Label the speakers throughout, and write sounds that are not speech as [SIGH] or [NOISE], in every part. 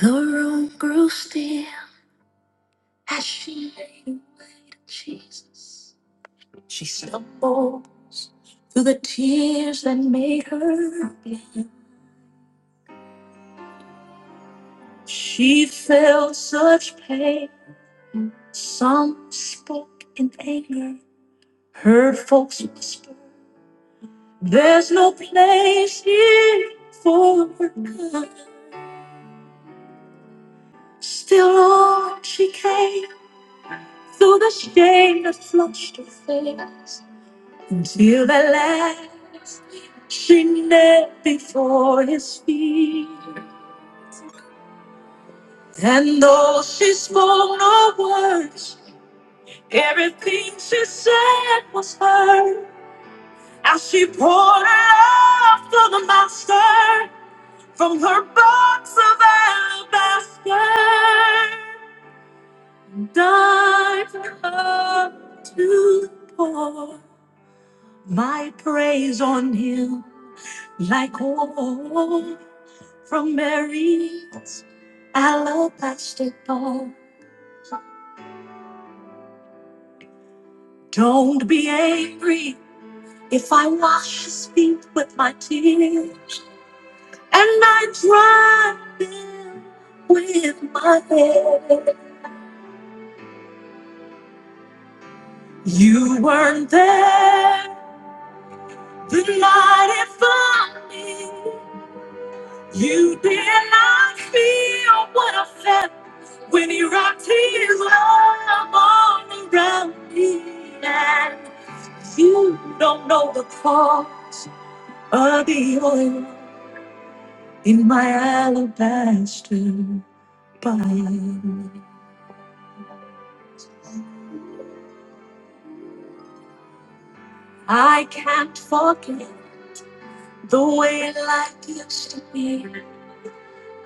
Speaker 1: The room grew still as she named Jesus. She stumbles through the tears that made her blind. She felt such pain. Some spoke in anger. Heard folks whisper, There's no place here for her kind. Still on she came through the shame that flushed her face. Until the last she knelt before his feet. And though she spoke no words, everything she said was heard. As she poured her love for the master from her box of alabaster. and I her to pour my praise on him like oil from Mary's alabaster bowl. Don't be angry if I wash his feet with my tears and I dry them with my hair. You weren't there the night it found me. You did not feel what I felt. When he rocked his love all around me, and you don't know the cost of the oil in my alabaster bottle. I can't forget the way life used to be.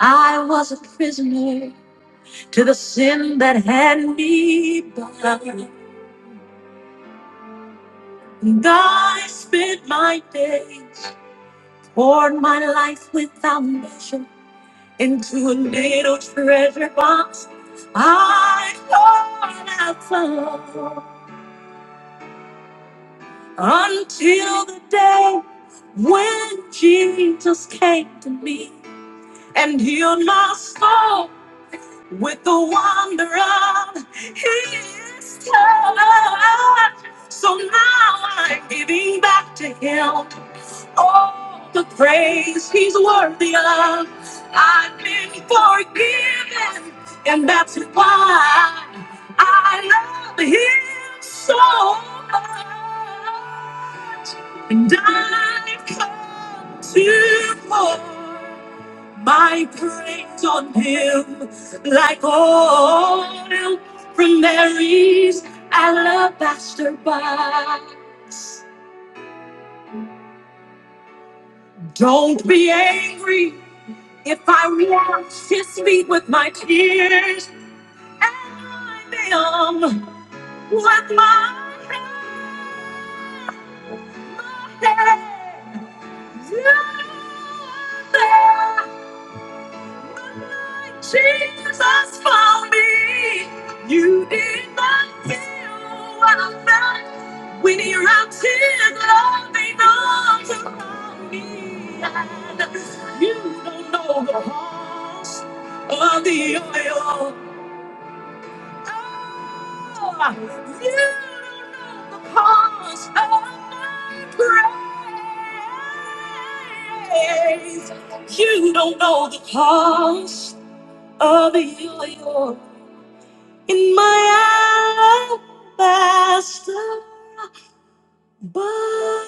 Speaker 1: I was a prisoner to the sin that had me bound. And I spent my days poured my life without measure into a little treasure box I thought I found until the day when Jesus came to me and healed my soul. with the wonder of his touch. So now I'm giving back to him all the praise he's worthy of. I've been forgiven, and that's why I love him so much. And I've come to pour my praise on him like oil from Mary's alabaster box. Don't be angry if I wash his feet with my tears and I am with my head. You are there Jesus for me. You did not feel what I felt when your tears love made arms around me. And you don't know the cost of the oil. Oh, you don't know the cost of my praise. You don't know the cost of your you in my alabaster box.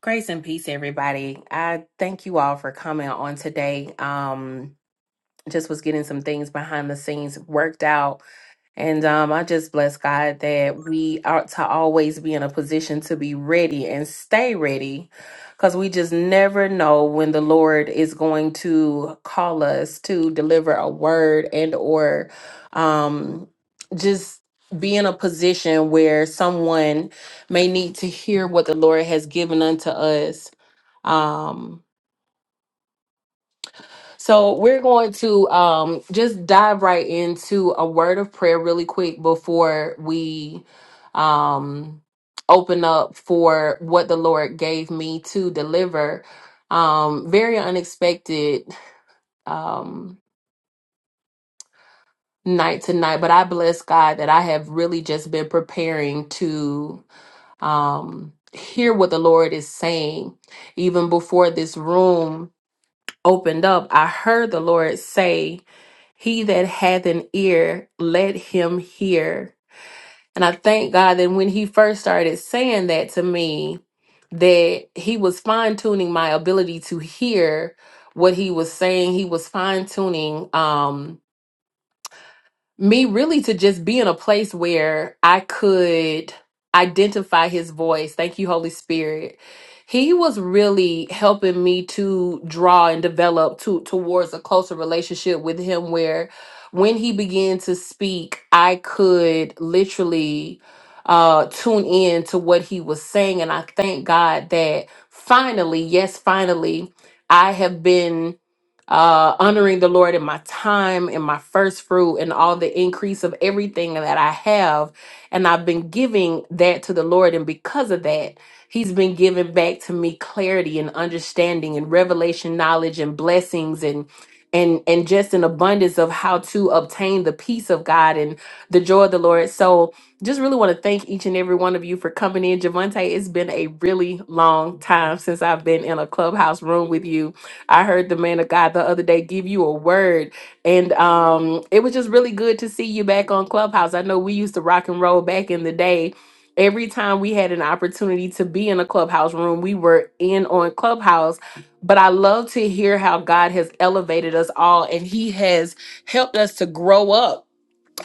Speaker 1: Grace and peace, everybody. I thank you all for coming on today. Um, just was getting some things behind the scenes worked out And um, I just bless God that we ought to always be in a position to be ready and stay ready because we just never know when the Lord is going to call us to deliver a word and or um, just be in a position where someone may need to hear what the Lord has given unto us. Um, so we're going to um, just dive right into a word of prayer really quick before we um, open up for what the Lord gave me to deliver. Um, very unexpected um, night tonight, but I bless God that I have really just been preparing to um, hear what the Lord is saying even before this room. opened up, I heard the Lord say, He that hath an ear, let him hear. And I thank God that when He first started saying that to me, that He was fine tuning my ability to hear what He was saying. He was fine tuning me really to just be in a place where I could identify his voice. Thank you, Holy Spirit. He was really helping me to draw and develop to towards a closer relationship with him where when he began to speak, I could literally uh tune in to what he was saying and I thank God that finally, yes, finally, I have been uh, honoring the Lord in my time, in my first fruit, and all the increase of everything that I have. And I've been giving that to the Lord. And because of that, He's been giving back to me clarity and understanding and revelation knowledge and blessings and and and just an abundance of how to obtain the peace of God and the joy of the Lord. So just really want to thank each and every one of you for coming in. Javante, it's been a really long time since I've been in a clubhouse room with you I heard the man of God the other day give you a word, and um, it was just really good to see you back on Clubhouse. I know we used to rock and roll back in the day. Every time we had an opportunity to be in a clubhouse room, we were in on Clubhouse. But I love to hear how God has elevated us all and He has helped us to grow up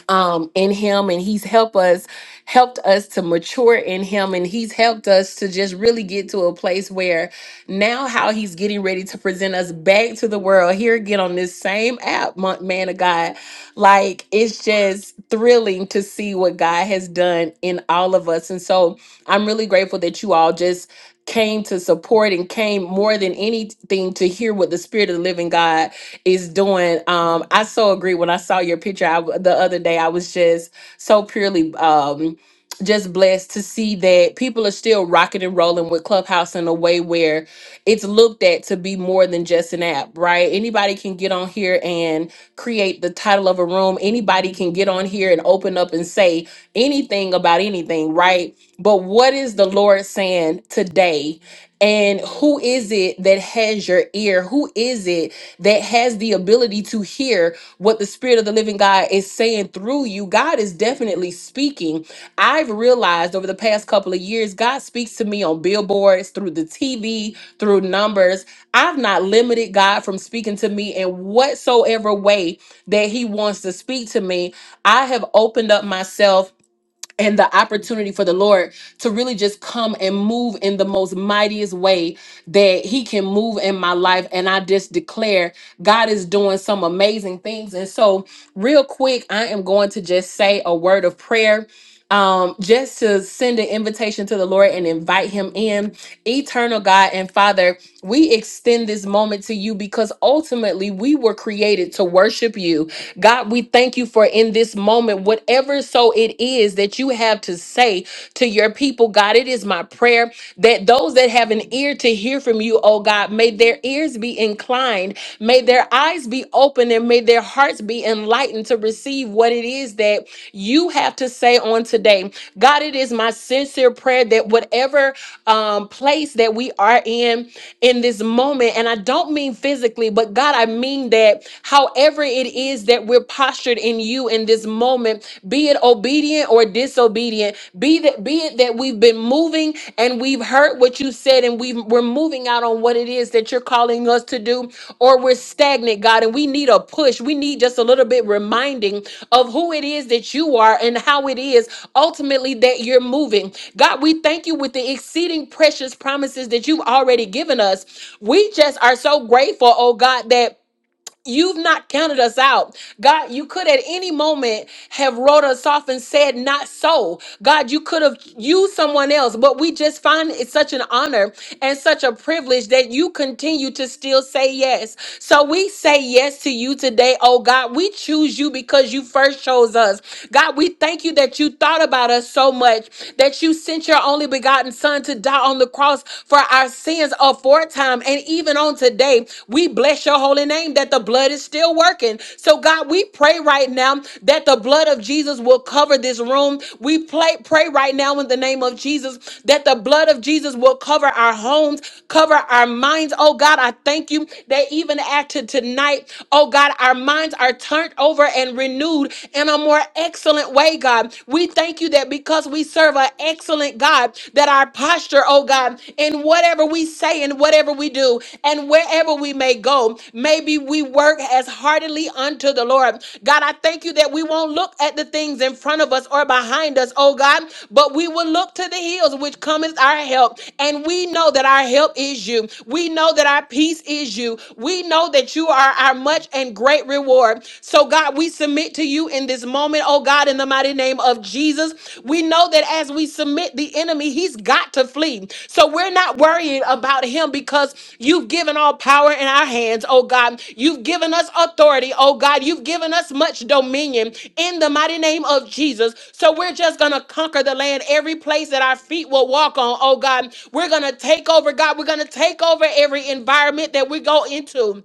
Speaker 1: um in him and he's helped us helped us to mature in him and he's helped us to just really get to a place where now how he's getting ready to present us back to the world here again on this same app mon- man of god like it's just thrilling to see what god has done in all of us and so i'm really grateful that you all just came to support and came more than anything to hear what the spirit of the living god is doing. Um, I so agree. When I saw your picture I, w- the other day, I was just so purely um, just blessed to see that people are still rocking and rolling with Clubhouse in a way where it's looked at to be more than just an app, right? Anybody can get on here and create the title of a room. Anybody can get on here and open up and say anything about anything, right? But what is the Lord saying today? And who is it that has your ear? Who is it that has the ability to hear what the Spirit of the living God is saying through you. God is definitely speaking. I've realized over the past couple of years, God speaks to me on billboards, through the TV, through numbers. I've not limited God from speaking to me in whatsoever way that He wants to speak to me. I have opened up myself and the opportunity for the Lord to really just come and move in the most mightiest way that He can move in my life. And I just declare God is doing some amazing things. And so, real quick, I am going to just say a word of prayer. Um, just to send an invitation to the Lord and invite Him in. Eternal God and Father, we extend this moment to you because ultimately we were created to worship you. God, we thank you for in this moment, whatever so it is that you have to say to your people, God. It is my prayer that those that have an ear to hear from you, oh God, may their ears be inclined, may their eyes be open, and may their hearts be enlightened to receive what it is that you have to say on today. God, it is my sincere prayer that whatever um, place that we are in in this moment, and I don't mean physically, but God, I mean that however it is that we're postured in you in in this moment, be it obedient or disobedient, be that be it that we've been moving and we've heard what you said and we we're moving out on what it is that you're calling us to do, or we're stagnant, God, and we need a push. We need just a little bit reminding of who it is that you are and how it is ultimately that you're moving. God, we thank you with the exceeding precious promises that you've already given us. We just are so grateful, oh God, that You've not counted us out. God, you could at any moment have wrote us off and said, Not so. God, you could have used someone else, but we just find it such an honor and such a privilege that you continue to still say yes. So we say yes to you today, oh God. We choose you because you first chose us. God, we thank you that you thought about us so much that you sent your only begotten Son to die on the cross for our sins is aforetime and even on today. We bless your holy name that the blood is still working. So, God, we pray right now that the blood of Jesus will cover this room. We pray, pray right now in the name of Jesus that the blood of Jesus will cover our homes, cover our minds. Oh, God, I thank you that even after tonight, oh, God, our minds are turned over and renewed in a more excellent way, God. We thank you that because we serve an an excellent God, that our posture, oh God, in whatever we say and whatever we do and wherever we may go, maybe we work as heartily unto the Lord. God, I thank you that we won't look at the things in front of us or behind us, oh God, but we will look to the hills which cometh our help. And we know that our help is you. We know that our peace is you. We know that you are our much and great reward. So, God, we submit to you you in this moment, oh God, in the mighty name of Jesus. We know that as we submit the enemy, he's got to flee. So we're not worrying about him because you've given all power in our hands, oh God. You've given us authority, oh God. You've given us much dominion in the mighty name of Jesus. So we're just going to conquer the land every place that our feet will walk on, oh God. We're going to take over, God. We're going to take over every environment that we go into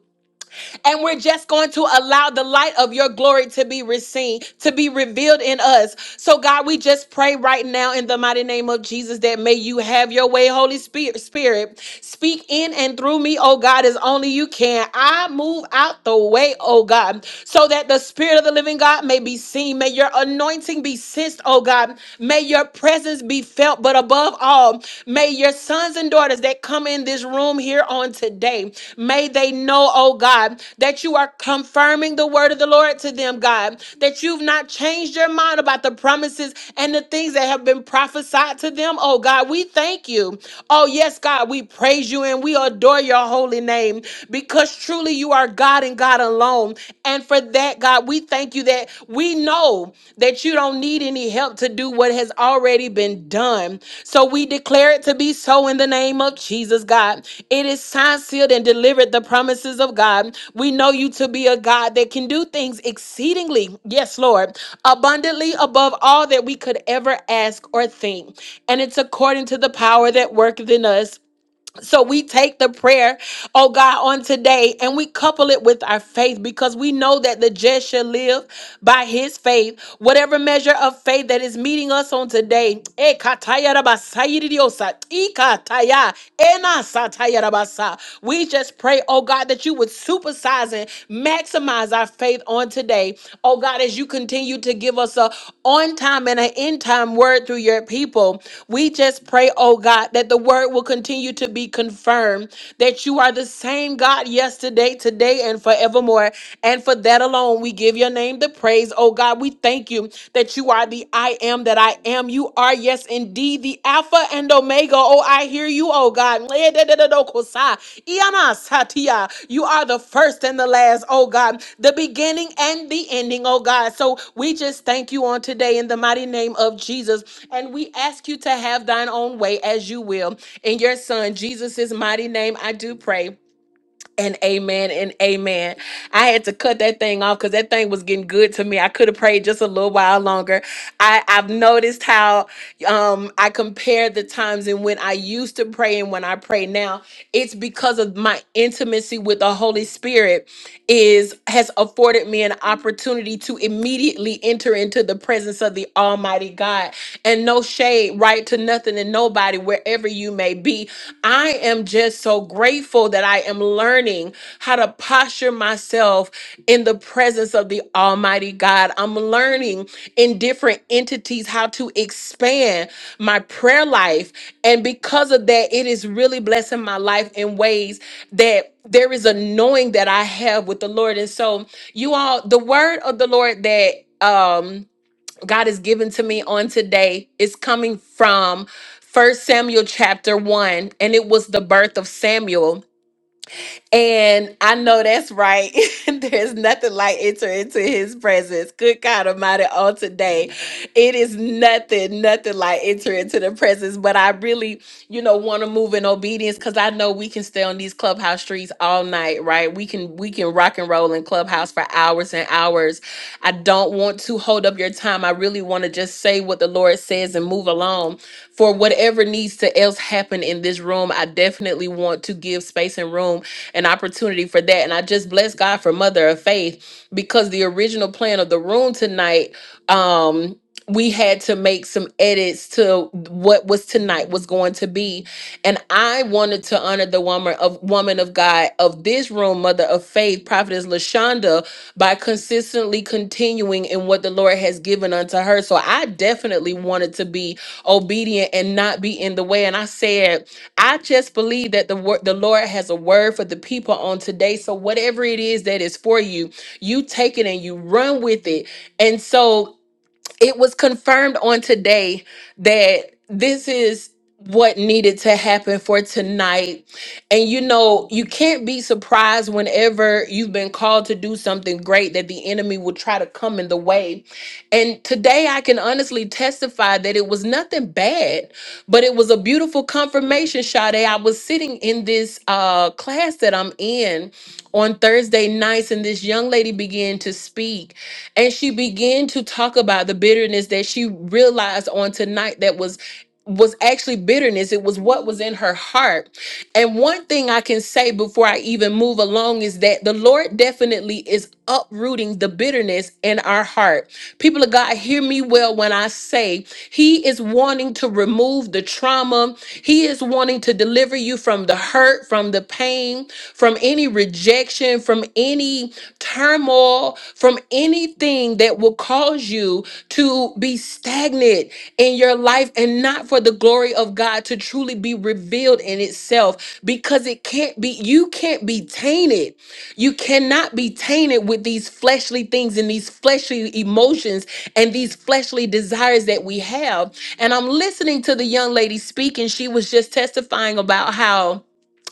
Speaker 1: and we're just going to allow the light of your glory to be seen, to be revealed in us. So, God, we just pray right now in the mighty name of Jesus that may you have your way, Holy Spirit. Spirit, speak in and through me, oh God, as only you can. I move out the way, oh God, so that the Spirit of the living God may be seen. May your anointing be sensed, oh God. May your presence be felt, but above above all, may your sons and daughters that come in this room here on today, may they know, oh God, that you are confirming the word of the Lord to them, God, that you've not changed your mind about the promises and the things that have been prophesied to them, oh God. We thank you. Oh, yes, God, we praise you and we adore your holy name because truly you are God and God alone. And for that, that, God. We thank you that we know that you don't need any help to do what has already been done. So we declare it to be so in the name of Jesus, God. It is signed, sealed, and delivered the promises of God. We know you to be a God that can do things exceedingly, yes, Lord, abundantly above all that we could ever ask or think. And it's according to the power that worketh in us. So we take the prayer, oh God, on today and we couple it with our faith because we know that the just shall live by his faith. Whatever measure of faith that is meeting us on today, eh, kataya rabasaya didiosa, ikataya, enasataya rabasa. we just pray, oh God, that you would supersize and maximize our faith faith on today. Oh God, as you continue to give us a on time and an in time word through your people, we just pray, oh God, that the word will continue to be confirmed, that you are the same God yesterday, today, and forevermore. And for that alone, we give your name the praise. Oh God, we thank you that you are the I am that I am. You are Yes, indeed, the Alpha and Omega. Oh, I hear you, oh God. Ianasatia. You are the first and the last, oh God, the beginning and the ending, oh God. So we just thank you on today in the mighty name of Jesus. And we ask you to have thine own way as you will. In your Son, Jesus' mighty name, I do pray and amen and amen. I had to cut that thing off because that thing was getting good to me. I could have prayed just a little while longer. I, I've noticed how um, I compare the times and when I used to pray and when I pray now. It's because of my intimacy with the Holy Spirit is has afforded me an opportunity to immediately enter into the presence of the Almighty God. And no shade, right to nothing and nobody, wherever you may be. I am just so grateful that I am learning how to posture myself in the presence of the Almighty God. I'm learning in different entities how to expand my prayer life. And because of that, it is really blessing my life in ways that there is a knowing that I have with the Lord. And so, you all, the word of the Lord that, um, God has given to me on today is coming from First Samuel chapter 1, and it was the birth of Samuel. And I know that's right. [LAUGHS] There's nothing like entering into his presence. Good God Almighty, on today. It is nothing, nothing like entering into the presence. But I really, you know, want to move in obedience because I know we can stay on these clubhouse streets all night, right? We can we can rock and roll in clubhouse clubhouse for hours and hours. I don't want to hold up your time. I really want to just say what the Lord says and move along. For whatever needs to else happen in this room, I definitely want to give space and room and opportunity for that. And I just bless God for Mother of Faith because the original plan of the room tonight, um, we had to make some edits to what was tonight was going to be and I wanted to honor the woman of woman of God of this room, mother of faith, prophetess Lashonda, by consistently continuing in what the Lord has given unto her. So I definitely wanted to be obedient and not be in the way. And I said, I just believe that the word the Lord has a word for the people on today. So whatever it is that is for you, you take it and you run with it. And so it was confirmed on today that this is what needed to happen for tonight. And you know, you can't be surprised whenever you've been called to do something great that the enemy will try to come in the way. And today I can honestly testify that it was nothing bad. But it was a beautiful confirmation, Sade. I was sitting in this uh, class that I'm in on Thursday nights, and this young lady began to speak. And she began to talk about the bitterness that she realized on tonight that was was actually bitterness it was what was in her heart and one thing i can say before i even move along is that the lord definitely is uprooting the bitterness in our heart. People of God, hear me well when I say He is wanting to remove the trauma. He is wanting to deliver you from the hurt, from the pain, from any rejection, from any turmoil, from anything that will cause cause you to be stagnant in your life and not for the glory of God to truly be revealed in itself because it can't be, you can't be tainted. You cannot be tainted with these fleshly things and these fleshly emotions and these fleshly desires that we have. And I'm listening to the young lady speak, and she was just testifying about how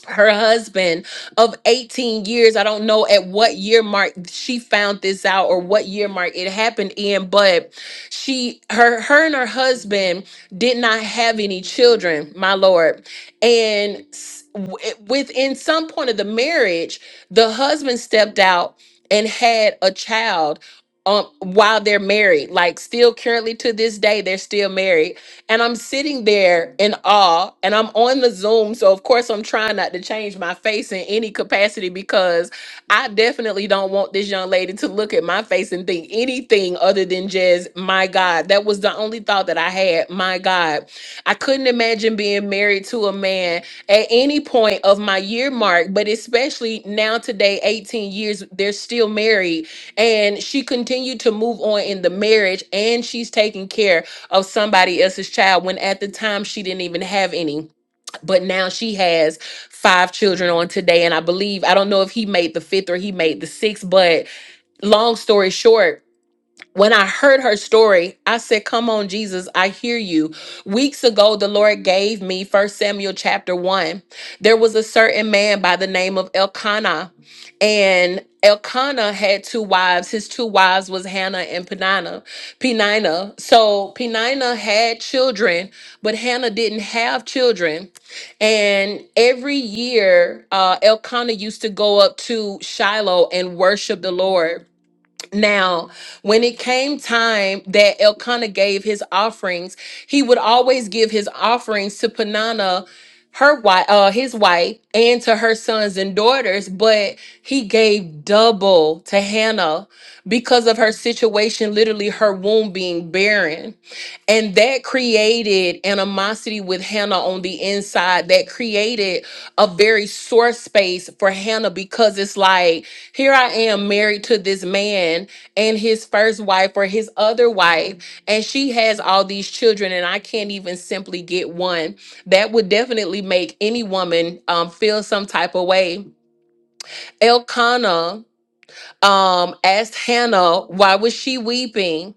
Speaker 1: her husband of 18 years. I don't know at what year mark she found this out or what year mark it happened in, but she her her and her husband did not have any children, my lord. And s- w- it- within some point of the marriage, the husband stepped out and had a child um while they're married. Like still currently to this day they're still married and I'm sitting there in awe and I'm on the Zoom. So, of course, I'm trying not to change my face in any capacity because I definitely don't want this young lady to look at my face and think anything other than just, my God. That was the only thought that I had. My God. I couldn't imagine being married to a man at any point of my year mark, but especially now today, 18 years, they're still married. And she continued to move on in the marriage and she's taking care of somebody else's child when at the time she didn't even have any but now she has five children on today and i believe i don't know if he made the fifth or he made the sixth but long story short when I heard her story, I said, Come on, Jesus, I hear you. Weeks ago, the Lord gave me First Samuel chapter 1. There was a certain man by the name of Elkanah, and Elkanah had two wives. His two wives was Hannah and Penina. Penina. So Penina had children, but Hannah didn't have children. And every year, uh, Elkanah used to go up to Shiloh and worship the Lord. Now, when it came time that Elkanah gave his offerings, he would always give his offerings to Peninnah, her wife, uh, his wife, and to her sons and daughters. But he gave double to Hannah because of her situation, literally her womb being barren and that created animosity with Hannah on the inside. That created a very sore space for Hannah because it's like, here I am married to this man and his first wife or his other wife, and she has all these children, and I can't even simply get one. That would definitely make any woman um, feel some type of way. Elkanah um, asked Hannah, why was she weeping?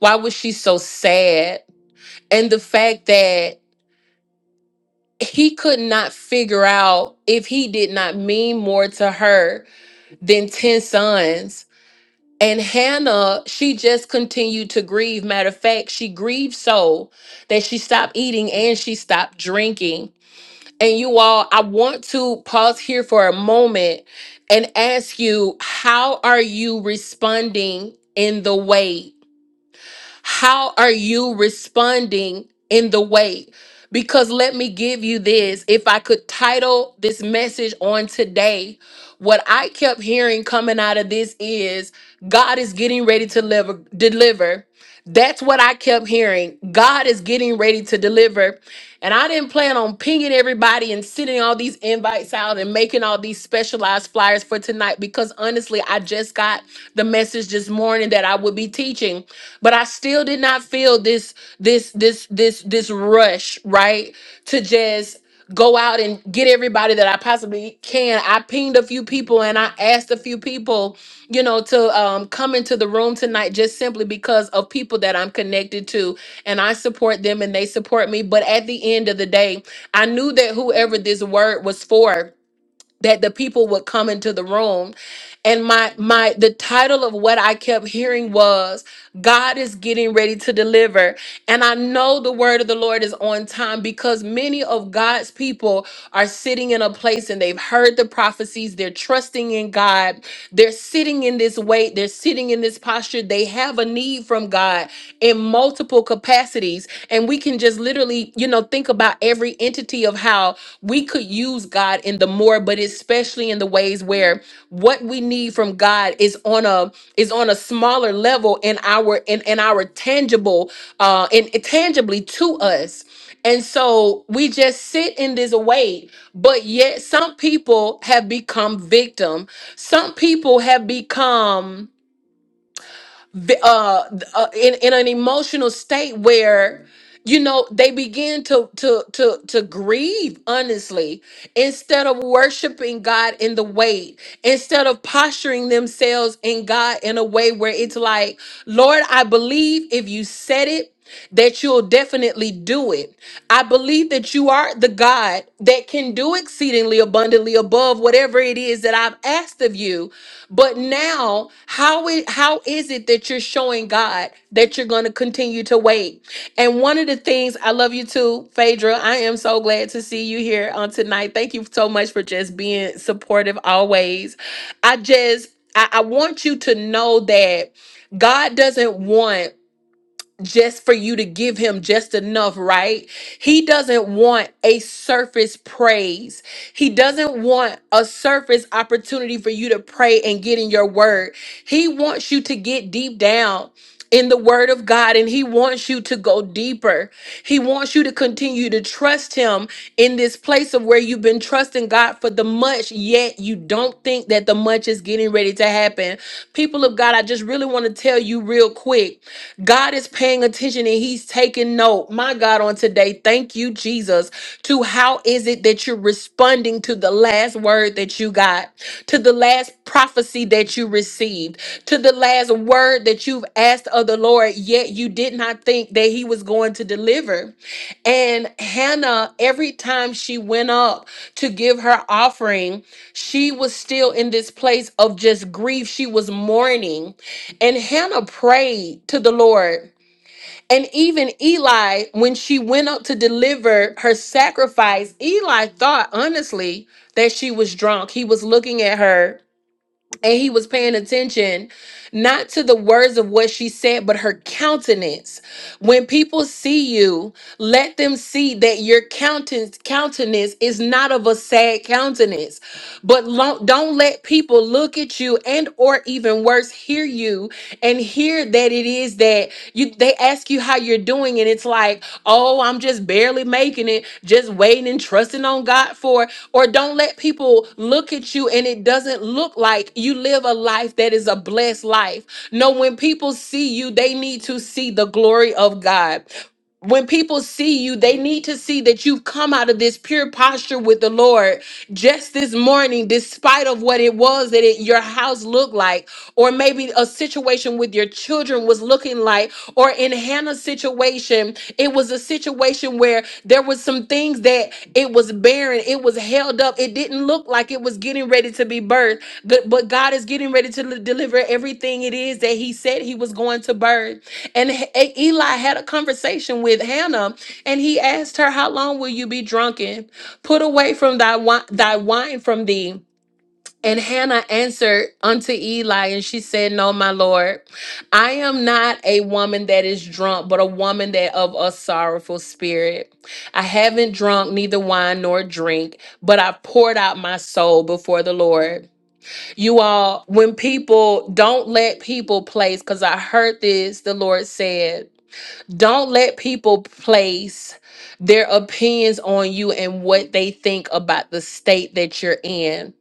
Speaker 1: Why was she so sad? and the fact that he could not figure out if he did not mean more to her than 10 sons. And Hannah, she just continued to grieve. Matter of fact, she grieved so that she stopped eating and she stopped drinking. And you all, I want to pause here for a moment and ask you, how are you responding in the way? How are you responding in the way? Because let me give you this if I could title this message on today, what I kept hearing coming out of this is God is getting ready to deliver. deliver. That's what I kept hearing. God is getting ready to deliver. And I didn't plan on pinging everybody and sending all these invites out and making all these specialized flyers for tonight because honestly, I just got the message this morning that I would be teaching, but I still did not feel this this this this this rush, right? To just go out and get everybody that I possibly can. I pinged a few people and I asked a few people you know, to um, come into the room tonight just simply because of people that I'm connected to and I support them and they support me. But at the end of the day, I knew that whoever this word was for, that the people would come into the room and my my the title of what i kept hearing was god is getting ready to deliver and I know the word of the Lord is on time because many of God's people are sitting in a place and they've heard the prophecies. They're trusting in God. They're sitting in this weight. They're sitting in this posture. They have a need from God in multiple capacities. And we can just literally, you know, think about every entity of how we could use God in the more, but especially in the ways where what we need from God is on a is on a smaller level in our in in our tangible uh in tangibly to us. And so we just sit in this way, but yet some people have become victim. Some people have become v- uh, uh in in an emotional state where you know they begin to to to to grieve honestly instead of worshiping God in the way instead of posturing themselves in God in a way where it's like Lord I believe if you said it that you'll definitely do it. I believe that you are the God that can do exceedingly abundantly above whatever it is that I've asked of you but now, how is, how is it that you're showing God that you're going to continue to wait? And one of the things I love you too, Phaedra. I am so glad to see you here on tonight. Thank you so much for just being supportive always. I just I, I want you to know that God doesn't want just for you to give him just enough, right? He doesn't want a surface praise. He doesn't want a surface opportunity for you to pray and get in your word. He wants you to get deep down in the word of God and he wants you to go deeper. He wants you to continue to trust him in this place of where you've been trusting God for the much yet you don't think that the much is getting ready to happen. People of God, I just really want to tell you real quick God is paying attention and he's taking note. My God, on today, thank you, Jesus, to how is it that you're responding to the last word that you got, to the last prophecy that you received, to the last word that you've asked of the Lord, yet you did not think that he was going to deliver. And Hannah, every time she went up to give her offering, she was still in this place of just grief. She was mourning. And Hannah prayed to the Lord. And even Eli, when she went up to deliver her sacrifice, Eli thought honestly that she was drunk. He was looking at her and he was paying attention not to the words of what she said but her countenance when people see you let them see that your countenance countenance is not of a sad countenance but lo- don't let people look at you and or even worse hear you and hear that it is that you they ask you how you're doing doing and it's like, oh, I'm just barely making it, just waiting and trusting on God for it. Or don't let people look at you and it doesn't look like you live a life that is a blessed life. No, when people see you, they need to see the glory of God when people see you, they need to see that you've come out of this pure posture with the Lord just this morning, despite of what it was that it, your house looked like, or maybe a situation with your children was looking like, or in Hannah's situation, it was a situation where there was some things that it was barren, it was held up, it didn't look like it was getting ready to be birthed, but, but God is getting ready to deliver everything it is that He said He was going to birth. And H- A- Eli had a conversation with Hannah, and he asked her, "How long will you be drunken? Put away from thy wine, thy wine from thee." And Hannah answered unto Eli, and she said, No, my Lord, I am not a woman that is drunk, but a woman that of a sorrowful spirit. I haven't drunk neither wine nor drink, but I poured out my soul before the Lord. You all, when people don't let people place, because I heard this, the Lord said. Don't let people place their opinions on you and what they think about the state that you're in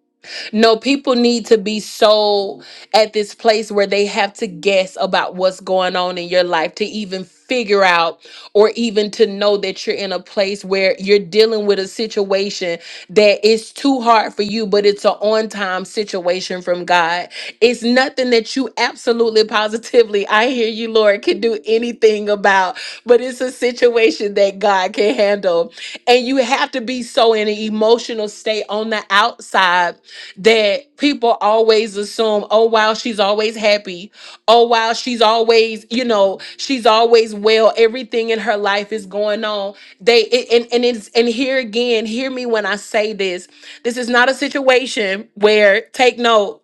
Speaker 1: no, people need to be so at this place where they have to guess about what's going on in your life to even figure out or even to know that you're in a place where you're dealing with a situation that is too hard for you, but it's an on time situation from God. It's nothing that you absolutely positively, I hear you, Lord, can do anything about, but it's a situation that God can handle. And you have to be so in an emotional state on the outside that people always assume, oh, wow, she's always happy. Oh, wow, she's always, you know, she's always well. Everything in her life is going on. They, it, and, and it's, and here again, hear me when I say this. This is not a situation where, take note,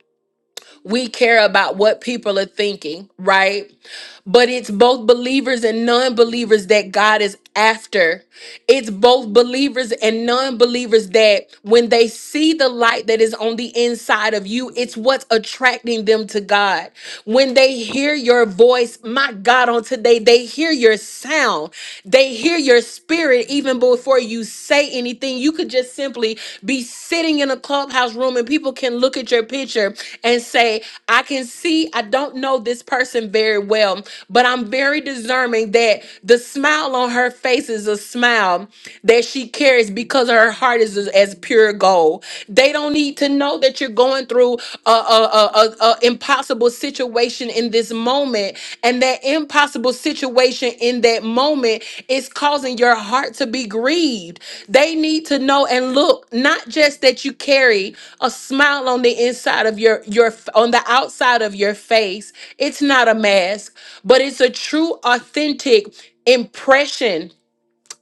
Speaker 1: we care about what people are thinking, right? But it's both believers and non believers that God is after. It's both believers and non believers that when they see the light that is on the inside of you, it's what's attracting them to God. When they hear your voice, my God, on today, they hear your sound, they hear your spirit even before you say anything anything. You could just simply be sitting in a clubhouse room and people can look at your picture and say, I can see, I don't know this person very well, but I'm very discerning that the smile on her face is a smile that she carries because her heart is as as pure gold. They don't need to know that you're going through a, a, impossible situation in this moment, and that impossible situation in that moment is causing your heart to be grieved. They need to know and look, not just that you carry a smile on the inside of your your on the outside of your face. It's not a mask, but it's a true authentic impression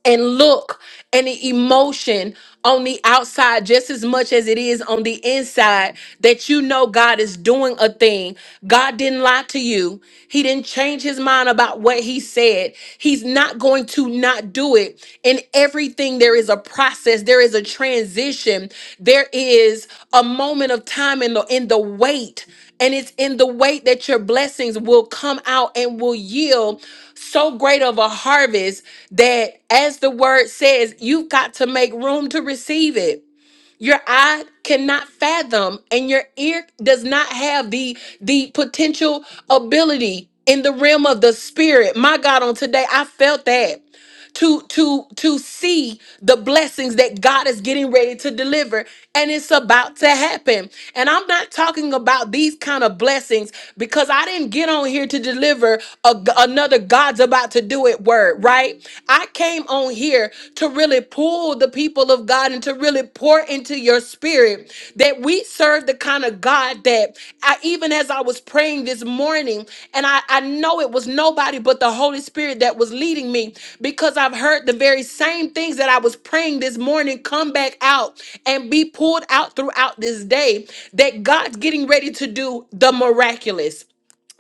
Speaker 1: and look and the emotion on the outside just as much as it is on the inside that you know God is doing a thing. God didn't lie to you. He didn't change his mind about what he said. He's not going to not do it. In everything there is a process, there is a transition. There is a moment of time in the in the wait and it's in the wait that your blessings will come out and will yield so great of a harvest that, as the word says, you've got to make room to receive it. Your eye cannot fathom, and your ear does not have the the potential ability in the realm of the spirit. My God, on today, I felt that to to to see the blessings that God is getting ready to deliver and it's about to happen. And I'm not talking about these kind of blessings because I didn't get on here to deliver a, another God's about to do it word, right? I came on here to really pull the people of God and to really pour into your spirit that we serve the kind of God that I, even as I was praying this morning, and I, I know it was nobody but the Holy Spirit that was leading me because I've heard the very same things that I was praying this morning come back out and be pulled out throughout this day that God's getting ready to do the miraculous.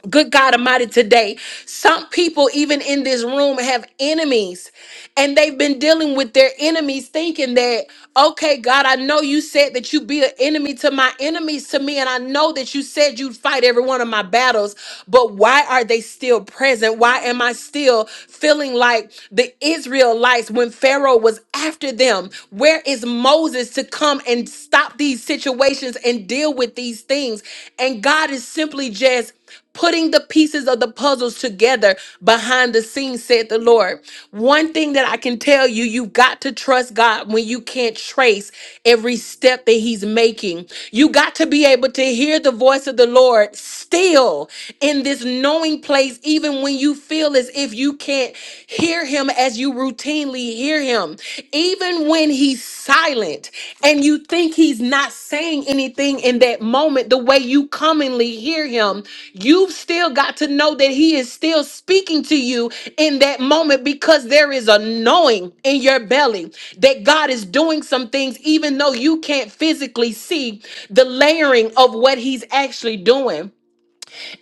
Speaker 1: Good God Almighty, today, some people, even in this room, have enemies and they've been dealing with their enemies, thinking that, okay, God, I know you said that you'd be an enemy to my enemies to me, and I know that you said you'd fight every one of my battles, but why are they still present? Why am I still feeling like the Israelites when Pharaoh was after them? Where is Moses to come and stop these situations and deal with these things? And God is simply just putting the pieces of the puzzles together behind the scenes, said the Lord. One thing that I can tell you, you've got to trust God when you can't trace every step that He's making. You got to be able to hear the voice of the Lord still in this knowing place, even when you feel as if you can't hear Him as you routinely hear Him even when he's silent and you think he's not saying anything in that moment, the way you commonly hear him, you've still got to know that he is still speaking to you in that moment because there is a knowing in your belly that God is doing some things, even though you can't physically see the layering of what he's actually doing.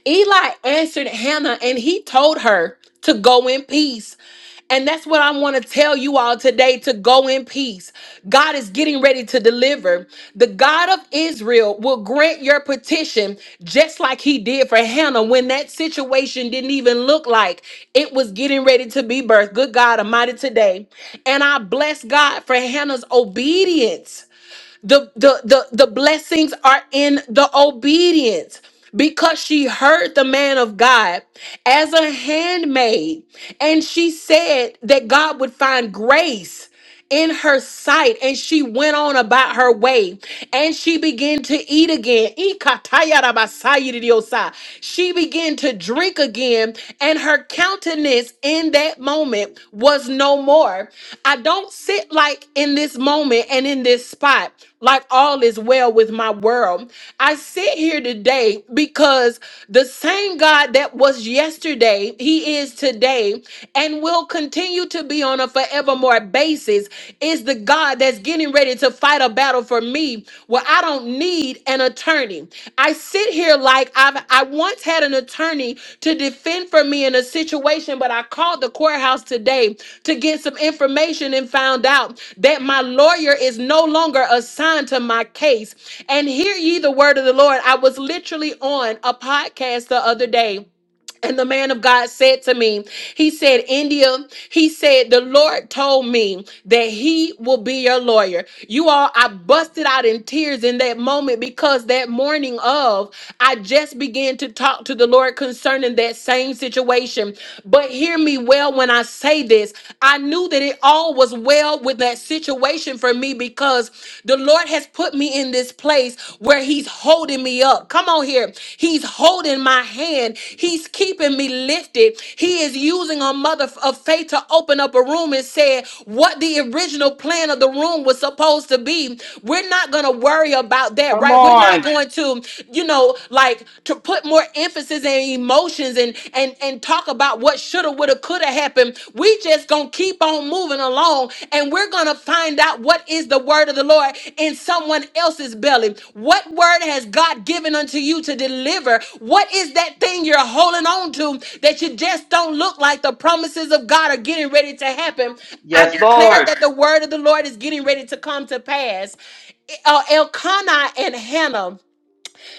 Speaker 1: Eli answered Hannah and he told her to go in peace. And that's what I want to tell you all today to go in peace. God is getting ready to deliver. The God of Israel will grant your petition just like he did for Hannah when that situation didn't even look like it was getting ready to be birthed. Good God Almighty today. And I bless God for Hannah's obedience the, the, the, the blessings are in the obedience because she heard the man of God as a handmaid, and she said that God would find grace in her sight, and she went on about her way, and she began to eat again. Ikatayarabasayiridiosai. She began to drink again, and her countenance in that moment was no more. I don't sit like in this moment and in this spot like all is well with my world. I sit here today because the same God that was yesterday, He is today, and will continue to be on a forevermore basis is the God that's getting ready to fight a battle for me where I don't need an attorney. I sit here like I've I once had an attorney to defend for me in a situation, but I called the courthouse today to get some information and found out that my lawyer is no longer assigned to my case. And hear ye the word of the Lord. I was literally on a podcast the other day and the man of God said to me, He said, India, he said, the Lord told me that he will be your lawyer. You all, I busted out in tears in that moment because that morning of, I just began to talk to the Lord concerning that same situation. But hear me well when I say this. I knew that it all was well with that situation for me because the Lord had. God has put me in this place where He's holding me up. Come on here. He's holding my hand. He's keeping me lifted. He is using a mother of faith to open up a room and say what the original plan of the room was supposed to be. We're not going to worry about that,
Speaker 2: Come
Speaker 1: right? We're not
Speaker 2: on.
Speaker 1: going to, you know, like to put more emphasis and emotions and and and talk about what shoulda, woulda, could have happened. We just gonna keep on moving along and we're gonna find out what is the word of the Lord in someone else's belly. What word has God given unto you to deliver? What is that thing you're holding on to that you just don't look like the promises of God are getting ready to happen? I
Speaker 2: Yes,
Speaker 1: declare
Speaker 2: Lord.
Speaker 1: that the word of the Lord is getting ready to come to pass. Eh, Uh, Elkanah and Hannah.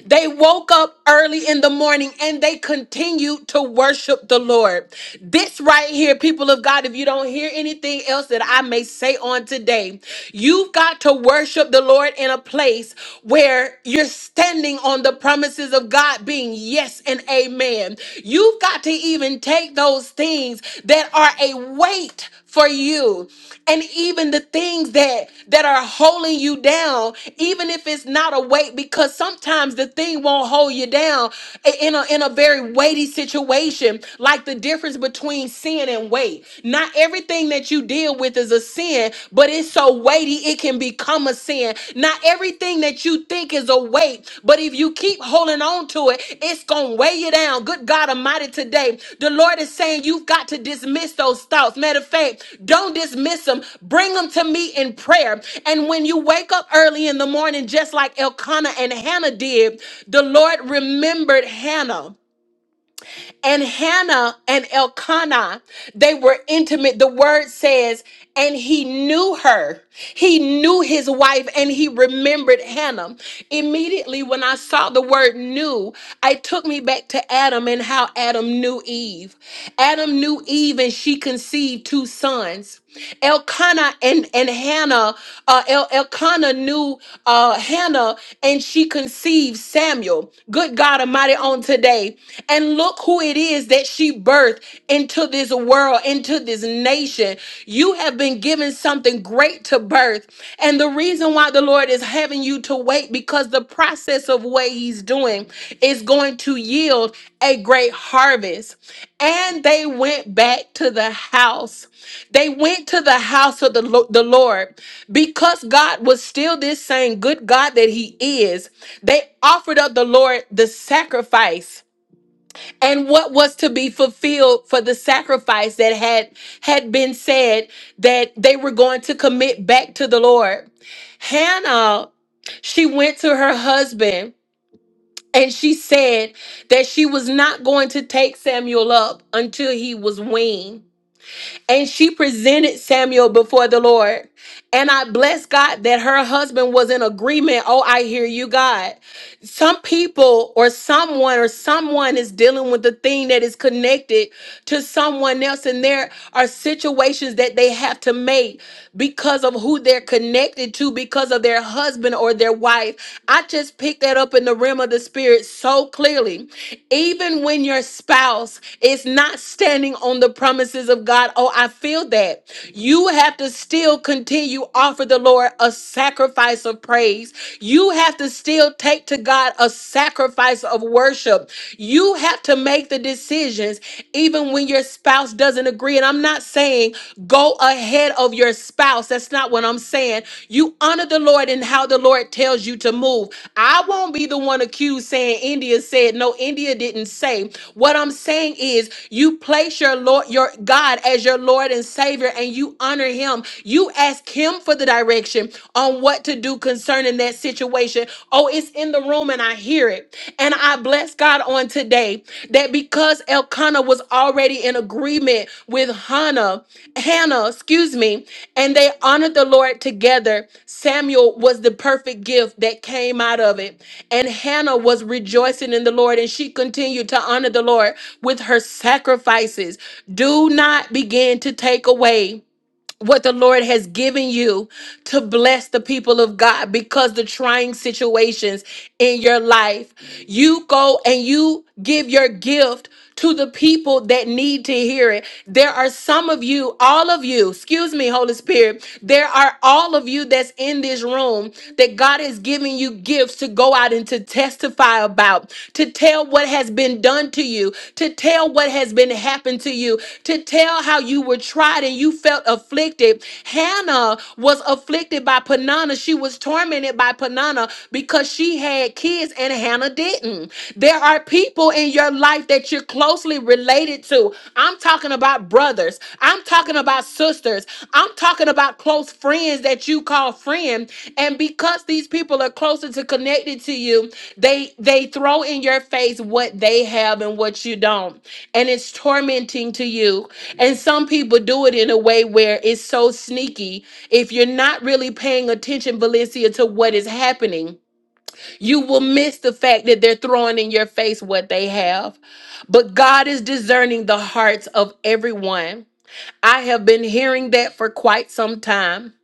Speaker 1: They woke up early in the morning and they continued to worship the Lord. This right here, people of God, if you don't hear anything else that I may say on today, you've got to worship the Lord in a place where you're standing on the promises of God being yes and amen. You've got to even take those things that are a weight for you and even the things that that are holding you down even if it's not a weight because sometimes the thing won't hold you down i- in a in a very weighty situation like the difference between sin and weight not everything that you deal with is a sin but it's so weighty it can become a sin not everything that you think is a weight, but if you keep holding on to it, it's going to weigh you down. Good God Almighty, today, the Lord is saying you've got to dismiss those thoughts. Matter of fact, don't dismiss them. Bring them to me in prayer. And when you wake up early in the morning, just like Elkanah and Hannah did, the Lord remembered Hannah. And Hannah and Elkanah, they were intimate. The word says, and he knew her. He knew his wife and he remembered Hannah. Immediately when I saw the word knew, it took me back to Adam and how Adam knew Eve. Adam knew Eve and she conceived two sons. Elkanah and, and Hannah, uh, El- Elkanah knew uh, Hannah and she conceived Samuel. Good God Almighty on today. And look who it is that she birthed into this world, into this nation. You have been given something great to birth. And the reason why the Lord is having you to wait because the process of what He's doing is going to yield a great harvest and they went back to the house. They went to the house of the, Lo- the Lord because God was still this same good God that He is. They offered up the Lord the sacrifice and what was to be fulfilled for the sacrifice that had had been said that they were going to commit back to the Lord. Hannah, she went to her husband and she said that she was not going to take Samuel up until he was weaned. And she presented Samuel before the Lord. And I bless God that her husband was in agreement. Oh, I hear you, God some people or someone or someone is dealing with the thing that is connected to someone else and there are situations that they have to make because of who they're connected to because of their husband or their wife i just picked that up in the realm of the spirit so clearly even when your spouse is not standing on the promises of god oh i feel that you have to still continue offer the lord a sacrifice of praise praise. You have to still take to God a sacrifice of worship. You have to make the decisions even when your spouse doesn't agree. And I'm not saying go ahead of your spouse. That's not what I'm saying. You honor the Lord in how the Lord tells you to move. I won't be the one accused saying India said no, India didn't say. What I'm saying is you place your Lord, your God as your Lord and Savior, and you honor him. You ask him for for the direction on what to do concerning that situation. Oh, it's in the room and I hear it. And I bless God on today that because Elkanah was already in agreement with Hannah, Hannah, excuse me, and they honored the Lord together, Samuel was the perfect gift that came out of it. And Hannah was rejoicing in the Lord and she continued to honor the Lord with her sacrifices. Do not begin to take away what the Lord has given you to bless the people of God because the trying situations in your life, you go and you give your gift to the people that need to hear it. There are some of you, all of you, excuse me, Holy Spirit, there are all of you that's in this room that God is giving you gifts to go out and to testify testify about, to tell what has been done to you, to tell what has been happened to you, to tell how you were tried and you felt afflicted. Hannah was afflicted by Panana. She was tormented by Panana because she had kids and Hannah didn't. There are people in your life that you're closely related to. I'm talking about brothers. I'm talking about sisters. I'm talking about close friends that you call friend. And because these people are closer to connected to you, they they throw in your face what they have and what you don't. And it's tormenting to you. And some people do it in a way where it's so sneaky. If you're not really paying attention, Valencia, to what is happening, you will miss the fact that they're throwing in your face what they have. But God is discerning the hearts of everyone. I have been hearing that for quite some time.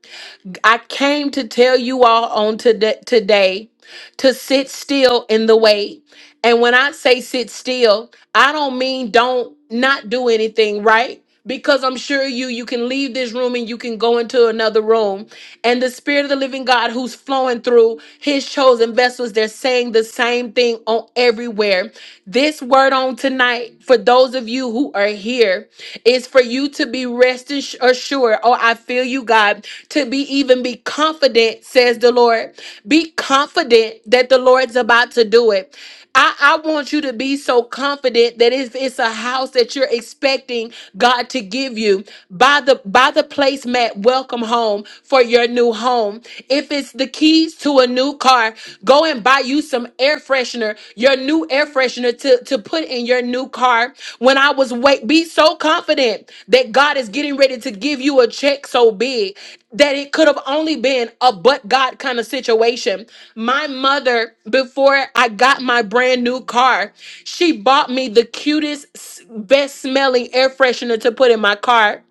Speaker 1: I came to tell you all on today, today to sit still in the way. And when I say sit still, I don't mean don't not do anything, right? Because I'm sure you you can leave this room and you can go into another room. And the spirit of the living God who's flowing through his chosen vessels, they're saying the same thing on everywhere. This word on tonight for those of you who are here is for you to be resting sh- assured. Oh, I feel you, God, to be even be confident, says the Lord. Be confident that the Lord's about to do it. I, I want you to be so confident that it's, it's a house that you're expecting God to give you by the by the placemat welcome home for your new home. If it's the keys to a new car, go and buy you some air freshener, your new air freshener to, to put in your new car. When I was wait, be so confident that God is getting ready to give you a check so big that it could have only been a but God kind of situation. My mother, before I got my brand new car, she bought me the cutest, s- best smelling air freshener to put in my car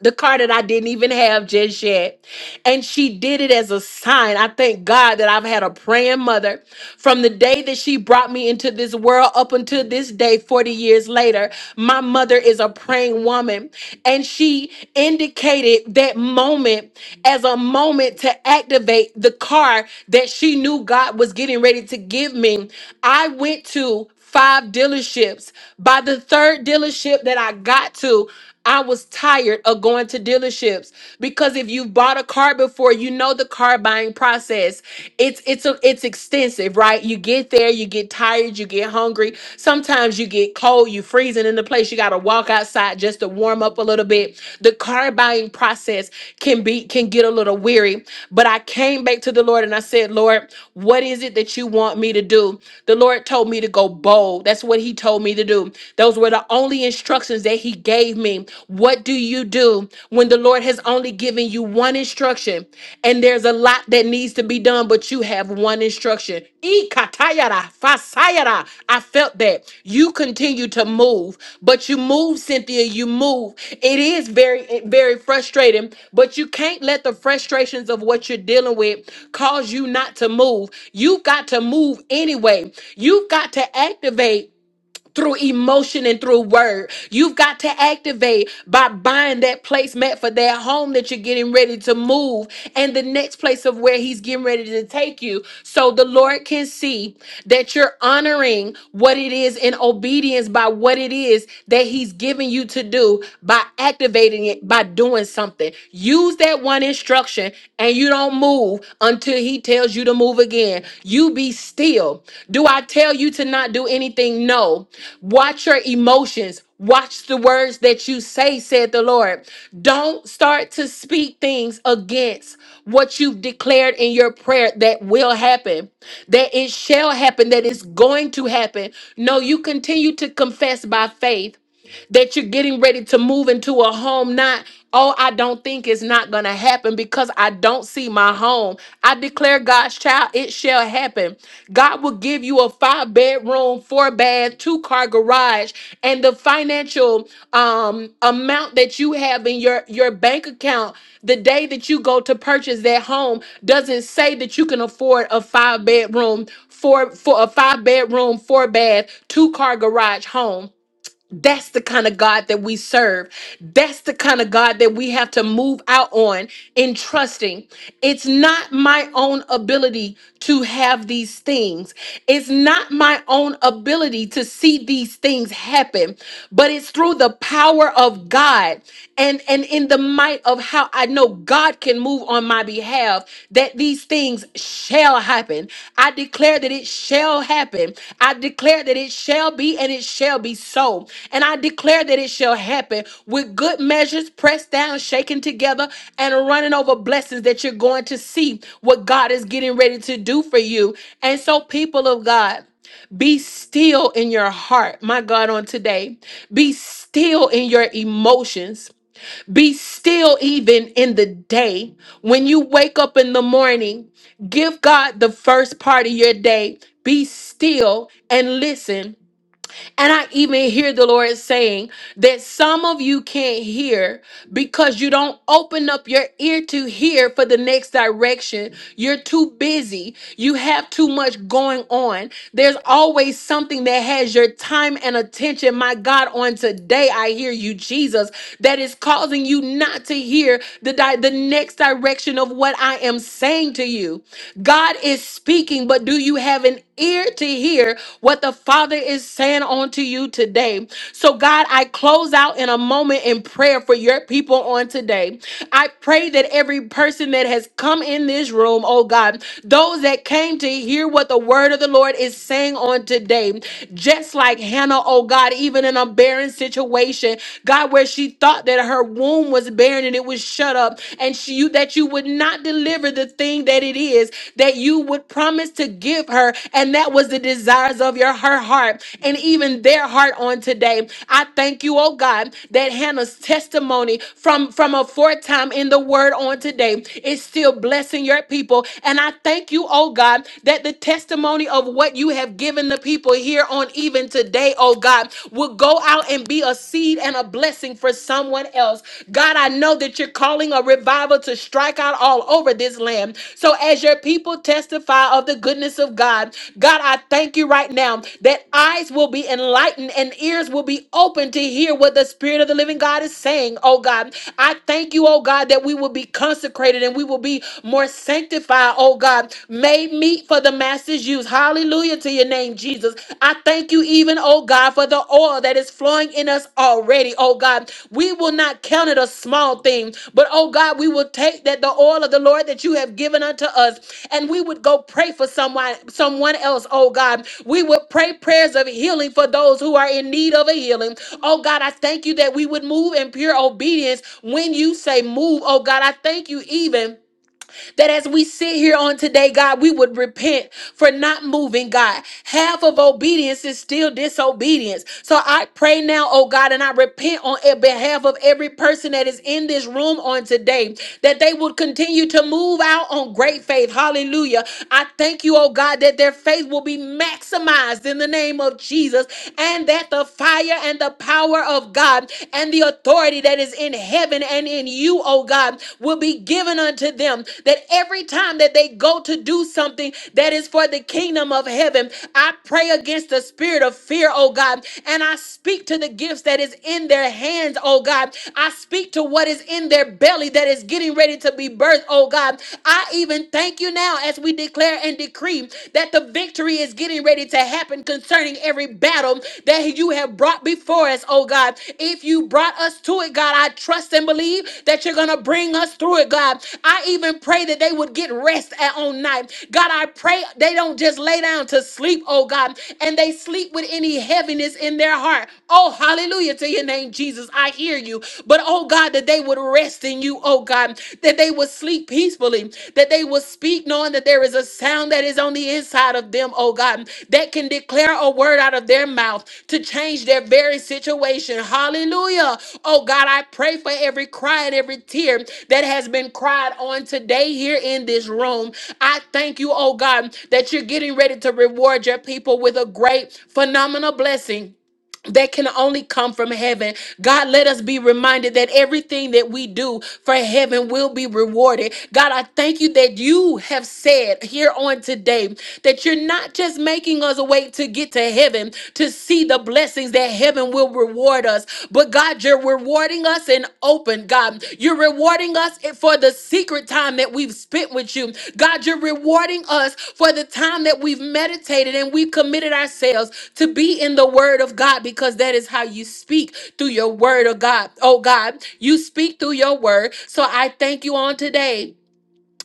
Speaker 1: the car that I didn't even have just yet. And she did it as a sign. I thank God that I've had a praying mother from the day that she brought me into this world up until this day, 40 years later. My mother is a praying woman. And she indicated that moment as a moment to activate the car that she knew God was getting ready to give me. I went to five dealerships. By the third dealership that I got to, I was tired of going to dealerships because if you've bought a car before, you know the car buying process. It's it's a, it's extensive, right? You get there, you get tired, you get hungry. Sometimes you get cold, you freezing in the place. You got to walk outside just to warm up a little bit. The car buying process can be can get a little weary. But I came back to the Lord and I said, Lord, what is it that you want me to do? The Lord told me to go bold. That's what He told me to do. Those were the only only instructions that he gave me. What do you do when the Lord has only given you one instruction and there's a lot that needs to be done, but you have one instruction? Ikatayara, fasayara. I felt that. You continue to move, but you move, Cynthia, you move. It is very, very frustrating, but you can't let the frustrations of what you're dealing with cause you not to move. You've got to move anyway. You've got to activate through emotion and through word. You've got to activate by buying that placemat for that home that you're getting ready to move and the next place of where he's getting ready to take you so the Lord can see that you're honoring what it is in obedience by what it is that he's giving you to do by activating it by doing something. Use that one instruction and you don't move until he tells you to move again. You be still. Do I tell you to not do anything? No. Watch your emotions. Watch the words that you say, said the Lord. Don't start to speak things against what you've declared in your prayer that will happen, that it shall happen, that it's going to happen. No, you continue to confess by faith that you're getting ready to move into a home not oh i don't think it's not gonna happen because i don't see my home i declare god's child it shall happen god will give you a five bedroom four bath two car garage and the financial um amount that you have in your your bank account the day that you go to purchase that home doesn't say that you can afford a five bedroom four for a five bedroom four bath two car garage home that's the kind of God that we serve. That's the kind of God that we have to move out on in trusting. It's not my own ability to have these things. It's not my own ability to see these things happen, but it's through the power of God and and in the might of how I know God can move on my behalf that these things shall happen. I declare that it shall happen. I declare that it shall be and it shall be so. And I declare that it shall happen with good measures pressed down, shaken together and running over blessings that you're going to see what God is getting ready to do for you. And so people of God, be still in your heart, my God, on today. Be still in your emotions. Be still even in the day. When you wake up in the morning, give God the first part of your day. Be still and listen and I even hear the Lord saying that some of you can't hear because you don't open up your ear to hear for the next direction. You're too busy. You have too much going on. There's always something that has your time and attention. My God, on today, I hear you, Jesus, that is causing you not to hear the, di- the next direction of what I am saying to you. God is speaking, but do you have an ear to hear what the Father is saying onto you today. So, God, I close out in a moment in prayer for your people on today. I pray that every person that has come in this room, oh God, those that came to hear what the word of the Lord is saying on today, just like Hannah, oh God, even in a barren situation, God, where she thought that her womb was barren and it was shut up, and she you that you that you would not deliver the thing that it is that you would promise to give her. And that was the desires of your her heart and even their heart on today. I thank you, oh God, that Hannah's testimony from, from a foretime in the word on today is still blessing your people. And I thank you, oh God, that the testimony of what you have given the people here on even today, oh God, will go out and be a seed seed and a blessing for someone else. God, I know that you're calling a revival to strike out all over this land. So as your people testify of the goodness of God, God, I thank you right now that eyes will be enlightened and ears will be open to hear what the Spirit of the living God is saying, oh God. I thank you, oh God, that we will be consecrated and we will be more sanctified, oh God, made meet for the master's use. Hallelujah. Hallelujah to your name, Jesus. I thank you, even, oh God, for the oil that is flowing in us already, oh God. We will not count it a small thing, but oh God, we will take that the oil of the Lord that you have given unto us, and we would go pray for someone, someone else, oh God. We would pray prayers of healing for those who are in need of a healing. Oh God, I thank you that we would move in pure obedience when you say move, oh God. I thank you, even that as we sit here on today, God, we would repent for not moving, God. Half of obedience is still disobedience. So I pray now, oh God, and I repent on e- behalf of every person that is in this room on today, that they would continue to move out on great faith. Hallelujah. I thank you, oh God, that their faith will be maximized in the name of Jesus and that the fire and the power of God. God, and the authority that is in heaven and in you, oh God, will be given unto them. That every time that they go to do something that is for the kingdom of heaven, I pray against the spirit of fear, oh God, and I speak to the gifts that is in their hands, oh God. I speak to what is in their belly that is getting ready to be birthed, oh God. I even thank you now as we declare and decree that the your victory is getting ready to happen concerning every battle that you have brought before us, oh God. If you brought us to it, God, I trust and believe that you're going to bring us through it, God. I even pray that they would get rest at on night. God, I pray they don't just lay down to sleep, oh God, and they sleep with any heaviness in their heart. Oh, hallelujah to your name, Jesus. I hear you. But oh God, that they would rest in you, oh oh God, that they would sleep peacefully, that they would speak knowing that there is a sound that is on the inside of them, oh God, that can declare a word out of their mouth to change their very situation. Hallelujah. Oh God, I pray for every cry and every tear that has been cried on today here in this room. I thank you, oh God, that you're getting ready to reward your people with a great, phenomenal blessing that can only come from heaven. God, let us be reminded that everything that we do for heaven will be rewarded. God, I thank you that you have said here on today that you're not just making us wait to get to heaven to see the blessings that heaven will reward us, but God, you're rewarding us been opened, God. You're rewarding us for the secret time that we've spent with you. God, you're rewarding us for the time that we've meditated and we've committed ourselves to be in the word of God because that is how you speak through your word of God. Oh God, you speak through your word. So I thank you on today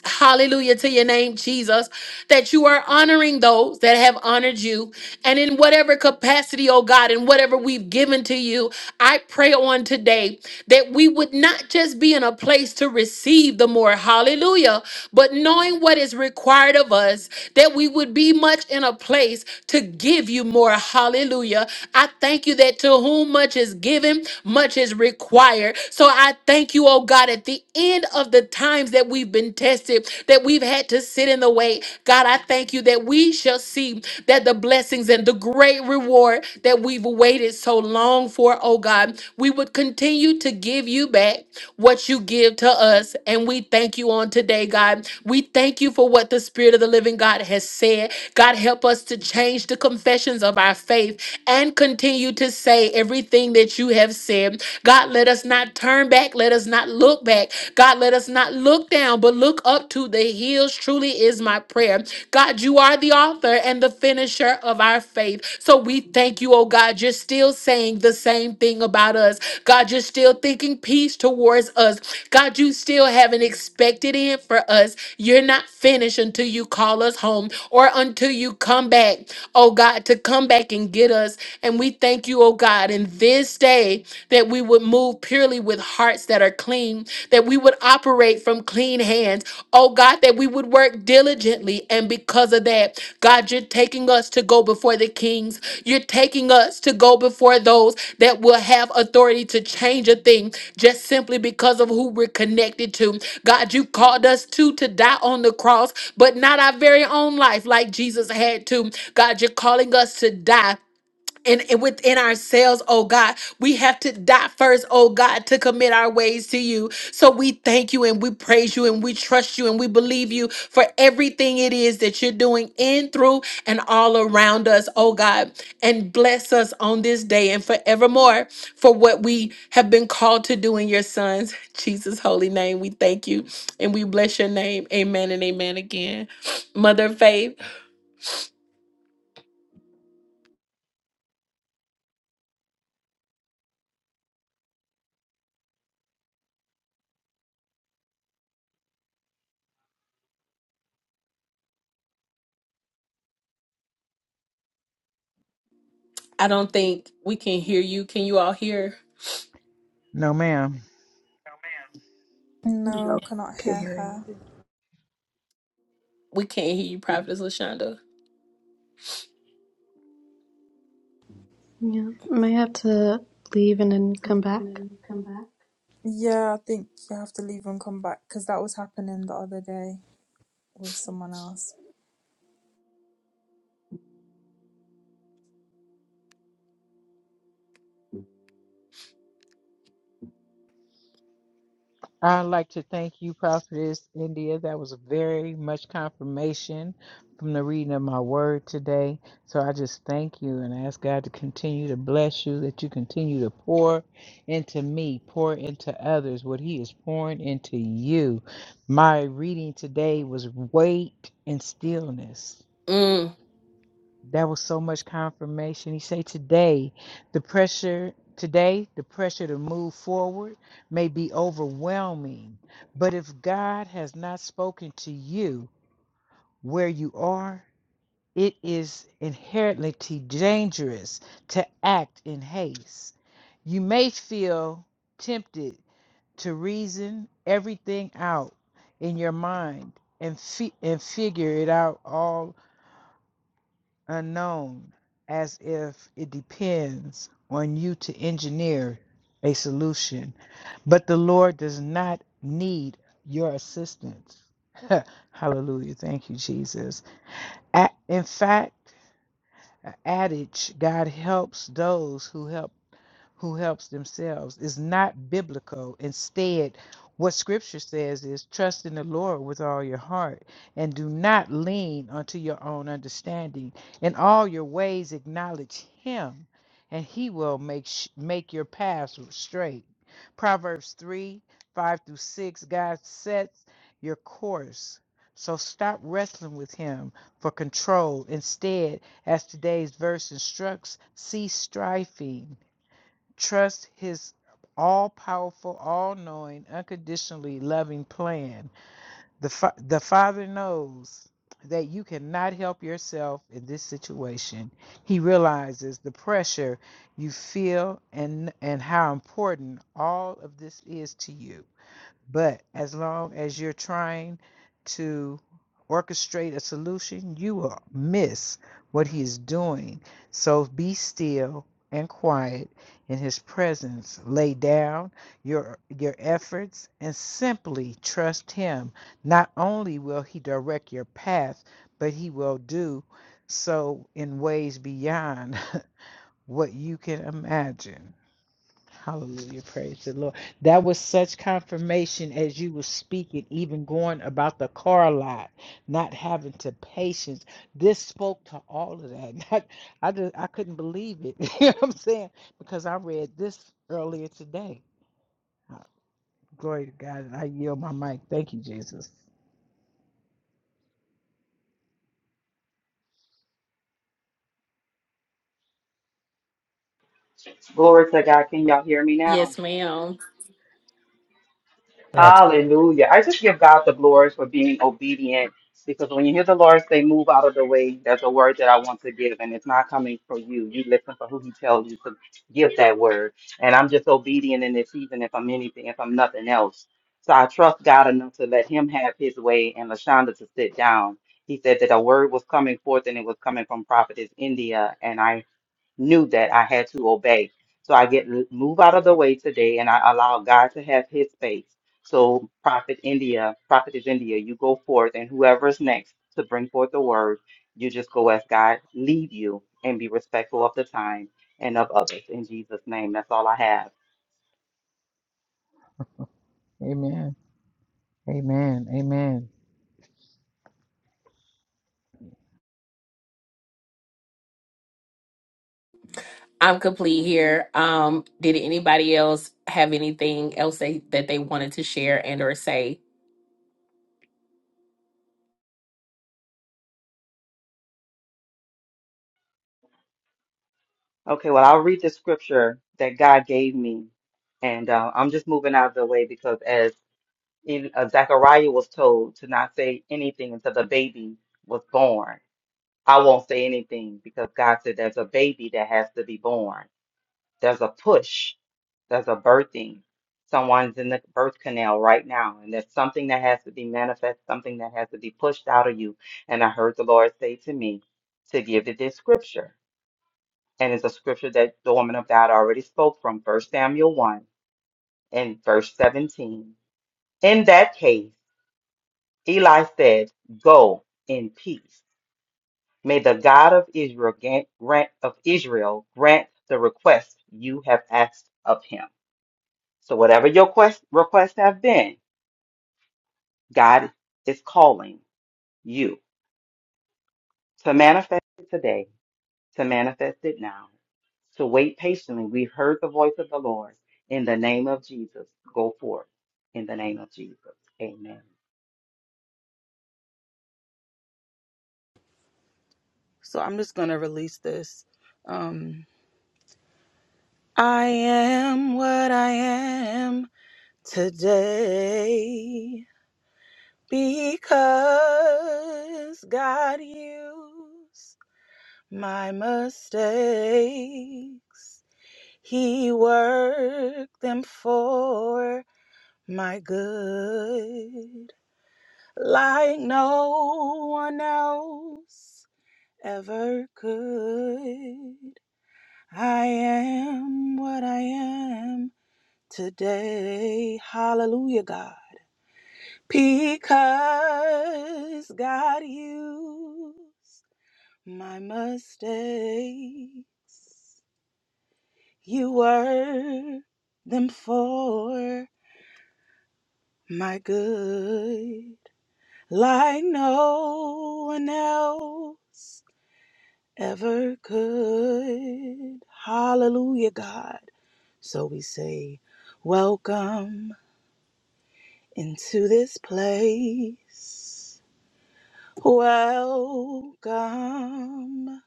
Speaker 1: Hallelujah to your name, Jesus, that you are honoring those that have honored you. And in whatever capacity, oh God, in whatever we've given to you, I pray on today that we would not just be in a place to receive the more, hallelujah, but knowing what is required of us, that we would be much in a place to give you more, hallelujah. I thank you that to whom much is given, much is required. So I thank you, oh God, at the end of the times that we've been tested, that we've had to sit in the wait. God, I thank you that we shall see that the blessings and the great reward that we've waited so long for, oh God, we would continue to give you back what you give to us. And we thank you on today, God. We thank you for what the Spirit of the living God has said. God, help us to change the confessions of our faith and continue to say everything that you have said. God, let us us not turn back. Let us not look back. God, let us not look down, but look up to the hills. Truly is my prayer. God, you are the author and the finisher of our faith. So we thank you, oh God. You're still saying the same thing about us. God, you're still thinking peace towards us. God, you still have an expected end for us. You're not finished until you call us home or until you come back, oh God, to come back and get us. And we thank you, oh God. in on this day that we would move purely with hearts that are clean, that we would operate from clean hands. Oh God, that we would work diligently. And because of that, God, you're taking us to go before the kings. You're taking us to go before those that will have authority to change a thing just simply because of who we're connected to. God, you called us to to die on the cross, but not our very own life like Jesus had to. God, you're calling us to die and, and within ourselves, oh God, we have to die first, oh God, to commit our ways to you. So we thank you and we praise you and we trust you and we believe you for everything it is that you're doing in, through, and all around us, oh God. And bless us on this day and forevermore for what we have been called to do in your son's Jesus' holy name. We thank you and we bless your name. Amen and amen again. Mother of Faith, I don't think we can hear you. Can you all hear?
Speaker 3: No, ma'am.
Speaker 4: No,
Speaker 5: No, cannot
Speaker 4: can't
Speaker 5: hear
Speaker 4: hear
Speaker 5: her.
Speaker 4: anything.
Speaker 1: We can't hear you, Prophetess Lashonda.
Speaker 6: Yeah, may have to leave and then
Speaker 5: leave
Speaker 6: come
Speaker 5: and
Speaker 6: back.
Speaker 5: then you come back. Yeah, I think you have to leave and come back because that was happening the other day with someone else. It
Speaker 3: I'd like to thank you, Prophetess India. That was very much confirmation from the reading of my word today. So I just thank you and ask God to continue to bless you, that you continue to pour into me, pour into others what He is pouring into you. My reading today was Wait in Stillness.
Speaker 1: Mm,
Speaker 3: That was so much confirmation. He said today, the pressure today, the pressure to move forward may be overwhelming, but if God has not spoken to you where you are, it is inherently dangerous to act in haste. You may feel tempted to reason everything out in your mind and, fi- and figure it out all unknown, as if it depends on you to engineer a solution. But the Lord does not need your assistance. [LAUGHS] Hallelujah. Thank you, Jesus. In fact, a adage God helps those who help who helps themselves is not biblical. Instead, what scripture says is trust in the Lord with all your heart and do not lean unto your own understanding. In all your ways acknowledge him and he will make sh- make your paths straight. Proverbs 3, 5 through 6, God sets your course. So stop wrestling with him for control. Instead, as today's verse instructs, cease striving Trust his all powerful, all knowing, unconditionally loving plan. The, fa- the Father knows that you cannot help yourself in this situation. He realizes the pressure you feel and, and how important all of this is to you. But as long as you're trying to orchestrate a solution, you will miss what he is doing. So be still and quiet in his presence. Lay down your your efforts and simply trust him. Not only will he direct your path, but he will do so in ways beyond [LAUGHS] what you can imagine. Hallelujah. Praise the Lord. That was such confirmation as you were speaking, even going about the car lot, not having to patience. This spoke to all of that. [LAUGHS] Not- I just I couldn't believe it. [LAUGHS] you know what I'm saying? Because I read this earlier today. Uh, Glory to God. I yield my mic. Thank you, Jesus.
Speaker 2: Glory to God. Can y'all hear me now?
Speaker 1: yes, ma'am.
Speaker 7: Abs-
Speaker 2: Hallelujah. I just give God the glory for being obedient because when you hear the Lord say, move out of the way, that's a word that I want to give, and it's not coming for you. You listen for who He tells you to give that word. And I'm just obedient in this season, if I'm anything, if I'm nothing else. So I trust God enough to let Him have His way and Lashonda to sit down. He said that a word was coming forth and it was coming from Prophetess India. and I. knew that I had to obey. So I get move out of the way today and I allow God to have his space. So Prophet India, Prophetess India, you go forth and whoever's next to bring forth the word, you just go as God lead you and be respectful of the time and of others. In Jesus' name, that's all I have.
Speaker 3: Amen. Amen. Amen.
Speaker 1: I'm complete here. Um, did anybody else have anything else they, that they wanted to share and or say?
Speaker 2: Okay, well, I'll read the scripture that God gave me. And uh, I'm just moving out of the way because as in, uh, Zechariah was told to not say anything until the baby was born. I won't say anything because God said there's a baby that has to be born. There's a push, there's a birthing. Someone's in the birth canal right now, and there's something that has to be manifest, something that has to be pushed out of you. And I heard the Lord say to me to give it this scripture. And it's a scripture that the woman of God already spoke from, First Samuel 1 and verse 17. In that case, Eli said, Go in peace. May the God of Israel grant, grant of Israel grant the request you have asked of him. So whatever your quest requests have been, God is calling you to manifest it today, to manifest it now, to wait patiently. We've heard the voice of the Lord. In the name of Jesus, go forth. In the name of Jesus. Amen.
Speaker 4: So I'm just gonna release this. Um, I am what I am today because God used my mistakes. He worked them for my good, like no one else ever could. I am what I am today. Hallelujah, God. Because God used my mistakes. You worked them for my good. Like no one else ever could. Hallelujah, God. So we say, Welcome into this place. Welcome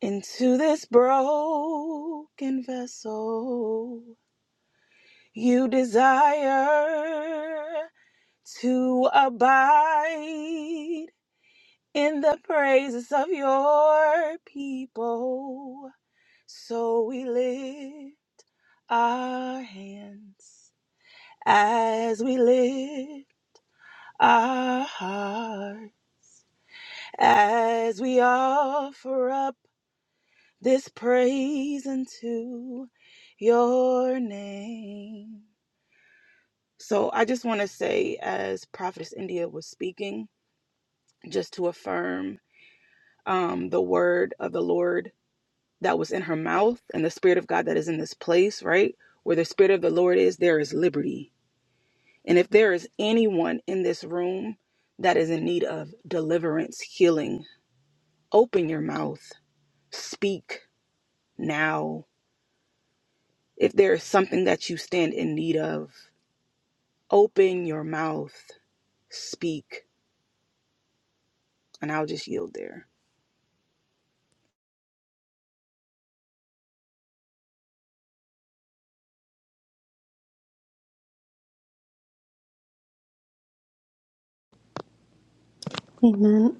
Speaker 4: into this broken vessel. You desire to abide in the praises of your people. So we lift our hands as we lift our hearts as we offer up this praise unto your name. So I just want to say, as Prophetess India was speaking, just to affirm um, the word of the Lord that was in her mouth and the Spirit of God that is in this place, right? Where the Spirit of the Lord is, there is liberty. And if there is anyone in this room that is in need of deliverance, healing, open your mouth, speak now If there is something that you stand in need of, open your mouth, speak, and I'll just yield there.
Speaker 6: Amen.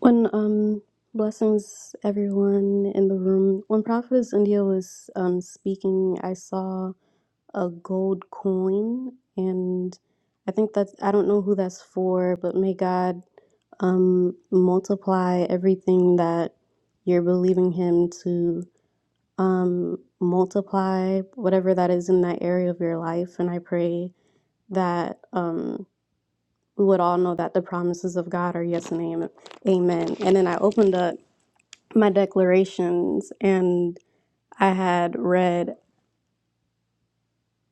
Speaker 6: When um blessings everyone in the room. When Prophetess India was um speaking, I saw a gold coin and I think that's I don't know who that's for, but may God um multiply everything that you're believing him to um multiply whatever that is in that area of your life and I pray that um we would all know that the promises of God are yes and am- amen. And then I opened up my declarations and I had read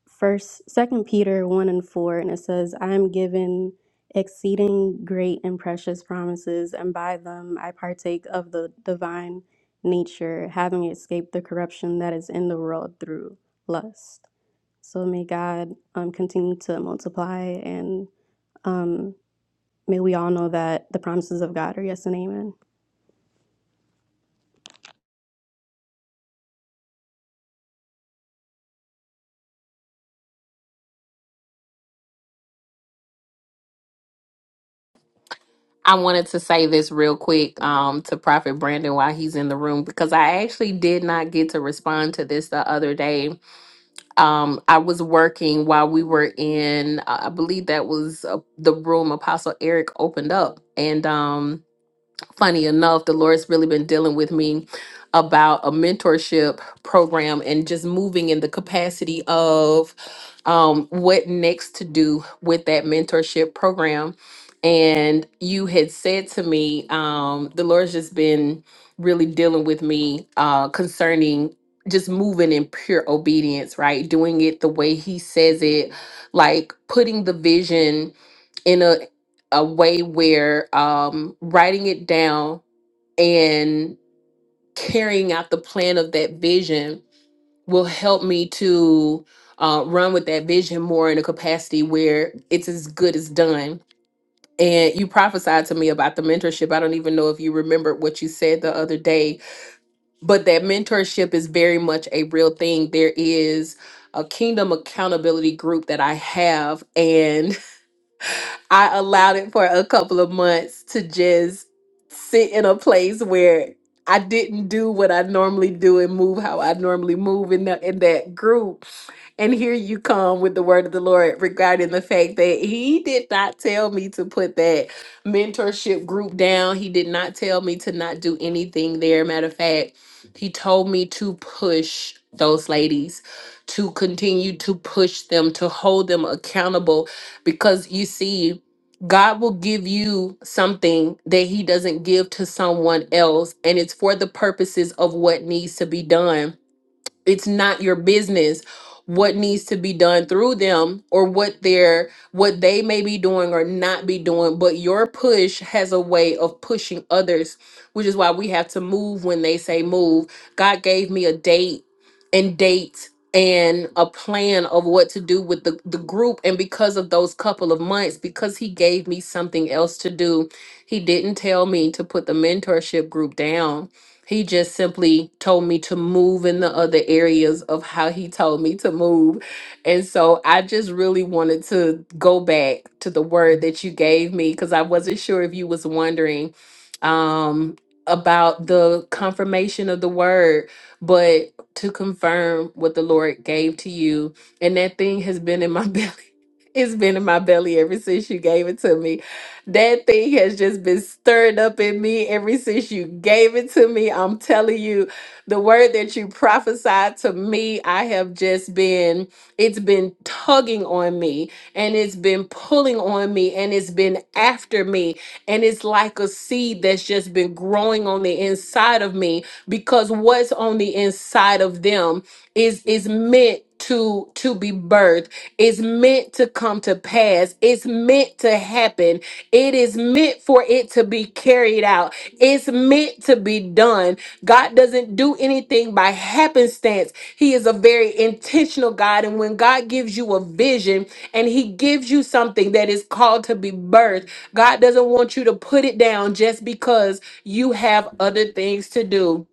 Speaker 6: first second Peter one and four and it says, I am given exceeding great and precious promises, and by them I partake of the divine nature, having escaped the corruption that is in the world through lust. So may God um, continue to multiply and um, May we all know that the promises of God are yes and amen.
Speaker 1: I wanted to say this real quick um, to Prophet Brandon while he's in the room because I actually did not get to respond to this the other day. Um, I was working while we were in, I I believe that was uh, the room Apostle Eric opened up. And um, funny enough, the Lord's really been dealing with me about a mentorship program and just moving in the capacity of um, what next to do with that mentorship program. And you had said to me, um, the Lord's just been really dealing with me uh, concerning just moving in pure obedience, right? Doing it the way He says it, like putting the vision a way where um, writing it down and carrying out the plan of that vision will help me to uh, run with that vision more in a capacity where it's as good as done. And you prophesied to me about the mentorship. I don't even know if you remembered what you said the other day, but that mentorship is very much a real thing. There is a kingdom accountability group that I have, and. I allowed it for a couple of months to just sit in a place where I didn't do what I normally do and move how I normally move in that in that group. And here you come with the word of the Lord regarding the fact that he did not tell me to put that mentorship group down. He did not tell me to not do anything there. Matter of fact, he told me to push those ladies to continue to push them to hold them accountable because you see God will give you something that He doesn't give to someone else, and it's for the purposes of what needs to be done it's not your business what needs to be done through them or what they're what they may be doing or not be doing but your push has a way of pushing others which is why we have to move when they say move god gave me a date and date and a plan of what to do with the, the group and because of those couple of months because he gave me something else to do he didn't tell me to put the mentorship group down he just simply told me to move in the other areas of how he told me to move. And so I just really wanted to go back to the word that you gave me because I wasn't sure if you was wondering um about the confirmation of the word, but to confirm what the Lord gave to you. And that thing has been in my [LAUGHS] belly. It's been in my belly ever since you gave it to me that thing has just been stirred up in me ever since you gave it to me. I'm telling you, the word that you prophesied to me, I have just been, it's been tugging on me and it's been pulling on me and it's been after me. And it's like a seed that's just been growing on the inside of me because what's on the inside of them is is meant to to be birthed is meant to come to pass it's meant to happen it is meant for it to be carried out, it's meant to be done. God doesn't do anything by happenstance. He is a very intentional God. And when God gives you a vision and He gives you something that is called to be birthed, God doesn't want you to put it down just because you have other things to do.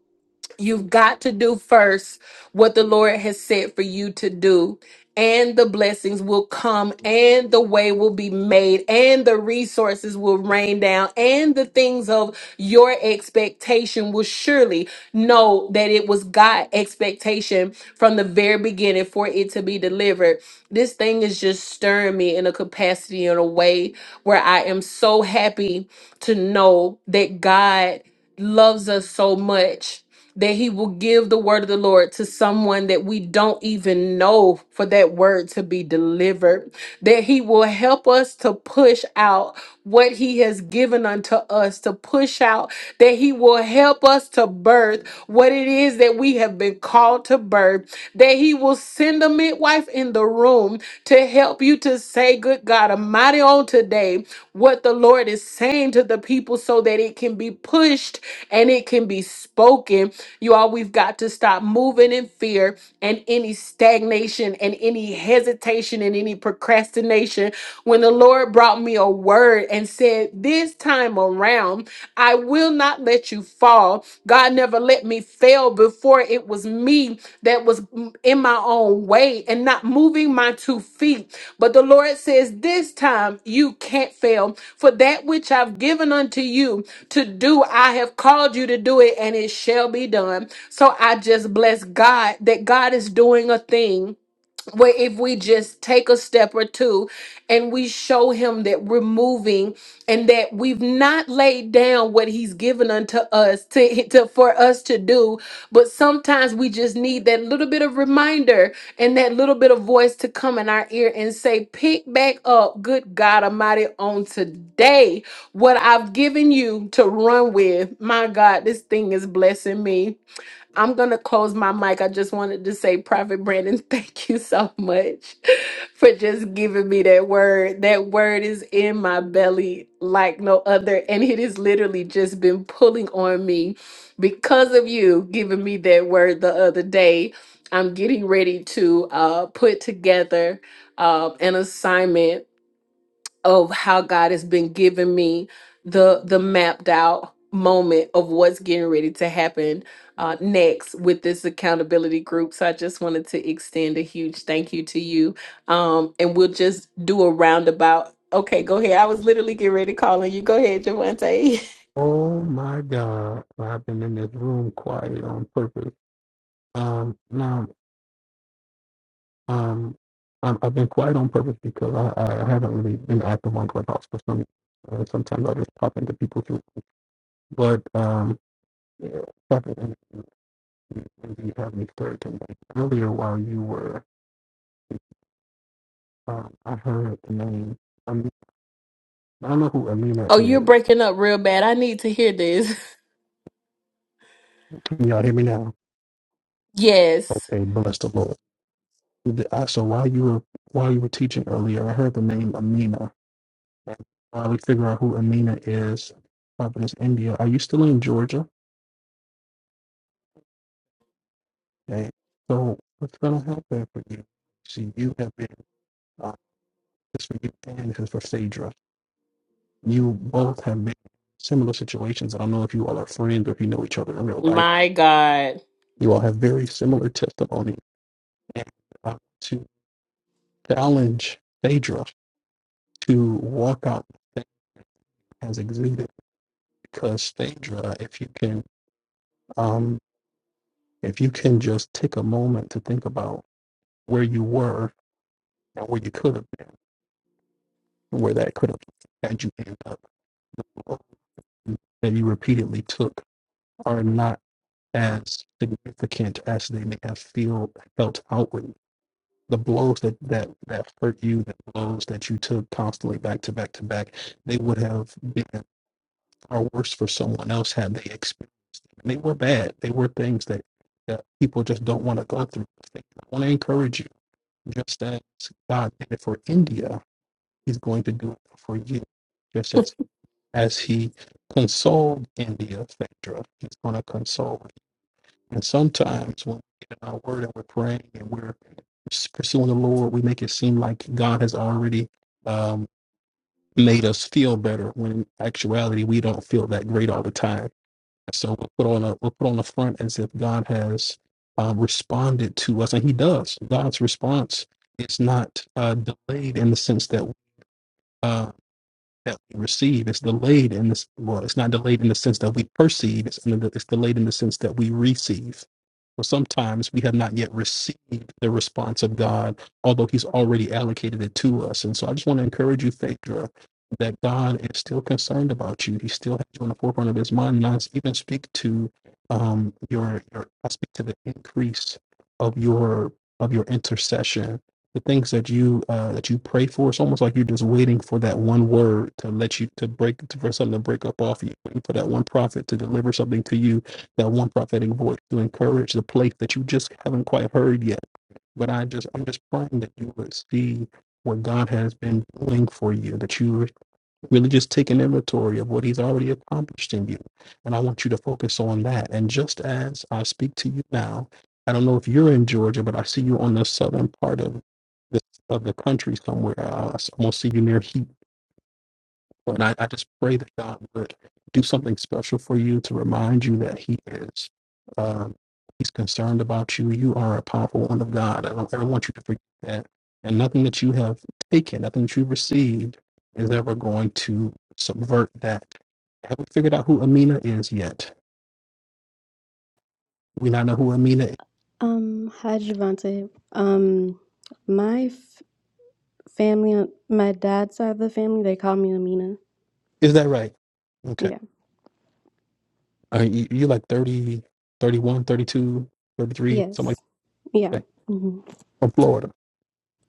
Speaker 1: You've got to do first what the Lord has said for you to do, and the blessings will come, and the way will be made, and the resources will rain down, and the things of your expectation will surely know that it was God expectation from the very beginning for it to be delivered. This thing is just stirring me in a capacity in a way where I am so happy to know that God loves us so much that he will give the word of the Lord to someone that we don't even know for that word to be delivered, that he will help us to push out what he has given unto us to push out, that he will help us to birth what it is that we have been called to birth, that he will send a midwife in the room to help help you to say, good God Almighty, on today what the Lord is saying to the people so that it can be pushed and it can be spoken. You all, we've got to stop moving in fear and any stagnation and any hesitation and any procrastination. When the Lord brought me a word and said, This time around, I will not not let you fall. God never let me fail before it was me that was in my own way and not moving my two feet. But the Lord says, This time you can't fail. For that which I've given unto you to do, I have called you to do it, and it shall be done. So I just bless God that God is doing a thing where if we just take a step or two and we show him that we're moving and that we've not laid down what he's given unto us to, to for us to do but sometimes we just need that little bit of reminder and that little bit of voice to come in our ear and say pick back up good god almighty on today what i've given you to run with my god this thing is blessing me I'm going to close my mic. I just wanted to say, Prophet Brandon, [LAUGHS] thank you so much for just giving me that word. That word is in my belly like no other. And it has literally just been pulling on me because of you giving me that word the other day. I'm getting ready to uh, put together um, an assignment of how God has been giving me the the mapped out moment of what's getting ready to happen uh, next with this accountability group. So I just wanted to extend a huge thank you to you, um, and we'll just do a roundabout. Okay, go ahead. I was literally getting ready to call on you. Go ahead, Javante. [LAUGHS]
Speaker 7: Oh my God. well, I've been in this room quiet on purpose. Um, no, um, I'm, I've been quiet on purpose because I, I haven't really been active on Clubhouse for some. Uh, sometimes I just pop into people's room. But um, yeah, Prophet, and and you have me stirred tonight. Earlier, while you were, um, I heard the name. Um, I don't know who Amina
Speaker 1: Oh, you're
Speaker 7: is.
Speaker 1: breaking up real bad. I need to hear this. [LAUGHS]
Speaker 7: Can y'all hear me now?
Speaker 1: Yes.
Speaker 7: Okay, bless the Lord. The- I- So while you were while you were teaching earlier, I heard the name Amina While we figure out who Amina is, Providence, India. Are you still in Georgia? Okay. So what's gonna happen for you? See, you have been uh, this for you and this is for Phaedra. You both have been similar situations. I don't know if you all are friends or if you know each other in real life.
Speaker 1: My God.
Speaker 7: You all have very similar testimony. And uh, to challenge Phaedra to walk out the thing has exuded because Phaedra, if you can um if you can just take a moment to think about where you were and where you could have been, where that could have had you end up, that you repeatedly took are not as significant as they may have feel felt outwardly. The blows that, that, that hurt you, the blows that you took constantly back to back to back, they would have been far worse for someone else had they experienced. They were bad. They were things that, that people just don't want to go through. I want to encourage you, just as God did it for India He's going to do it for you, just as as he consoled India, Phaedra. He's going to console. you. And sometimes when we get in our word and we're praying and we're pursuing the Lord, we make it seem like God has already um, made us feel better. When in actuality, we don't feel that great all the time. So we'll put on a we'll put on the front as if God has um, responded to us, and He does. God's response is not uh, delayed in the sense that. uh, that we receive. It's delayed in this, well, it's not delayed in the sense that we perceive, it's, in the, it's delayed in the sense that we receive. So sometimes we have not yet received the response of God, although He's already allocated it to us. And so I just want to encourage you, Phaedra, that God is still concerned about you. He still has you on the forefront of His mind. And I even speak to um, your, your, I speak to the increase of your of your intercession the things that you uh, that you pray for. It's almost like you're just waiting for that one word to let you to break to, for something to break up off you, waiting for that one prophet to deliver something to you, that one prophetic voice to encourage the place that you just haven't quite heard yet. But I just I'm just praying that you would see what God has been doing for you, that you Really just take an inventory of what he's already accomplished in you. And I want you to focus on that. And just as I speak to you now, I don't know if you're in Georgia, but I see you on the southern part of the of the country somewhere. Uh, I s- I'm gonna see you near heat. And I, I just pray that God would do something special for you to remind you that He is. Um, he's concerned about you. You are a powerful one of God. I don't ever want you to forget that. And nothing that you have taken, nothing that you've received, is ever going to subvert that. Have we figured out who Amina is yet? We not know who Amina is.
Speaker 6: Um, hi, Javante. Um, my f- family, my dad's side of the family, they call me Amina.
Speaker 7: Is that right? Okay.
Speaker 6: Yeah.
Speaker 7: Uh, you, you like 30, 31, 32, 33, something like
Speaker 6: Yes. Yeah.
Speaker 7: that.
Speaker 6: hmm
Speaker 7: From Florida.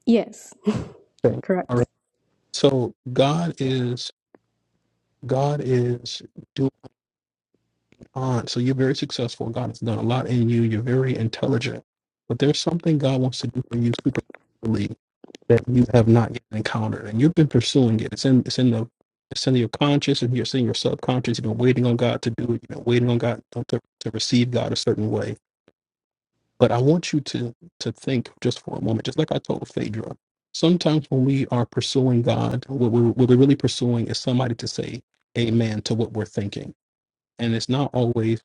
Speaker 6: Yes.
Speaker 7: Okay. All right.
Speaker 6: Correct.
Speaker 7: So God is God is doing on. So you're very successful. God has done a lot in you. You're very intelligent. But there's something God wants to do for you supernaturally that you have not yet encountered. And you've been pursuing it. It's in it's in the it's in your conscious and you're in your subconscious. You've been waiting on God to do it. You've been waiting on God uh, to, to receive God a certain way. But I want you to to think just for a moment, just like I told Phaedra. Sometimes when we are pursuing God, what we're, what we're really pursuing is somebody to say amen to what we're thinking and it's not always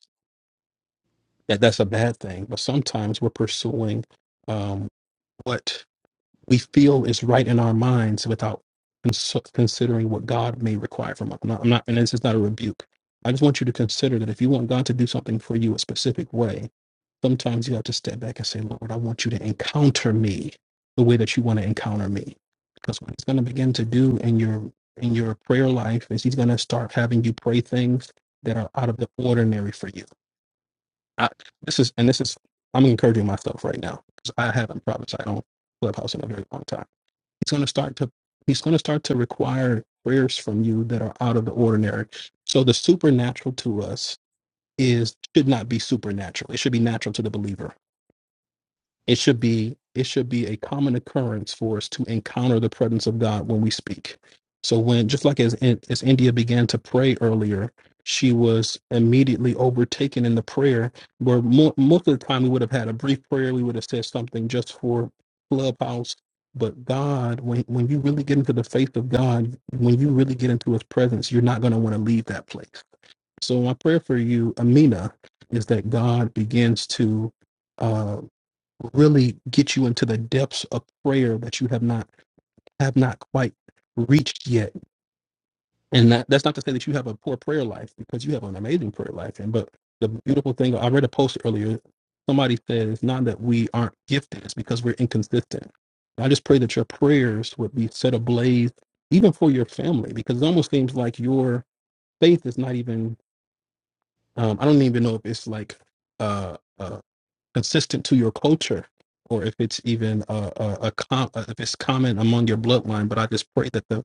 Speaker 7: that that's a bad thing but sometimes we're pursuing um, what we feel is right in our minds without cons- considering what god may require from us i'm not, I'm not and this is not a rebuke i just want you to consider that if you want god to do something for you a specific way sometimes you have to step back and say lord i want you to encounter me the way that you want to encounter me because what he's going to begin to do in your in your prayer life is he's going to start having you pray things that are out of the ordinary for you I, this is and this is I'm encouraging myself right now because I haven't prophesied on Clubhouse in a very long time. He's going to start to he's going to start to require prayers from you that are out of the ordinary. So the supernatural to us is should not be supernatural. It should be natural to the believer it should be it should be a common occurrence for us to encounter the presence of God when we speak. So when just like as as India began to pray earlier, she was immediately overtaken in the prayer. Where mo- most of the time we would have had a brief prayer, we would have said something just for clubhouse. But God, when when you really get into the faith of God, when you really get into His presence, you're not going to want to leave that place. So my prayer for you, Amina, is that God begins to uh, really get you into the depths of prayer that you have not have not quite reached yet. And that, that's not to say that you have a poor prayer life because you have an amazing prayer life. And but the beautiful thing I read a post earlier. Somebody said it's not that we aren't gifted; it's because we're inconsistent. I just pray that your prayers would be set ablaze, even for your family, because it almost seems like your faith is not even. Um, I don't even know if it's like uh, uh, consistent to your culture or if it's even a, a, a com- uh, if it's common among your bloodline but i just pray that the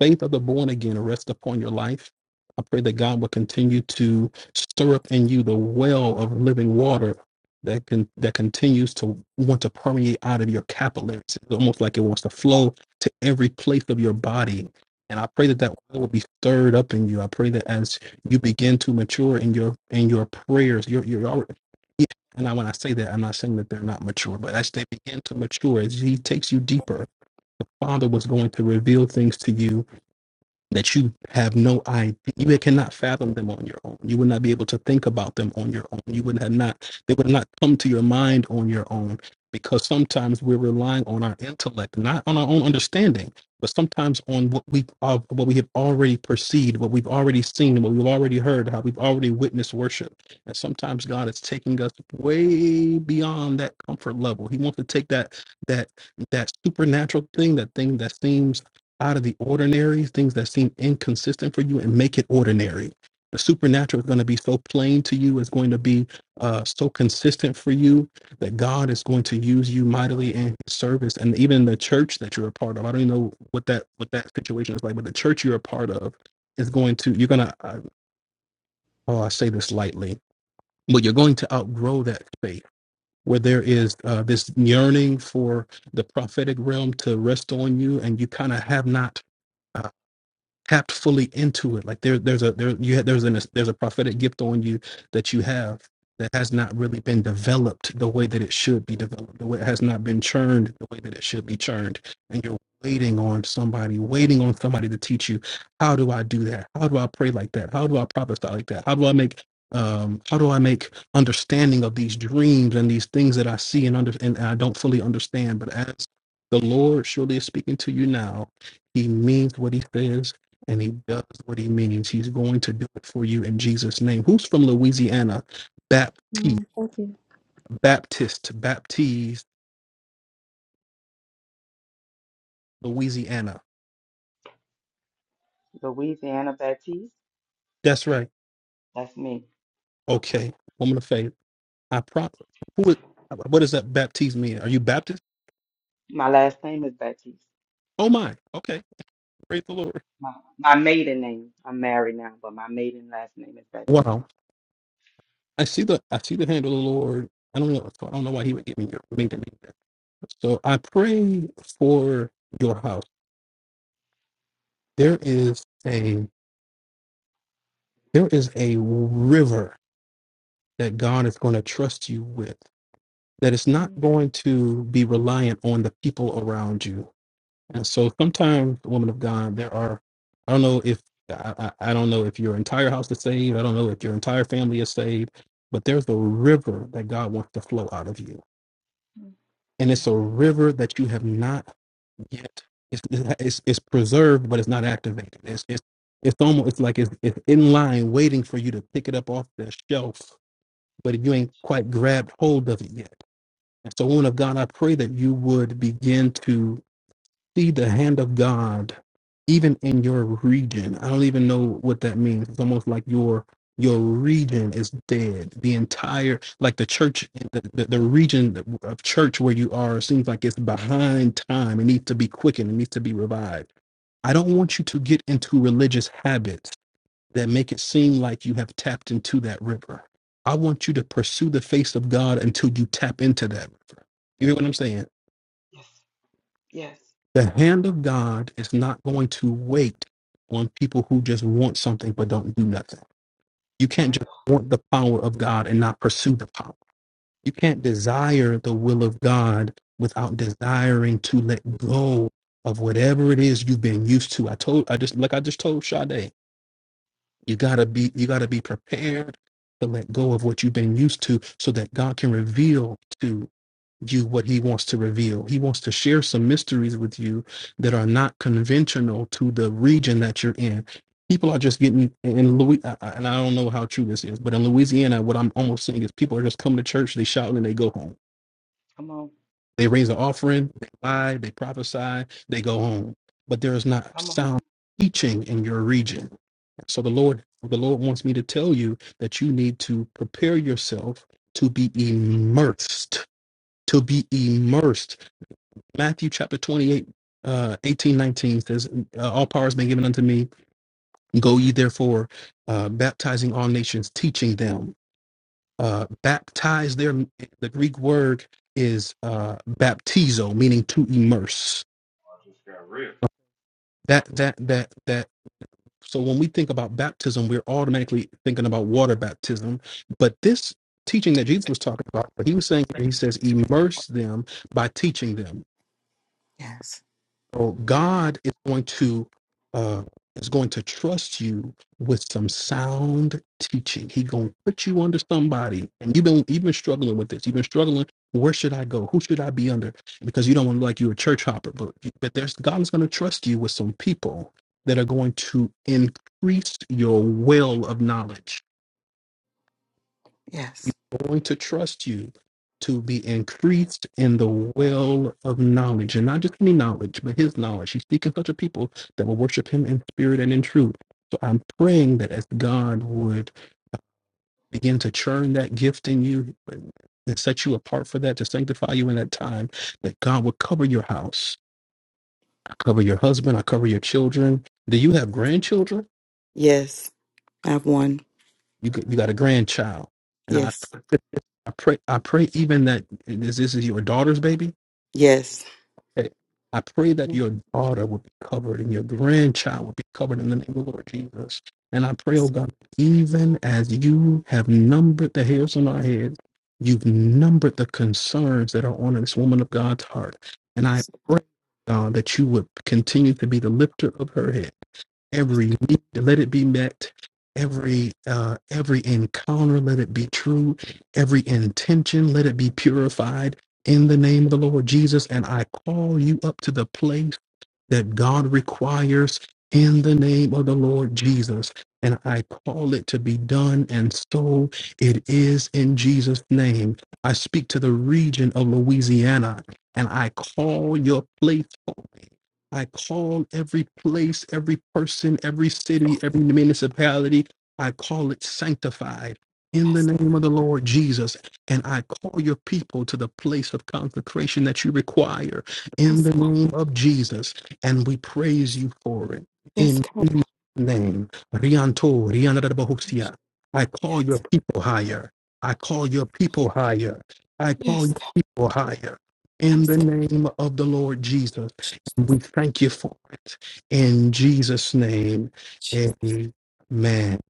Speaker 7: faith of the born again rest upon your life i pray that god will continue to stir up in you the well of living water that can that continues to want to permeate out of your capillaries it's almost like it wants to flow to every place of your body and i pray that that well will be stirred up in you i pray that as you begin to mature in your in your prayers your your and now, when I say that, I'm not saying that they're not mature, but as they begin to mature, as He takes you deeper, the Father was going to reveal things to you that you have no idea you cannot fathom them on your own you would not be able to think about them on your own you would have not they would not come to your mind on your own because sometimes we're relying on our intellect not on our own understanding but sometimes on what we uh, what we have already perceived what we've already seen what we've already heard how we've already witnessed worship and sometimes god is taking us way beyond that comfort level he wants to take that that that supernatural thing that thing that seems out of the ordinary, things that seem inconsistent for you, and make it ordinary. The supernatural is going to be so plain to you, it's going to be uh, so consistent for you that God is going to use you mightily in His service, and even the church that you're a part of. I don't even know what that what that situation is like, but the church you're a part of is going to you're going to. Uh, oh, I say this lightly, but you're going to outgrow that faith. Where there is uh, this yearning for the prophetic realm to rest on you, and you kind of have not. uh, tapped fully into it. Like there, there's a there you had there's an there's a prophetic gift on you that you have that has not really been developed the way that it should be developed. The way it has not been churned the way that it should be churned, and you're waiting on somebody, waiting on somebody to teach you how do I do that? How do I pray like that? How do I prophesy like that? How do I make um, how do I make understanding of these dreams and these things that I see and under and I don't fully understand? But as the Lord surely is speaking to you now, He means what He says and he does what he means. He's going to do it for you in Jesus' name. Who's from Louisiana? Baptiste,
Speaker 6: Amen. Thank you.
Speaker 7: Baptist, Baptiste, Louisiana.
Speaker 2: Louisiana Baptiste,
Speaker 7: That's right.
Speaker 2: that's me.
Speaker 7: Okay, woman of faith. I prop. Who is? What does that Baptiste mean? Are you Baptist?
Speaker 2: My last name is Baptiste.
Speaker 7: Oh my. Okay, praise the Lord.
Speaker 2: My, my maiden name. I'm married now, but my maiden last name is Baptiste.
Speaker 7: Wow. I see the I see the hand of the Lord. I don't know. I don't know why he would give me your me the name. that. So I pray for your house. There is a there is a river that God is going to trust you with, that it's not
Speaker 2: Mm,
Speaker 7: going to be reliant on the people around you. And so sometimes, woman of God, there are, I don't know if, I, I I don't know if your entire house is saved. I don't know if your entire family is saved, but there's a river that God wants to flow out of you.
Speaker 2: mm.
Speaker 7: And it's
Speaker 2: Thank
Speaker 7: a river that you have not yet, it's, it's, it's preserved, but it's not activated. It's, it's, it's almost it's like it's, it's in line waiting for you to pick it up off the shelf but you ain't quite grabbed hold of it yet. And so, woman of God, I pray that you would begin to see the hand of God even in your region. I don't even know what that means. It's almost like your your region is dead. The entire like the church the, the, the region of church where you are seems like it's behind time. It needs to be quickened, it needs to be revived. I don't want you to get into religious habits that make it seem like you have tapped into that river. I want you to pursue the face of God until you tap into that. You hear what I'm saying?
Speaker 2: you. Yes. Yes.
Speaker 7: The hand of God is not going to wait on people who just want something but don't do nothing. You can't
Speaker 2: My
Speaker 7: just
Speaker 2: God.
Speaker 7: want the power of God and not pursue the power. You can't desire the will of God without desiring to let go of whatever it is you've been used to. I told I just like I just told Sade, you gotta be you gotta be prepared to let go of what you've been used to so that God can reveal to you what he wants to reveal. He wants to share some mysteries with you that are not conventional to the region that you're in. People are just getting in Louis, and I don't know how true this is, but in Louisiana, what I'm almost seeing is people are just coming to church, they shout and they go home.
Speaker 2: Come on.
Speaker 7: They raise an offering, they lie, they prophesy, they go home. But there is not
Speaker 2: Come on.
Speaker 7: sound teaching in your region. So the Lord, the Lord wants me to tell you that you need to prepare yourself to be immersed, to be immersed Matthew chapter 28, uh, 18, nineteen says, uh, All power has been given unto me. Go ye therefore, uh, baptizing all nations, teaching them. Uh, baptize their, the Greek word is uh, baptizo, meaning to immerse. That, that, that, that. So when we think about baptism, we're automatically thinking about water baptism. But this teaching that Jesus was talking about, what he was saying here, he says, immerse them by teaching them So God is going to uh, is going to trust you with some sound teaching. He going to put you under somebody, and you've been you've been struggling with this. You've been struggling. Where should I go? Who should I be under? Because you don't want to look like you're a church hopper, but but there's God is going to trust you with some people that are going to increase your well of knowledge
Speaker 2: Yes.
Speaker 7: going to trust you to be increased in the well of knowledge, and not just any knowledge, but his knowledge. He's seeking such a people that will worship him in spirit and in truth. So I'm praying that as God would begin to churn that gift in you and set you apart for that, to sanctify you in that time, that God would cover your house. I cover your husband. I cover your children. Do you have grandchildren?
Speaker 2: Yes. I've won.
Speaker 7: You got, you got a grandchild, and I
Speaker 2: Yes.
Speaker 7: I pray I pray even that this, this is your daughter's baby
Speaker 2: Yes.
Speaker 7: Okay. I pray that your daughter will be covered and your grandchild will be covered in the name of the Lord Jesus. And I pray, oh God, even as you have numbered the hairs on our head, you've numbered the concerns that are on this woman of God's heart. And I pray, God, that you would continue to be the lifter of her head every need let it be met every uh every encounter let it be true every intention let it be purified in the name of the lord jesus and i call you up to the place that god requires in the name of the lord jesus and i call it to be done and so it is in jesus name i speak to the region of louisiana and i call your place holy I call every place, every person, every city, every municipality, I call it sanctified in the name of the Lord Jesus. And I call your people to the place of consecration that you require in the name of Jesus. And we praise you for it in Jesus' name. Rianto, Rianarabahosia. I call your people higher. I call your people higher. I call your people higher in the name of the Lord Jesus. We thank you for it in Jesus' name. Amen.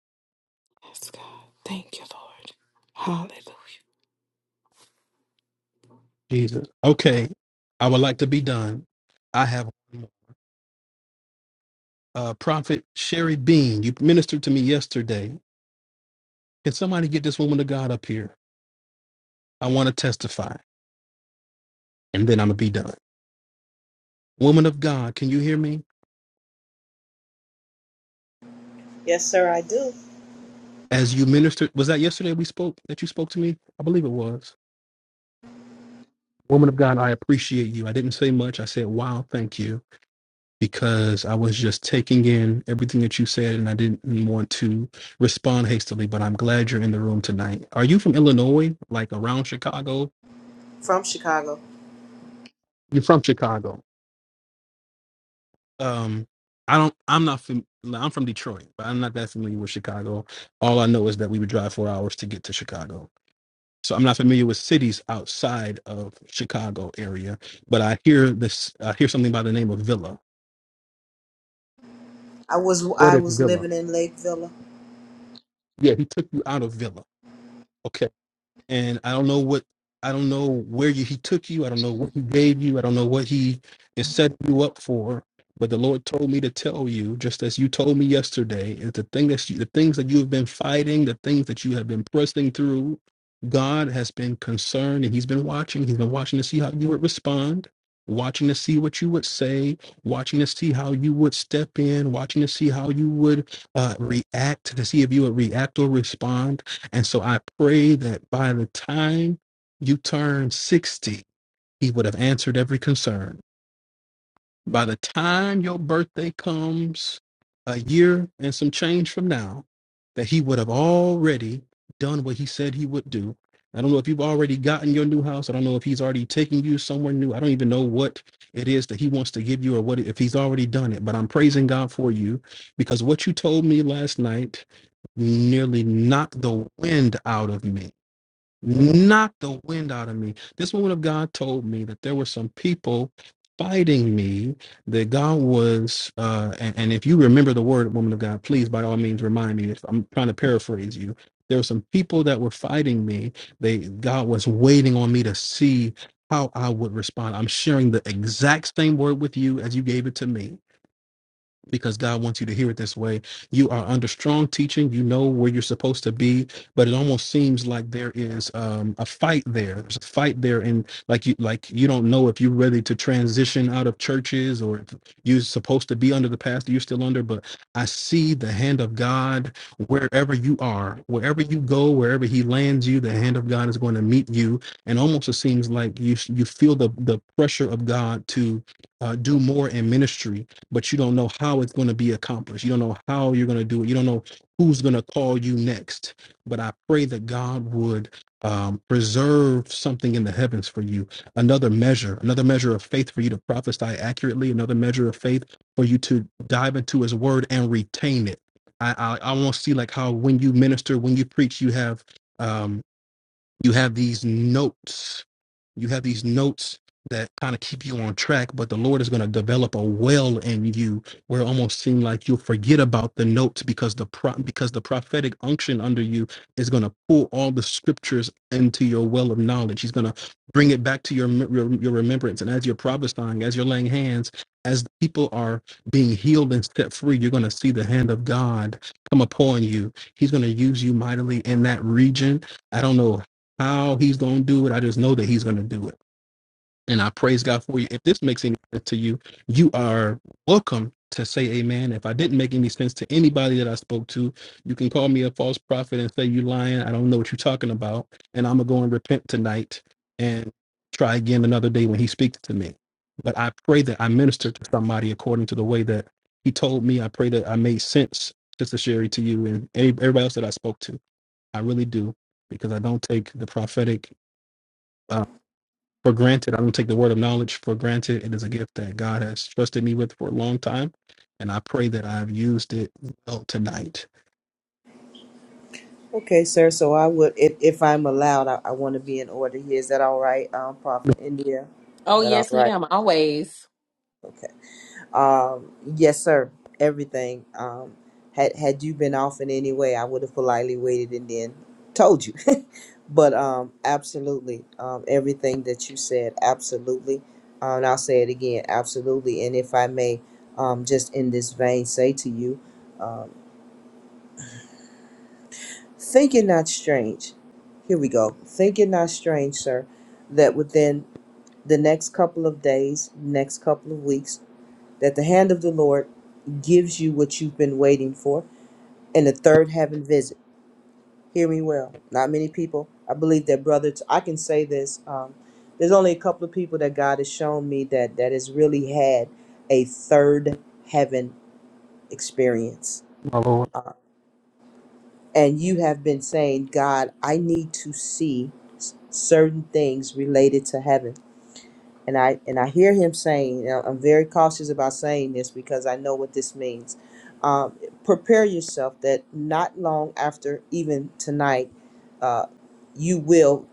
Speaker 7: Jesus. Okay, I would like to be done. I have uh, Prophet Sherry Bean. You ministered to me yesterday. Can somebody get this woman of God up here? I want to testify, and then I'm gonna be done. Woman of God, can you hear me?
Speaker 8: Yes, sir, I do.
Speaker 7: As you ministered, was that yesterday we spoke? That you spoke to me? I believe it was. Woman of God, I appreciate you. I didn't say much. I said, "Wow, thank you." because I was just taking in everything that you said and I didn't want to respond hastily, but I'm glad you're in the room tonight. Are you from Illinois? Like around Chicago?
Speaker 8: from Chicago.
Speaker 7: You're from Chicago. Um I don't I'm not fam- I'm from Detroit, but I'm not that familiar with Chicago. All I know is that we would drive 4 hours to get to Chicago. So I'm not familiar with cities outside of Chicago area, but I hear this I hear something by the name of Villa.
Speaker 8: I was
Speaker 7: What
Speaker 8: I
Speaker 7: is
Speaker 8: was
Speaker 7: Villa?
Speaker 8: living in Lake Villa.
Speaker 7: Yeah, he took you out of Villa. okay? and I don't know what I don't know where you, he took you. I don't know what he gave you. I don't know what he is setting you up for. But the Lord told me to tell you, just as you told me yesterday, is the thing that you, the things that you have been fighting, the things that you have been pressing through. God has been concerned, and He's been watching. He's been watching to see how you would respond, watching to see what you would say, watching to see how you would step in, watching to see how you would uh, react, to see if you would react or respond and so I pray that by the time you turn 60, he would have answered every concern. By the time your birthday comes a year and some change from now, that he would have already done what he said he would do. I don't know if you've already gotten your new house. I don't know if he's already taken you somewhere new. I don't even know what it is that he wants to give you or what if he's already done it. But I'm praising God for you because what you told me last night nearly knocked the wind out of me knocked the wind out of me. This woman of God told me that there were some people fighting me, that God was, uh, and, and if you remember the word, woman of God, please by all means remind me. If I'm trying to paraphrase you, there were some people that were fighting me. They God was waiting on me to see how I would respond. I'm sharing the exact same word with you as you gave it to me because God wants you to hear it this way. You are under strong teaching. You know where you're supposed to be, but it almost seems like there is um, a fight there. There's a fight there, and like you, like you don't know if you're ready to transition out of churches or if you're supposed to be under the pastor you're still under. But I see the hand of God wherever you are, wherever you go, wherever He lands you. The hand of God is going to meet you, and almost it seems like you you feel the the pressure of God to uh, do more in ministry but you don't know how it's going to be accomplished. You don't know how you're going to do it. You don't know who's going to call you next. But I pray that God would um, preserve something in the heavens for you, another measure, another measure of faith for you to prophesy accurately, another measure of faith for you to dive into His Word and retain it. I I, I want to see like how when you minister, when you preach, you have. um, you have these notes you have these notes that kind of keep you on track but the lord is going to develop a well in you where it almost seem like you'll forget about the notes because the pro- because the prophetic unction under you is going to pull all the scriptures into your well of knowledge he's going to bring it back to your, mem- your your remembrance and as you're prophesying as you're laying hands as people are being healed and set free you're going to see the hand of god come upon you he's going to use you mightily in that region I don't know how he's going to do it. I just know that he's going to do it. And I praise God for you. If this makes any sense to you, you are welcome to say amen. If I didn't make any sense to anybody that I spoke to, you can call me a false prophet and say, You lying. I don't know what you're talking about. And I'm going to go and repent tonight and try again another day when he speaks to me. But I pray that I ministered to somebody according to the way that he told me. I pray that I made sense, Sister Sherry, to you and everybody else that I spoke to. I really do because I don't take the prophetic uh, for granted. I don't take the word of knowledge for granted. It is a gift that God has trusted me with for a long time, and I pray that I've used it well tonight.
Speaker 8: Okay, sir. So I would, if, if I'm allowed, I, I want to be in order here. Is that all right, um, Prophet
Speaker 7: Thank
Speaker 8: India?
Speaker 1: Oh,
Speaker 8: Is that all
Speaker 1: yes,
Speaker 8: right?
Speaker 1: ma'am. Always.
Speaker 8: Okay. Um, yes, sir. Everything. Um, had had you been off in any way, I would have politely waited and then told you. [LAUGHS] but um, absolutely. Um, everything that you said, absolutely. Uh, and I'll say it again, absolutely. And if I may, um, just in this vein, say to you, um, think it not strange. Here we go. Think it not strange, sir, that within the next couple of days, next couple of weeks that the hand of the Lord gives you what you've been waiting for, and the third heaven visit. Hear me well. Not many people. I believe that, brothers, I can say this. Um, there's only a couple of people that God has shown me that that has really had a third heaven experience.
Speaker 7: you, My Lord,
Speaker 8: Uh, and you have been saying, God, I need to see s- certain things related to heaven and I and I hear him saying, you I'm very cautious about saying this because I know what this means. Um, prepare yourself that not long after, even tonight, uh, you will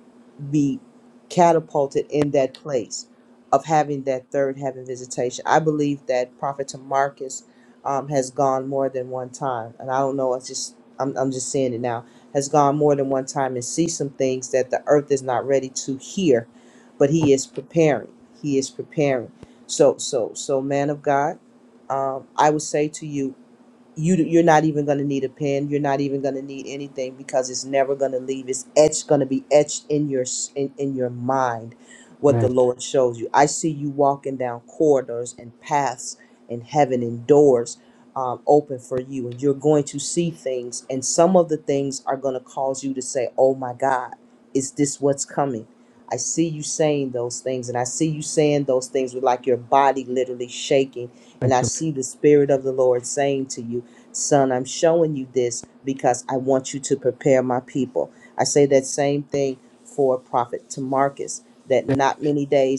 Speaker 8: be catapulted in that place of having that third heaven visitation. I believe that Prophet Tamarcus um, has gone more than one time, and I don't know. It's just I'm I'm just seeing it now. Has gone more than one time and see some things that the earth is not ready to hear but he is preparing he is preparing so so so man of god um, i would say to you you you're not even going to need a pen you're not even going to need anything because it's never going to leave it's etched going to be etched in your s- in, in your mind what the
Speaker 7: amen.
Speaker 8: lord shows you i see you walking down corridors and paths in heaven and doors um, open for you and you're going to see things and some of the things are going to cause you to say oh my god is this what's coming i see you saying those things and i see you saying those things with like your body literally shaking and
Speaker 7: Thank
Speaker 8: I see the Spirit of the Lord saying to you. Son, I'm showing you this because I want you to prepare my people. I say that same thing for Prophet Tamarcus, that
Speaker 7: you.
Speaker 8: not many days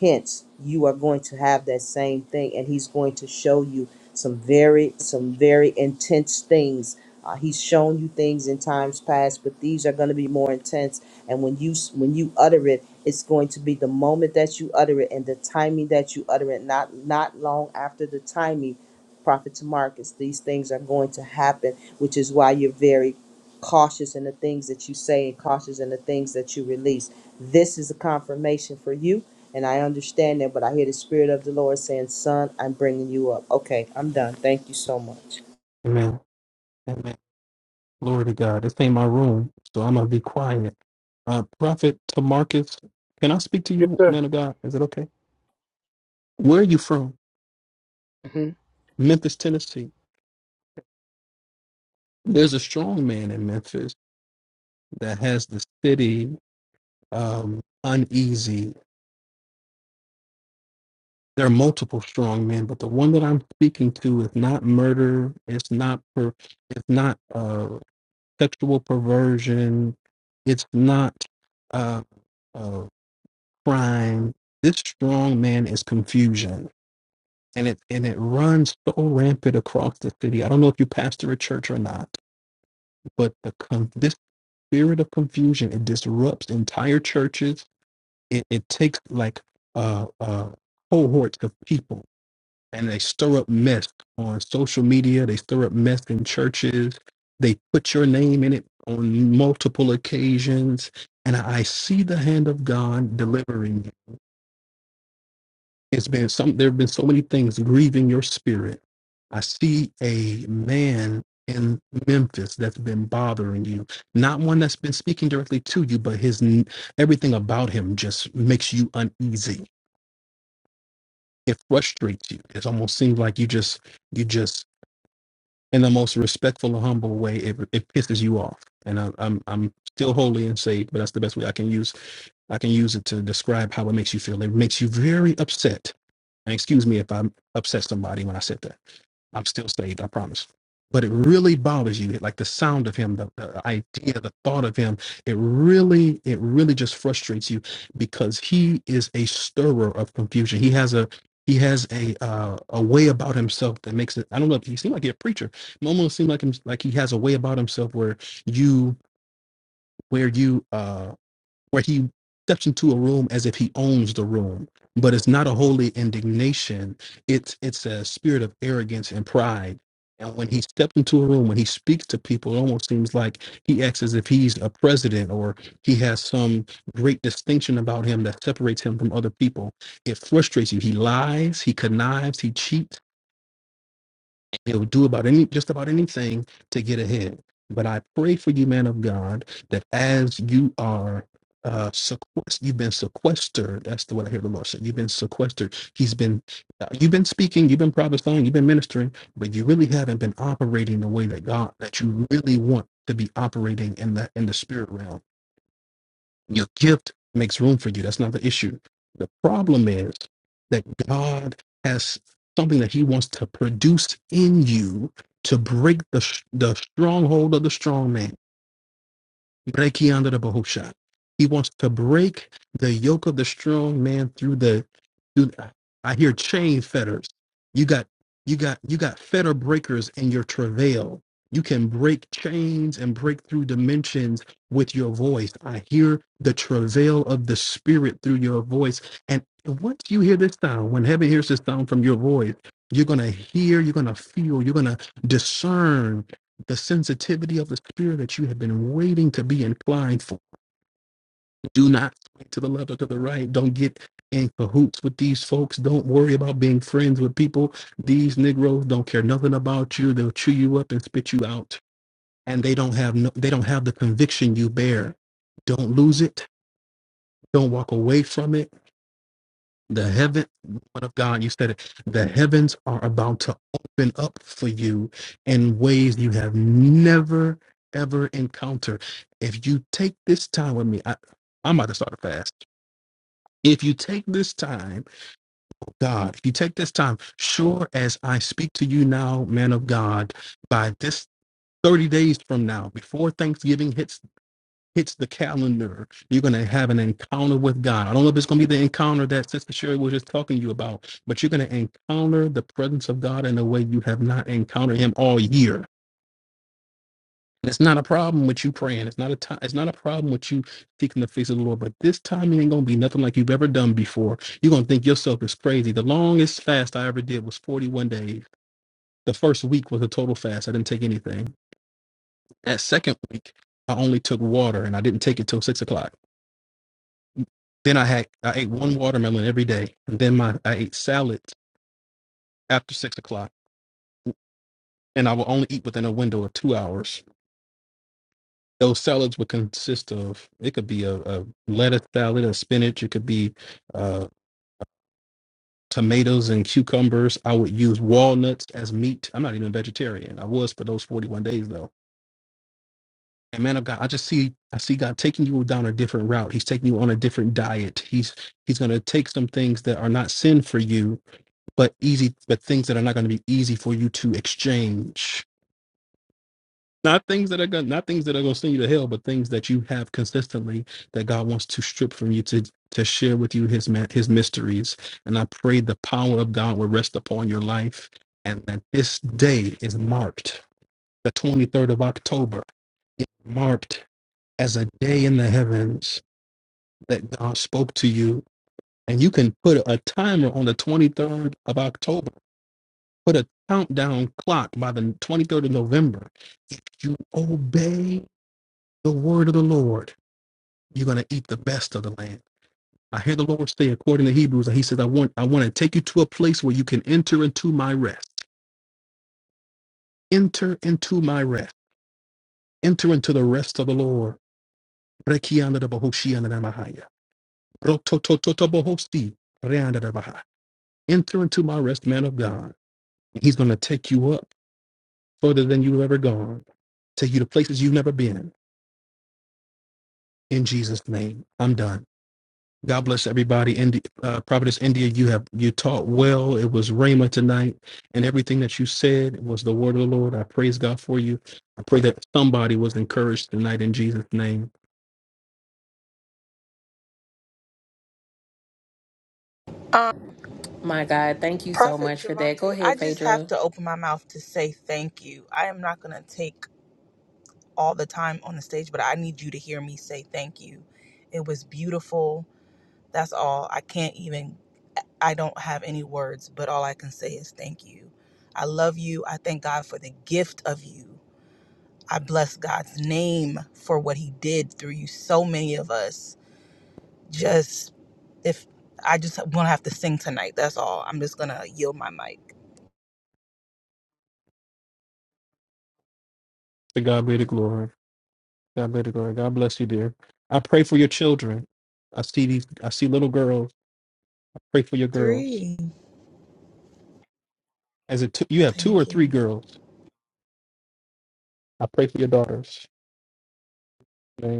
Speaker 8: Hence, you are going to have that same thing, and he's going to show you some very, some very intense things. Uh, he's shown you things in times past, but these are going to be more intense. And when you s- when you utter it, it's going to be the moment that you utter it and the timing that you utter it. Not not long after the timing, prophet Marcus, these things are going to happen, which is why you're very cautious in the things that you say and cautious in the things that you release. This is a confirmation for you, and I understand that, but I hear the Spirit of the Lord saying, Son, I'm bringing you up. Okay, I'm done. Thank you so much.
Speaker 7: Amen. Amen. Glory to God. This ain't my room, so I'm gonna be quiet. Uh, Prophet Tamarcus, can I speak to
Speaker 9: Yes,
Speaker 7: you,
Speaker 9: sir.
Speaker 7: man of God? Is it okay? Where are you from?
Speaker 9: hmm
Speaker 7: Memphis, Tennessee. There's a strong man in Memphis that has the city um, uneasy there are multiple strong men, but the one that I'm speaking to is not murder. It's not per, it's not uh, sexual perversion. It's not uh, uh, crime. This strong man is confusion, and it and it runs so rampant across the city. I don't know if you pastor a church or not, but the con- this spirit of confusion it disrupts entire churches. It, it takes like uh, uh, cohorts of people and they stir up mess on social media. They stir up mess in churches. They put your name in it on multiple occasions. And I see the hand of God delivering you. It's been some, there have been so many things grieving your spirit. I see a man in Memphis that's been bothering you, not one that's been speaking directly to you, but his n- everything about him just makes you uneasy. It frustrates you. It almost seems like you just you just in the most respectful and humble way, it, it pisses you off. And I'm, I'm I'm still holy and saved, but that's the best way I can use I can use it to describe how it makes you feel. It makes you very upset. And excuse me if I upset somebody when I said that. I'm still saved, I promise. But it really bothers you, like the sound of him, the, the idea, the thought of him. It really, it really just frustrates you because he is a stirrer of confusion. He has a he has a uh, a way about himself that makes it. I don't know. He seemed like a preacher. It almost seemed like him, like he has a way about himself where you where you uh where he steps into a room as if he owns the room but it's not a holy indignation it's it's a spirit of arrogance and pride and when he steps into a room when he speaks to people it almost seems like he acts as if he's a president or he has some great distinction about him that separates him from other people it frustrates you he lies he connives he cheats He'll do about any just about anything to get ahead. But I pray for you, man of God, that as you are uh sequest- you've been sequestered. That's the what I hear the Lord say. You've been sequestered. He's been uh, you've been speaking, you've been prophesying, you've been ministering, but you really haven't been operating the way that God that you really want to be operating in the in the spirit realm. Your gift makes room for you. That's not the issue. The problem is that God has something that He wants to produce in you to break the, the stronghold of the strong man Breki under the bahusha. He wants to break the yoke of the strong man through the. Through, I hear chain fetters. You got you got you got fetter breakers in your travail. You can break chains and break through dimensions with your voice. I hear the travail of the spirit through your voice. And once you hear this sound, when heaven hears this sound from your voice, you're gonna hear, you're gonna feel, you're gonna discern the sensitivity of the spirit that you have been waiting to be inclined for. Do not swing to the left or to the right. Don't get in cahoots with these folks. Don't worry about being friends with people. These Negroes don't care nothing about you. They'll chew you up and spit you out. And they don't have no, they don't have the conviction you bear. Don't lose it. Don't walk away from it The heaven, woman of God, you said it. The heavens are about to open up for you in ways you have never ever encountered. If you take this time with me, I, I'm about to start a fast. If you take this time, God, if you take this time, sure as I speak to you now, man of God, by this 30 days from now, before Thanksgiving hits hits the calendar, you're going to have an encounter with God. I don't know if it's going to be the encounter that Sister Sherry was just talking to you about, but you're going to encounter the presence of God in a way you have not encountered Him all year. And It's not a problem with you praying. It's not a time. It's not a problem with you seeking the face of the Lord. But this time it ain't gonna be nothing like you've ever done before. You're gonna think yourself is crazy. The longest fast I ever did was 41 days. The first week was a total fast. I didn't take anything. That second week, I only took water, and I didn't take it till six o'clock Then I had I ate one watermelon every day, and then my I ate salads after six o'clock, and I will only eat within a window of two hours. Those salads would consist of it could be a, a lettuce salad, a spinach, it could be uh, tomatoes and cucumbers. I would use walnuts as meat. I'm not even a vegetarian. I was for those 41 days though. And man of God, I just see I see God taking you down a different route. He's taking you on a different diet. He's He's going to take some things that are not sin for you but easy but things that are not going to be easy for you to exchange not things that are going not things that are going to send you to hell but things that you have consistently that god wants to strip from you to to share with you his ma- his mysteries and i pray the power of god will rest upon your life and that this day is marked the 23rd of october is marked as a day in the heavens that god spoke to you and you can put a timer on the 23rd of october put a countdown clock by the 23rd of November. If you obey the word of the Lord, you're going to eat the best of the land. I hear the Lord say, according to Hebrews, and He says, I want, I want to take you to a place where you can enter into my rest. Enter into my rest. Enter into the rest of the Lord. Enter into my rest, man of God. He's going to take you up further than you've ever gone, take you to places you've never been in Jesus' name. I'm done. God bless everybody. India, uh, Providence, India, you have you taught well. It was Rhema tonight, and everything that you said was the word of the Lord. I praise God for you. I pray that somebody was encouraged tonight in Jesus' name.
Speaker 4: Um,
Speaker 1: My God. Thank you so
Speaker 4: Prophet
Speaker 1: much for that. Go
Speaker 4: Javante, I
Speaker 1: ahead,
Speaker 4: just
Speaker 1: Phaedra.
Speaker 4: have to open my mouth to say thank you. I am not going to take all the time on the stage, but I need you to hear me say thank you. It was beautiful. That's all. I can't even, I don't have any words, but all I can say is thank you. I love you. I thank God for the gift of you. I bless God's name for what he did through you. So many of us just, if I just won't have to sing tonight, that's all. I'm just going to yield my mic.
Speaker 7: To God be the glory. God be the glory. God bless you, dear. I pray for your children. I see these. I see little girls. I pray for your girls.
Speaker 4: Three.
Speaker 7: As a two, you have two or
Speaker 4: Thank
Speaker 7: three
Speaker 4: you.
Speaker 7: girls. I pray for your daughters. Amen.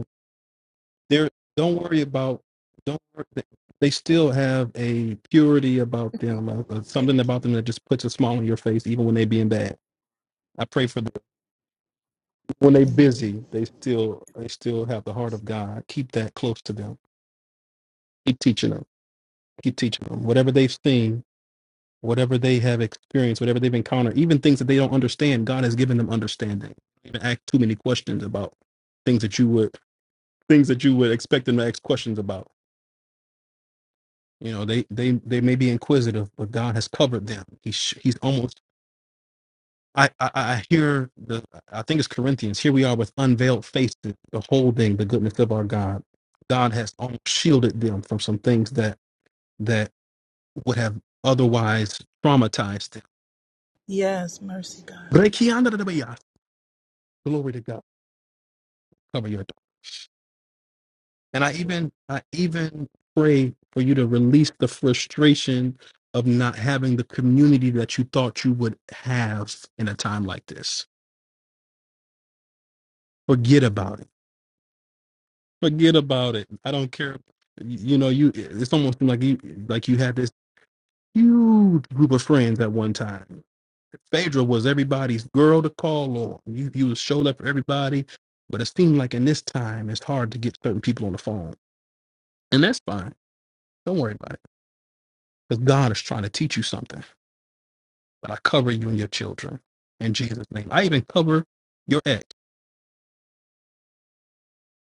Speaker 7: There, don't worry about. Don't. wor- They they still have a purity about them, uh, uh, something
Speaker 4: Thank you.
Speaker 7: about them that just puts a smile on your face, even when they being bad. I pray for them when they
Speaker 4: Thank you.
Speaker 7: busy. They still they still have the heart of God. Keep that close to them. Keep teaching them. Keep teaching them whatever they've seen, whatever they have experienced, whatever they've encountered, even things that they don't understand. God has given them understanding. Don't even ask too many questions about things that you would things that you would expect them to ask questions about You know, they they they may be inquisitive, but God has covered them. He sh- he's almost. I, I I hear the. I think it's Corinthians. Here we are with unveiled faces, beholding the goodness of our God. God has almost shielded them from some things that that would have otherwise traumatized them.
Speaker 4: Yes, mercy, God.
Speaker 7: Rekiandarabayas. Glory to God. Cover your door. And I even I even pray for you to release the frustration of not having the community that you thought you would have in a time like this forget about it. Forget about it. I don't care. You you know, you it's almost like you like you had this huge group of friends at one time. Phaedra was everybody's girl to call on. You you showed up for everybody, but it seemed like in this time it's hard to get certain people on the phone, and that's fine. Don't worry about it, because God is trying to teach you something. But I cover you and your children in Jesus' name. I even cover your ex,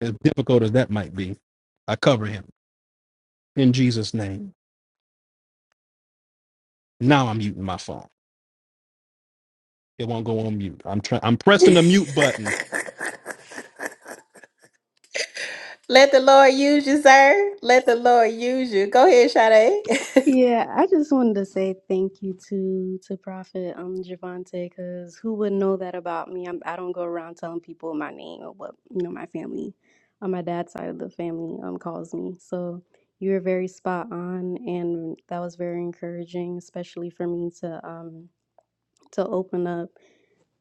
Speaker 7: as difficult as that might be. I cover him in Jesus' name. Now I'm muting my phone. It won't go on mute. I'm trying. I'm pressing the mute button.
Speaker 1: Let the Lord use you, sir. Let the Lord use you. Go ahead, Sade.
Speaker 6: Yeah, I just wanted to say thank you to to Prophet um Javante because who would know that about me? I'm, I don't go around telling people my name or what you know my family on my dad's side of the family um calls me. So you were very spot on, and that was very encouraging, especially for me to um to open up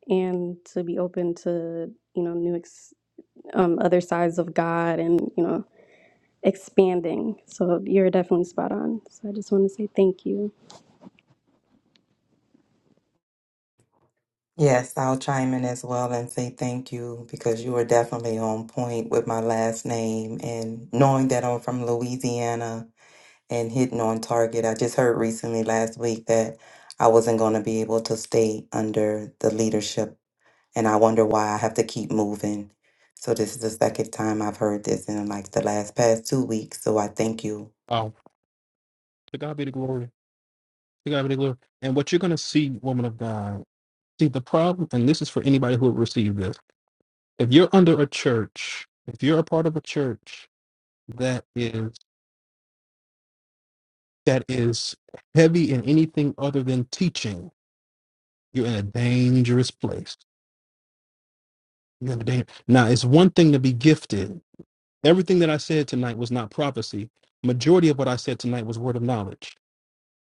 Speaker 6: and to be open to you know new ex- um other sides of God and you know expanding. So you're definitely spot on. So I just want to say thank you.
Speaker 2: Yes, I'll chime in as well and say thank you because you were definitely on point with my last name. And knowing that I'm from Louisiana and hitting on target, I just heard recently last week that I wasn't going to be able to stay under the leadership. and I wonder why I have to keep moving. So this is the second time I've heard this in like the last past two weeks. So I thank you.
Speaker 7: Oh, to God be the glory. To God be the glory. And what you're gonna see, woman of God. See the problem, and this is for anybody who would receive this. If you're under a church, if you're a part of a church that is that is heavy in anything other than teaching, you're in a dangerous place. You're in a danger. Now, it's one thing to be gifted. Everything that I said tonight was not prophecy. Majority of what I said tonight was word of knowledge.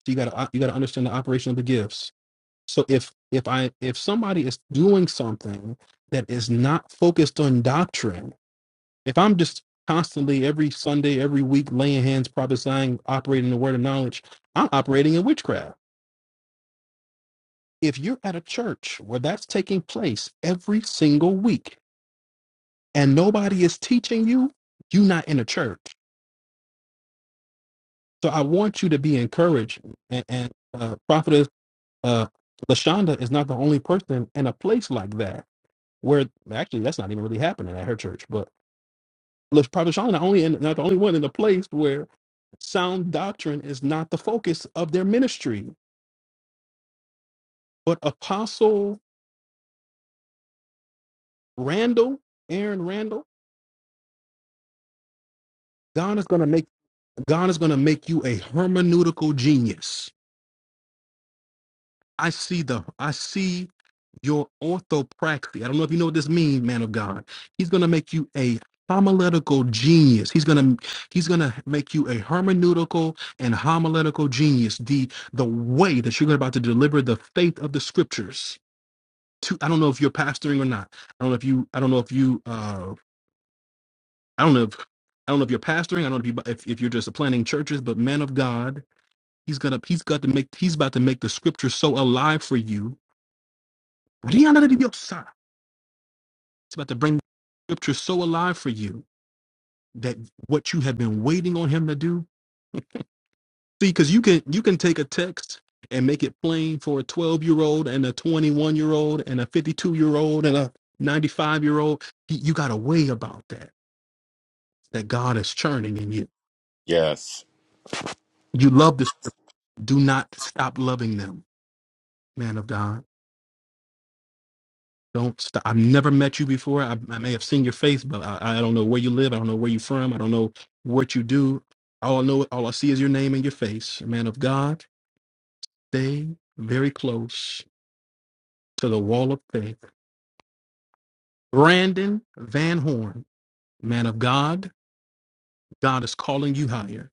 Speaker 7: So you got to you got to understand the operation of the gifts So if if I if somebody is doing something that is not focused on doctrine, if I'm just constantly every Sunday, every week laying hands, prophesying, operating in the word of knowledge, I'm operating in witchcraft. If you're at a church where that's taking place every single week and nobody is teaching you, you're not in a church. So I want you to be encouraged. And, and uh, prophetess uh, Lashonda is not the only person in a place like that where actually that's not even really happening at her church. But look, Prophet Sean, the only and not the only one in the place where sound doctrine is not the focus of their ministry. But Apostle Randall, Aaron Randall, God is gonna make God is gonna make you a hermeneutical genius. I see the I see your orthopraxy. I don't know if you know what this means, man of God. He's gonna make you a homiletical genius. He's gonna he's gonna make you a hermeneutical and homiletical genius. The the way that you're about to deliver the faith of the scriptures. To I don't know if you're pastoring or not. I don't know if you I don't know if you uh I don't know if I don't know if you're pastoring. I don't know if you if, if you're just planning churches, but man of God, he's gonna he's got to make he's about to make the Scriptures so alive for you It's about to bring scripture so alive for you that what you have been waiting on him to do. See, because you can you can take a text and make it plain for a 12 year old and a 21 year old and a 52 year old and a 95 year old. You you got a way about that that God is churning in you.
Speaker 10: Yes.
Speaker 7: You love the script. Do not stop loving them, man of God. Don't stop. I've never met you before. I, I may have seen your face, but I, I don't know where you live. I don't know where you're from. I don't know what you do. All I know, all I see is your name and your face. man of God, stay very close to the wall of faith. Brandon Van Horn, man of God, God is calling you higher.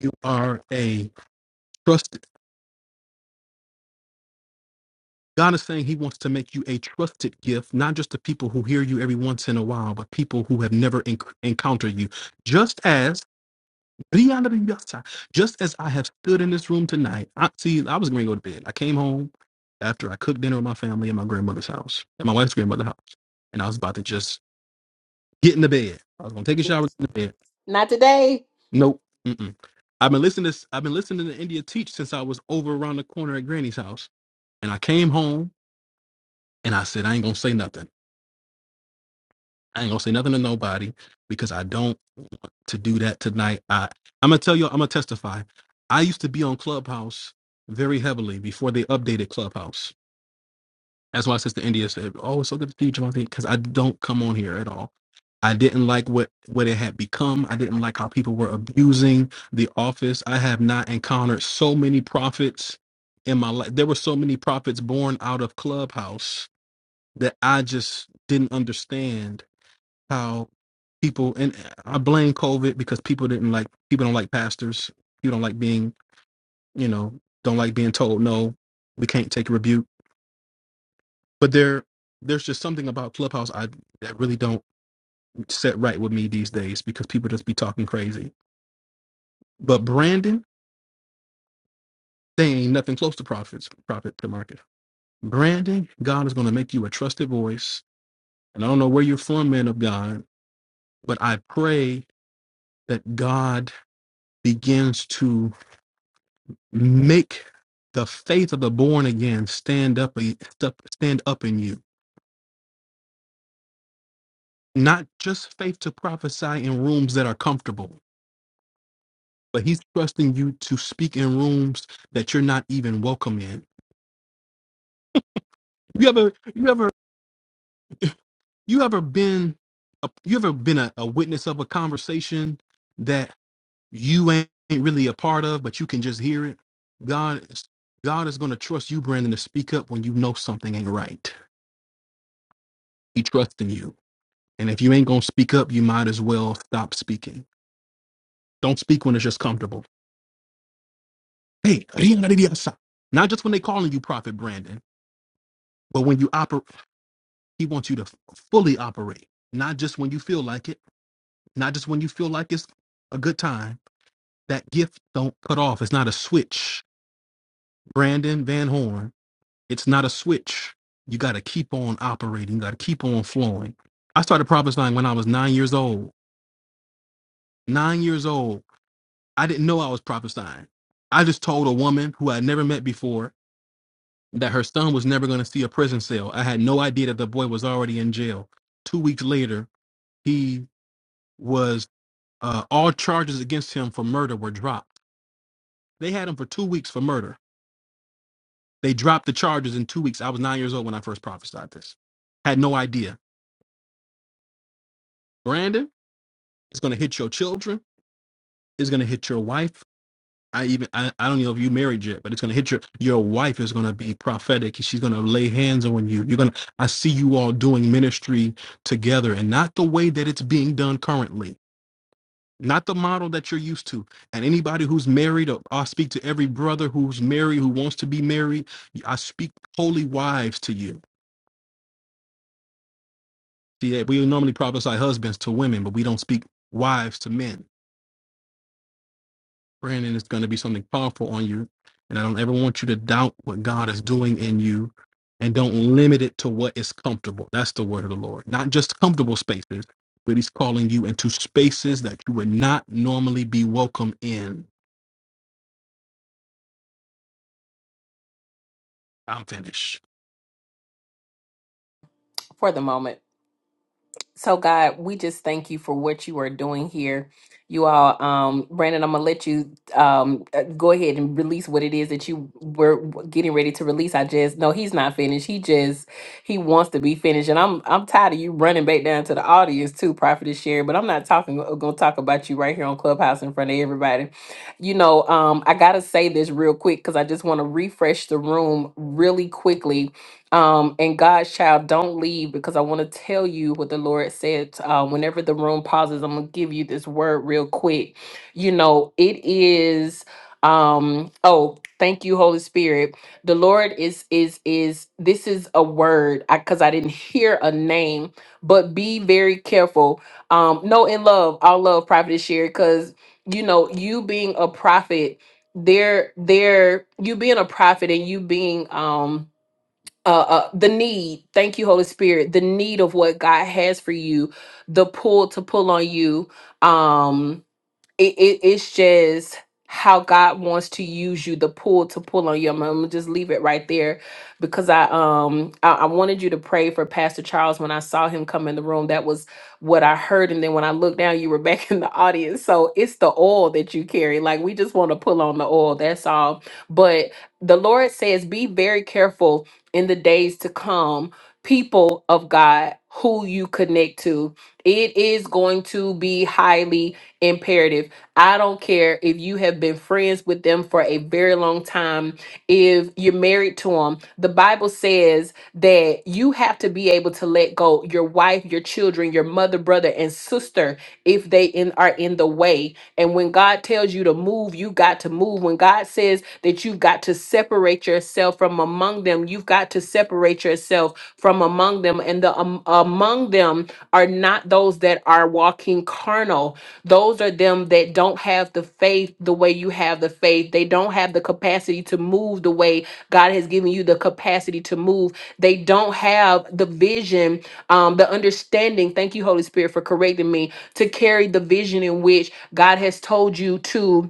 Speaker 7: You are a trusted. God is saying He wants to make you a trusted gift, not just to people who hear you every once in a while, but people who have never enc- encountered you. Just as Just as I have stood in this room tonight, I see I was going to go to bed. I came home after I cooked dinner with my family at my grandmother's house, at my wife's grandmother's house, and I was about to just get in the bed. I was going to take a shower, get in the bed.
Speaker 1: [LAUGHS] Not today,
Speaker 7: Nope. Mm-mm. I've been listening to I've been listening to India teach since I was over around the corner at Granny's house, and I came home and I said I ain't gonna say nothing. I ain't gonna say nothing to nobody because I don't. to do that tonight. I I'm gonna tell you, I'm gonna testify. I used to be on Clubhouse very heavily before they updated Clubhouse. That's why Sister India said, "Oh, it's so good to see you, Javante," because I don't come on here at all. I didn't like what what it had become. I didn't like how people were abusing the office. I have not encountered so many prophets in my life. There were so many prophets born out of Clubhouse that I just didn't understand how people and I blame COVID because people didn't like people don't like pastors. You don't like being, you know, don't like being told no, we can't take a rebuke. But there there's just something about Clubhouse I that really don't set right with me these days because people just be talking crazy. But Brandon, they ain't nothing close to prophets, prophet to market. Brandon, God is gonna make you a trusted voice. And I don't know where you're from, man of God, but I pray that God begins to make the faith of the born again stand up step- stand up in you not just faith to prophesy in rooms that are comfortable but he's trusting you to speak in rooms that you're not even welcome in you ever you ever [CLEARS THROAT] you ever been a, you ever been a, a witness of a conversation that you ain't really a part of but you can just hear it god is god is going to trust you brandon to speak up when you know something ain't right he trusts in you And if you ain't gonna speak up, you might as well stop speaking. Don't speak when it's just comfortable. Hey, Rinaridiasa. not just when they calling you Prophet Brandon, but when you operate, he wants you to f- fully operate, not just when you feel like it, not just when you feel like it's a good time. That gift don't cut off. It's not a switch. Brandon Van Horn, it's not a switch. You got to keep on operating. You got to keep on flowing. I started prophesying when I was nine years old. Nine years old. I didn't know I was prophesying. I just told a woman who I'd never met before that her son was never going to see a prison cell. I had no idea that the boy was already in jail. Two weeks later, he was, uh, all charges against him for murder were dropped. They had him for two weeks for murder. They dropped the charges in two weeks. I was nine years old when I first prophesied this. Had no idea. Brandon, it's going to hit your children. It's going to hit your wife I even I, I don't know if you married yet, but it's gonna hit your your wife is gonna be prophetic. She's gonna lay hands on you. You're gonna I see you all doing ministry together and not the way that it's being done currently. Not the model that you're used to. And anybody who's married, or I speak to every brother who's married, who wants to be married, I speak holy wives to you. See, we normally prophesy husbands to women, but we don't speak wives to men friend, and it's going to be something powerful on you. And I don't ever want you to doubt what God is doing in you and don't limit it to what is comfortable. That's the word of the Lord. Not just comfortable spaces, but He's calling you into spaces that you would not normally be welcome in. I'm finished.
Speaker 1: for the moment. So, God, we just thank you for what you are doing here. You all, um, Brandon, I'm gonna let you um uh, go ahead and release what it is that you were getting ready to release. I just no, he's not finished. He just he wants to be finished, and I'm I'm tired of you running back down to the audience too, Prophet Sherry. But I'm not talking uh, gonna talk about you right here on Clubhouse in front of everybody. You know, um, I gotta say this real quick because I just want to refresh the room really quickly um, and God's child, don't leave because I want to tell you what the Lord said. Uh, whenever the room pauses, I'm gonna give you this word real quick. You know, it is. Um, oh, thank you, Holy Spirit. The Lord is is is. This is a word because I, 'cause I didn't hear a name, but be very careful. Um, no, in love, I love prophet is shared because you know you being a prophet, there, there, you being a prophet and you being um uh, uh the need thank you holy spirit the need of what god has for you the pull to pull on you um it, it it's just how God wants to use you, the pull to pull on you. I'm, I'm gonna just leave it right there because I um I, I wanted you to pray for Pastor Charles when I saw him come in the room. That was what I heard, and then when I looked down, you were [LAUGHS] back in the audience. So it's the oil that you carry. Like we just want to pull on the oil. That's all. But the Lord says, be very careful in the days to come, people of God, who you connect to. It is going to be highly imperative I don't care if you have been friends with them for a very long time, if you're married to them. The Bible says that you have to be able to let go your wife, your children, your mother, brother, and sister if they in, are in the way. And when God tells you to move, you got to move. When God says that you've got to separate yourself from among them, you've got to separate yourself from among them. And the um, among them are not those that are walking carnal those are them that don't have the faith the way you have the faith. They don't have the capacity to move the way God has given you the capacity to move. They don't have the vision, um, the understanding. Thank you, Holy Spirit, for correcting me to carry the vision in which God has told you to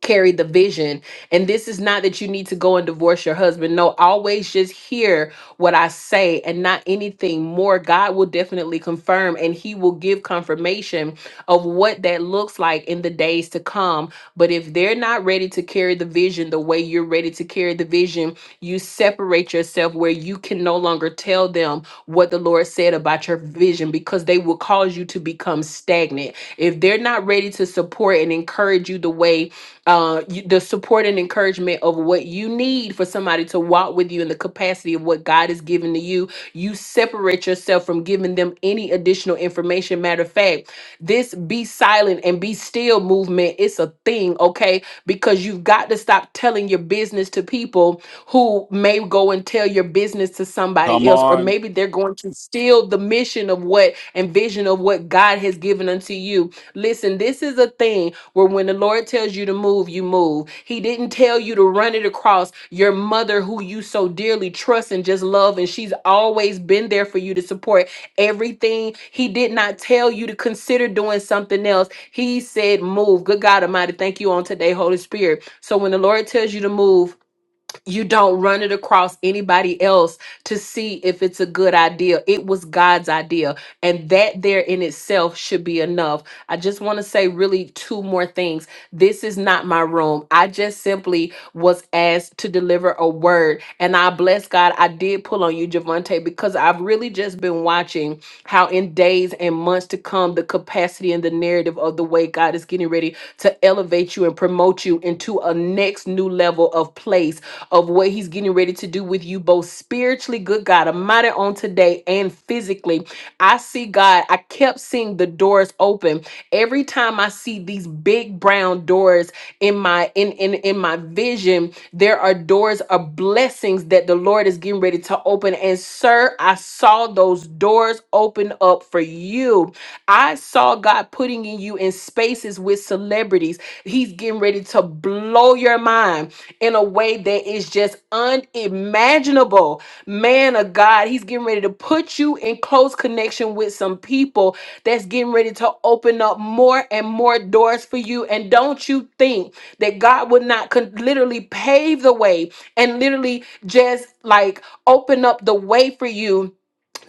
Speaker 1: carry the vision. And this is not that you need to go and divorce your husband. No, always just hear what I say and not anything more. God will definitely confirm and he will give confirmation of what that looks like in the days to come. But if they're not ready to carry the vision the way you're ready to carry the vision, you separate yourself where you can no longer tell them what the Lord said about your vision because they will cause you to become stagnant. If they're not ready to support and encourage you the way uh, you, the support and encouragement of what you need for somebody to walk with you in the capacity of what God has given to you. You separate yourself from giving them any additional information. Matter of fact, this be silent and be still movement, it's a thing, okay? Because you've got to stop telling your business to people who may go and tell your business to
Speaker 10: Come
Speaker 1: somebody else, or
Speaker 10: on.
Speaker 1: maybe they're going to steal the mission of what and vision of what God has given unto you. Listen, this is a thing where when the Lord tells you to move, you move. He didn't tell you to run it across your mother who you so dearly trust and just love, and she's always been there for you to support everything. He did not tell you to consider doing something else. He said, Move. Good God Almighty, thank you on today, Holy Spirit. So when the Lord tells you to move, you don't run it across anybody else to see if it's a good idea. It was God's idea, and that there in itself should be enough. I just want to say really two more things. This is not my room. I just simply was asked to deliver a word, and I bless God. I did pull on you, Javante, because I've really just been watching how in days and months to come, the capacity and the narrative of the way God is getting ready to elevate you and promote you into a next new level of place of what he's getting ready to do with you both spiritually, good God Almighty, on today and physically. I see God, I kept seeing the doors open. Every time I see these big brown doors in my in in, in my vision, there are doors of blessings that the Lord is getting ready to open. And sir, I saw those doors open up for you. I saw God putting in you in spaces with celebrities. He's getting ready to blow your mind in a way that is just unimaginable. Man of God, He's getting ready to put you in close connection with some people that's getting ready to open up more and more doors for you. And don't you think that God would not con- literally pave the way and literally just like open up the way for you?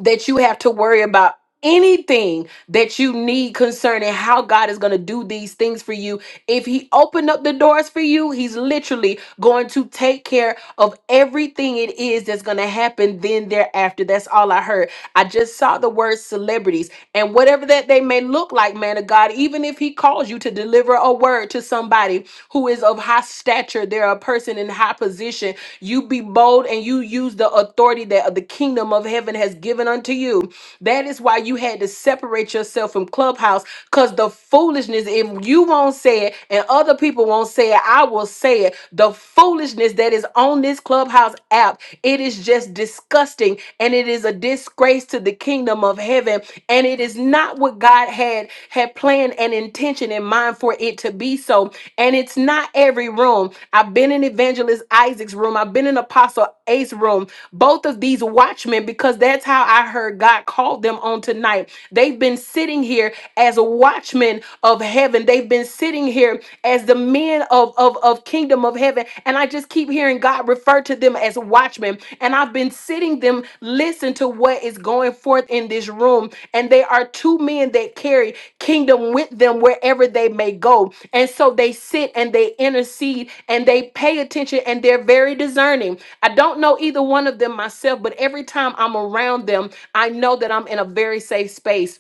Speaker 1: that you have to worry about anything that you need concerning how God is going to do these things for you. If he opened up the doors for you, he's literally going to take care of everything it is that's going to happen then thereafter. That's all I heard. I just saw the word celebrities and whatever that they may look like, man of God, even if he calls you to deliver a word to somebody who is of high stature, they're a person in high position you be bold and you use the authority that the kingdom of heaven has given unto you. That is why you had to separate yourself from Clubhouse because the foolishness, if you won't say it and other people won't say it, I will say it. The foolishness that is on this Clubhouse app, it is just disgusting and it is a disgrace to the kingdom of heaven. And it is not what God had had planned and intention in mind for it to be so. And it's not every room. I've been in Evangelist Isaac's room, I've been in Apostle Ace's room, both of these watchmen, because that's how I heard God called them on tonight. They've been sitting here as watchmen of heaven. They've been sitting here as the men of, of, of kingdom of heaven. And I just keep hearing God refer to them as watchmen them and I've been sitting them listen to what is going forth in this room and they are two men that carry kingdom with them wherever they may go and so they sit and they intercede and they pay attention and they're very discerning I don't know either one of them myself but every time I'm around them I know that I'm in a very safe space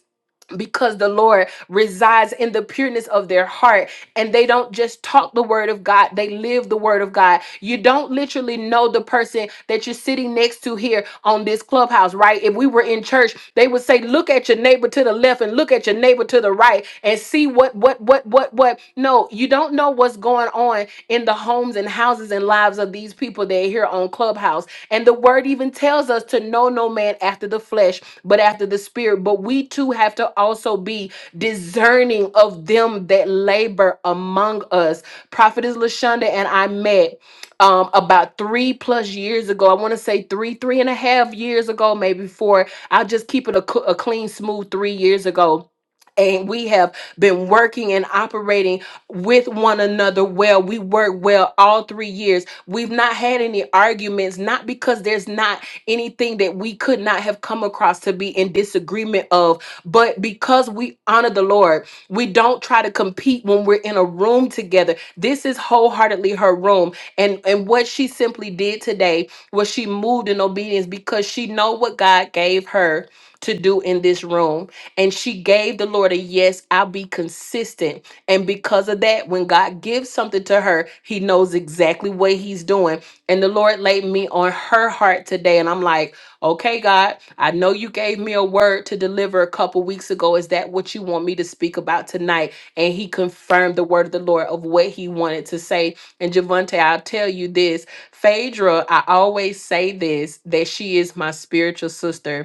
Speaker 1: because the Lord resides in the pureness of their heart and they don't just talk the word of God, they live the word of God. You don't literally know the person that you're sitting next to here on this clubhouse, right? If we were in church, they would say, look at your neighbor to the left and look at your neighbor to the right and see what, what, what, what, what. No, you don't know what's going on in the homes and houses and lives of these people that are here on clubhouse and the word even tells us to know no man after the flesh, but after the spirit. But we too have to also be discerning of them that labor among us. Prophetess Lashonda and I met um, about three plus years ago. I want to say three, three and a half years ago, maybe four. I'll just keep it a, cl- a clean, smooth three years ago. And we have been working and operating with one another well. We work well all three years We've not had any arguments, not because there's not anything that we could not have come across to be in disagreement of, but because we honor the Lord. We don't try to compete when we're in a room together. This is wholeheartedly her room. And and what she simply did today was she moved in obedience because she know what God gave her to do in this room. And she gave the Lord a yes, I'll be consistent and because of that, when God gives something to her, he knows exactly what he's doing. And the Lord laid me on her heart today. And I'm like, okay, God, I know you gave me a word to deliver a couple weeks ago. Is that what you want me to speak about tonight? And he confirmed the word of the Lord of what he wanted to say. And Javante, I'll tell you this Phaedra, I always say this that she is my spiritual sister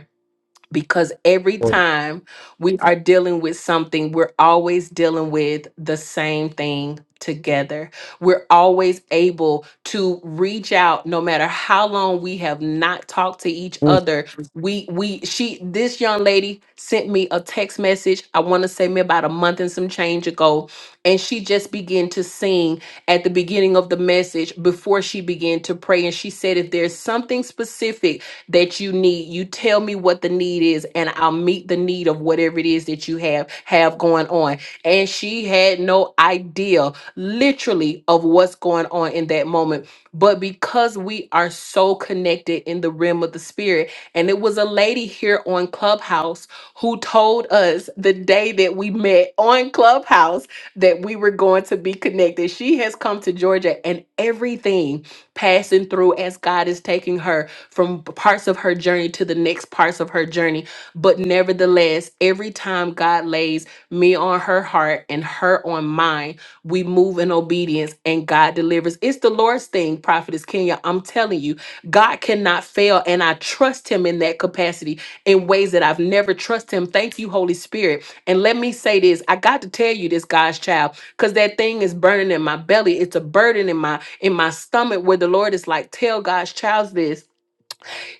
Speaker 1: because every time we are dealing with something, we're always dealing with the same thing together. We're always able to reach out no matter how long we have not talked to each
Speaker 7: Mm.
Speaker 1: other. We we she this young lady sent me a text message. I want to say me about a month and some change ago and she just began to sing at the beginning of the message before she began to pray and she said if there's something specific that you need. You tell me what the need is, and I'll meet the need of whatever it is that you have have going on. And she had no idea, literally, of what's going on in that moment. But because we are so connected in the realm of the spirit, and it was a lady here on Clubhouse who told us the day that we met on Clubhouse that we were going to be connected. She has come to Georgia, and everything passing through as God is taking her from parts of her journey to the next parts of her journey. But nevertheless, every time God lays me on her heart and her on mine, we move in obedience and God delivers. It's the Lord's thing, Prophetess Kenya. I'm telling you, God cannot fail. And I trust him in that capacity in ways that I've never trusted him. Thank you, Holy Spirit. And let me say this I got to tell you this, God's child, because that thing is burning in my belly. It's a burden in my in my stomach where the Lord is like, tell God's child this.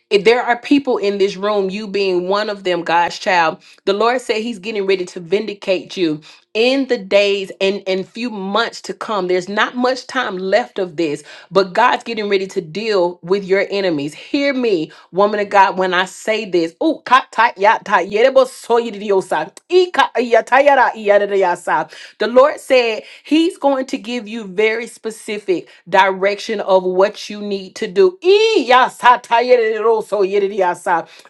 Speaker 1: If there are people in this room, you being one of them, God's child. The Lord said He's getting ready to vindicate you in the days and and few months to come. There's not much time left of this but God's getting ready to deal with your enemies. Hear me, woman of God, when I say this. Ooh, ka- ta- ya- ta- yerebo soyi di diosa. E ka- ya- ta- ya- ra- ya- da- da- ya- sa. The Lord said He's going to give you very specific direction of what you need to do. E ya- sa- ta- ya- so- ya-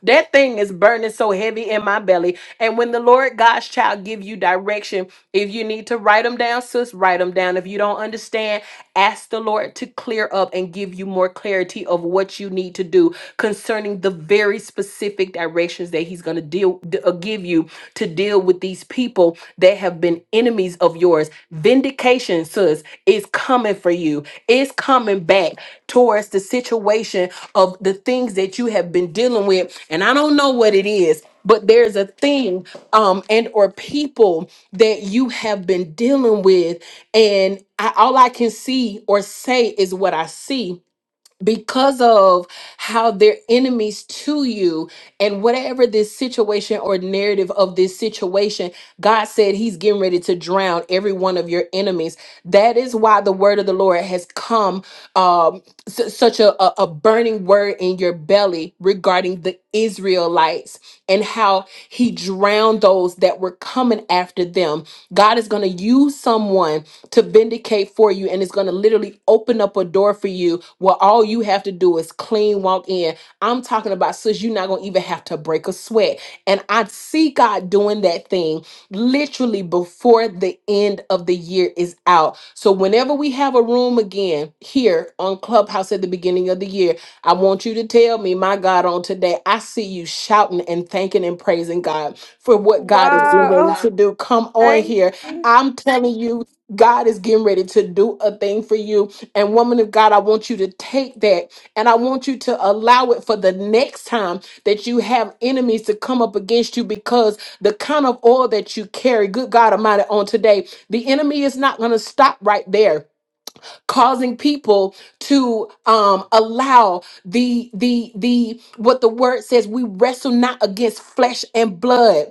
Speaker 1: That thing is burning so heavy in my belly. And when the Lord God's child give you direction, if you need to write them down, sis, write them down. If you don't understand, ask the Lord to clear up and give you more clarity of what you need to do concerning the very specific directions that He's going to deal d- uh, give you to deal with these people that have been enemies of yours. Vindication, sis, is coming for you. It's coming back towards the situation of the things that you have been dealing with, and I don't know what it is but there's a thing um and or people that you have been dealing with and I, all i can see or say is what i see because of how they're enemies to you and whatever this situation or narrative of this situation god said he's getting ready to drown every one of your enemies that is why the word of the lord has come um, s- such a, a, a burning word in your belly regarding the israelites and how he drowned those that were coming after them god is going to use someone to vindicate for you and it's going to literally open up a door for you where all you have to do is clean walk in i'm talking about sis you're not going to even have to break a sweat and i see god doing that thing literally before the end of the year is out so whenever we have a room again here on clubhouse at the beginning of the year i want you to tell me my god on today i see you shouting and thanking and praising god for what
Speaker 5: was
Speaker 1: god is getting
Speaker 5: Wow.
Speaker 1: ready
Speaker 5: [LAUGHS] that
Speaker 1: to
Speaker 5: good.
Speaker 1: do come on
Speaker 5: Thank
Speaker 1: here
Speaker 5: you.
Speaker 1: I'm telling you God is getting ready to do a thing for you. And woman of God, I want you to take that and I want you to allow it for the next time that you have enemies to come up against you because the kind of oil that you carry, good God Almighty, on today, the enemy is not going to stop right there causing people to um, allow the the the what the word says we wrestle not against flesh and blood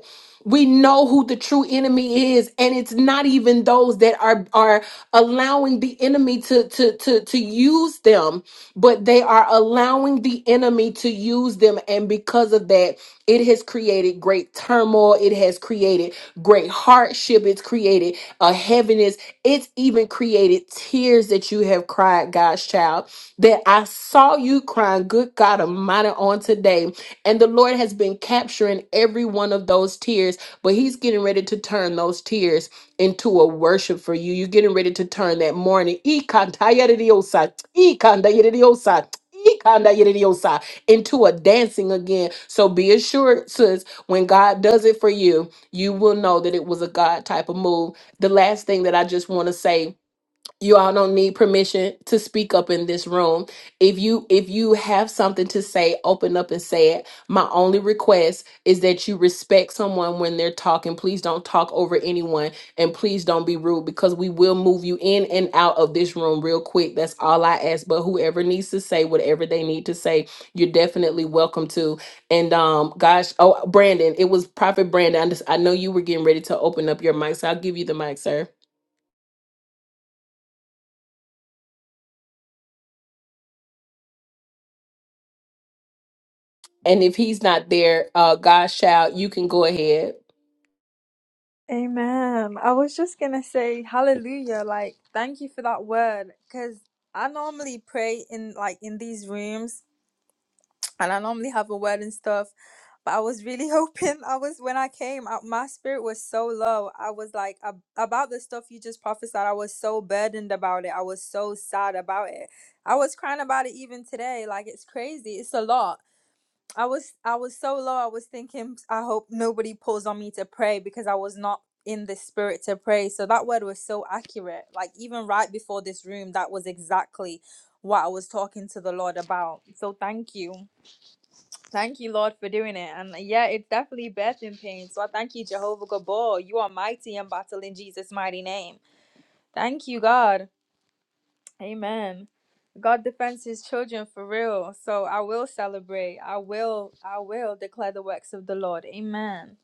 Speaker 1: we know who the true enemy is and it's not even those that are are allowing the enemy to to to to use them but they are allowing the enemy to use them and because of that it has created great turmoil it has created great hardship. It's created a heaviness. It's even created tears that you have cried, God's child. That I saw you crying, good God Almighty, on today. And the Lord has been capturing every one of those tears, but He's getting ready to turn those tears into a worship for you. You're getting ready to turn that morning. Ikantayaridiyosa, ikandayaridiyosa, ikandayaridiyosa into a dancing again. So be assured, sis, when God does it for you, you will know that it was a God type of move. The last thing that I just want to say you all don't need permission to speak up in this room if you if you have something to say open up and say it my only request is that you respect someone when they're talking please don't talk over anyone and please don't be rude because we will move you in and out of this room real quick that's all i ask but whoever needs to say whatever they need to say you're definitely welcome to and um gosh oh brandon it was prophet brandon i, just, I know you were getting ready to open up your mic so i'll give you the mic sir And if he's not there, uh, God shall, you can go ahead.
Speaker 5: Amen. I was just going to say hallelujah. Like, thank you for that word because I normally pray in like in these rooms and I normally have a word and stuff, but I was really [LAUGHS] hoping I was when I came out, my spirit was so low. I was like ab- about the stuff you just prophesied. I was so burdened about it. I was so sad about it. I was crying about it even today. Like it's crazy. It's a lot. I was I was so low. I was thinking I hope nobody pulls on me to pray because I was not in the spirit to pray. So that word was so accurate. Like even right before this room, that was exactly what I was talking to the Lord about. So thank you. Thank you, Lord, for doing it. And yeah, it's definitely birth in pain. So I thank you, Jehovah Gabor. You are mighty in battle in Jesus' mighty name. Thank you, God. Amen. God defends his children for real. So I will celebrate. I will, I will declare the works of the Lord. Amen.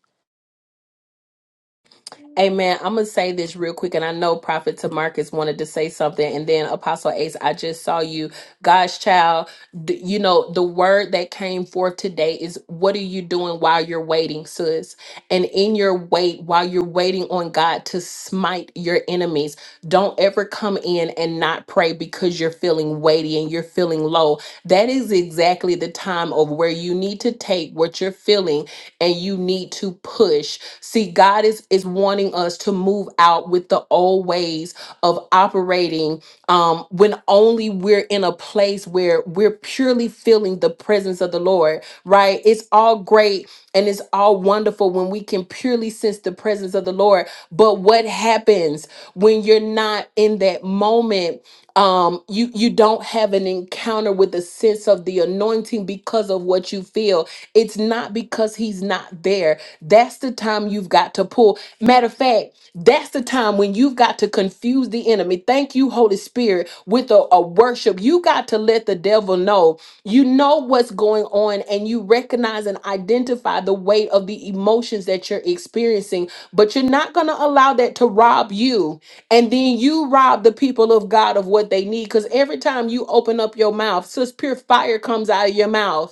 Speaker 1: Amen. I'm gonna say this real quick, and I know Prophet Tamarcus wanted to say something, and then Apostle Ace, I just saw you, God's child. d- you know the word that came forth today is, "What are you doing while you're waiting, sis?" And in your wait, while you're waiting on God to smite your enemies, don't ever come in and not pray because you're feeling weighty and you're feeling low. That is exactly the time of where you need to take what you're feeling and you need to push. See, God is is wanting us to move out with the old ways of operating um when only we're in a place where we're purely feeling the presence of the Lord, right? It's all great and it's all wonderful when we can purely sense the presence of the Lord. But what happens when you're not in that moment um you you don't have an encounter with a sense of the anointing because of what you feel it's not because he's not there that's the time you've got to pull matter of fact that's the time when you've got to confuse the enemy thank you holy spirit with a, a worship you got to let the devil know you know what's going on, and you recognize and identify the weight of the emotions that you're experiencing, but you're not going to allow that to rob you. And then you rob the people of God of what they need. Because every time you open up your mouth, such pure fire comes out of your mouth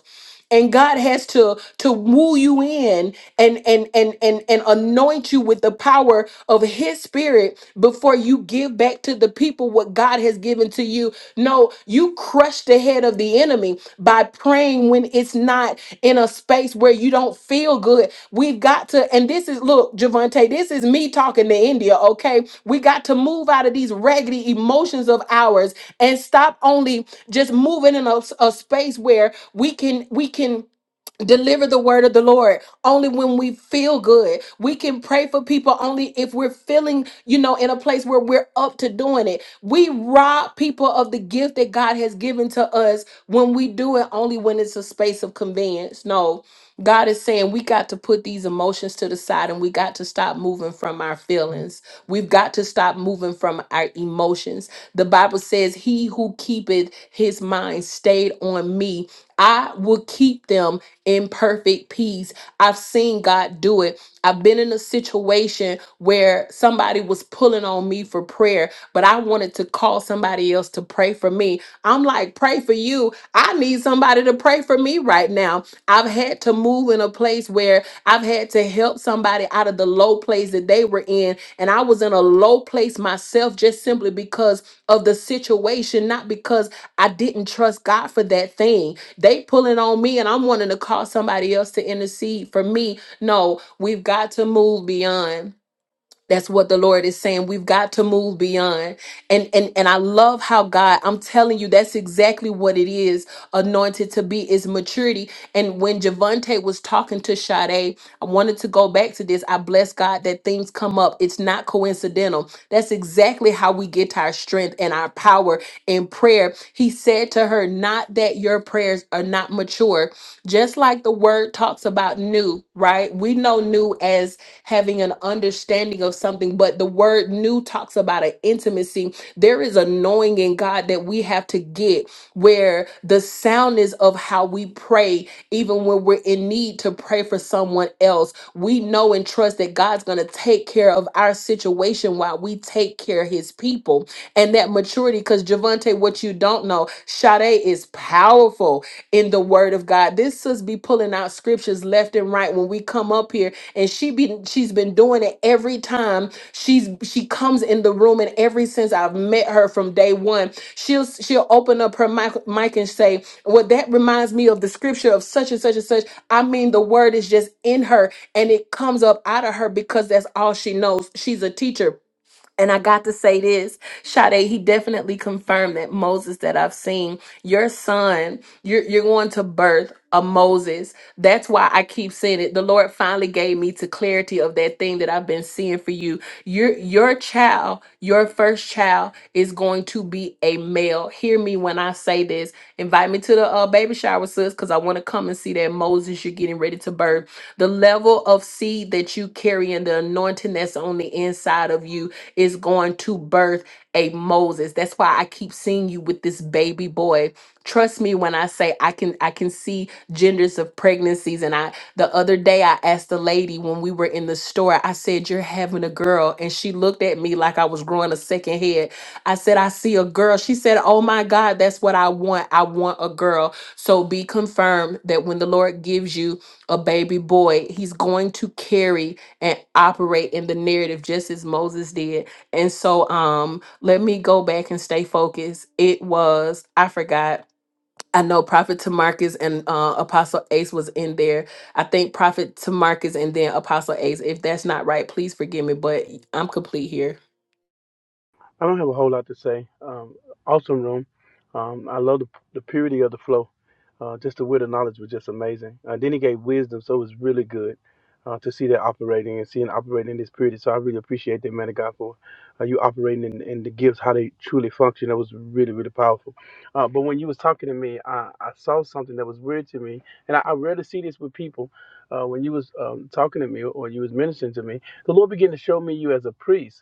Speaker 1: and God has to to woo you in and and and and and anoint you with the power of his spirit before you give back to the people what God has given to you. No, you crush the head of the enemy by praying when it's not not in a space where you don't feel good. We've got to, and this is look, Javante, this is me talking to India, okay? We got to move out of these raggedy emotions of ours and stop only just moving in a, a space where we can we can deliver the word of the Lord only when we feel good. We can pray for people only if we're feeling, you know, in a place where we're up to doing it. We rob people of the gift that God has given to us when we do it only when it's a space of convenience. No. God is saying we got to put these emotions to the side and we got to stop moving from our feelings. We've got to stop moving from our emotions. The Bible says, He who keepeth his mind stayed on me, I will keep them in perfect peace. I've seen God do it. I've been in a situation where somebody was pulling on me for prayer, but I wanted to call somebody else to pray for me. I'm like, pray for you. I need somebody to pray for me right now. I've had to move in a place where I've had to help somebody out of the low place that they were in. And I was in a low place myself just simply because of the situation, not because I didn't trust God for that thing. They pulling on me and I'm wanting to call somebody else to intercede for me. No, we've got to move beyond. That's what the Lord is saying. We've got to move beyond. And and and I love how God, I'm telling you, that's exactly what it is anointed to be is maturity. And when Javante was talking to Sade, I wanted to go back to this. I bless God that things come up. It's not coincidental. That's exactly how we get our strength and our power in prayer. He said to her, Not that your prayers are not mature, just like the word talks about new, right? We know new as having an understanding of something. But the word new talks about an intimacy. There is a knowing in God that we have to get where the soundness of how we pray, even when we're in need to pray for someone else, we know and trust that God's going to take care of our situation while we take care of his people and that maturity. Because Javante, what you don't know, Sade is powerful in the Word of God. This sis be pulling out scriptures left and right when we come up here, and she be she's been doing it every time she's she comes in the room, and every since I've met her from day one, she'll she'll open up her mic, mic and say, "Well, that reminds me of the scripture of such and such and such." I mean, the Word is just in her, and it comes up out of her because that's all she knows. She's a teacher and I got to say this, Sade, he definitely confirmed that Moses that I've seen, your son, you're, you're going to birth a Moses. That's why I keep saying it. The Lord finally gave me to clarity of that thing that I've been seeing for you. Your, your child, your first child is going to be a male. Hear me when I say this. Invite me to the uh, baby shower, sis, because I want to come and see that Moses you're getting ready to birth. The level of seed that you carry and the anointing that's on the inside of you is going to birth a Moses. That's why I keep seeing you with this baby boy. Trust me when I say I can I can see genders of pregnancies and I the other day I asked the lady when we were in the store I said you're having a girl and she looked at me like I was growing a second head. I said I see a girl. She said, "Oh my god, that's what I want. I want a girl." So be confirmed that when the Lord gives you a baby boy, he's going to carry and operate in the narrative just as Moses did and so um let me go back and stay focused. It was I forgot. I know Prophet Tamarcus and uh, Apostle Ace was in there. I think Prophet Tamarcus and then Apostle Ace. If that's not right, please forgive me, but I'm complete here.
Speaker 9: I don't have a whole lot to say. Um, awesome room. Um, I love the, the purity of the flow. Uh, just the word of knowledge was just amazing. Uh, then he gave wisdom, so it was really good uh, to see that operating and seeing operating in this purity. So I really appreciate that, man of God, for uh, you operating in, in the gifts, how they truly function. That was really, really powerful. Uh, but when you was talking to me, I, I saw something that was weird to me, and I, I rarely see this with people. Uh, when you was um, talking to me or you was ministering to me, the Lord began to show me you as a priest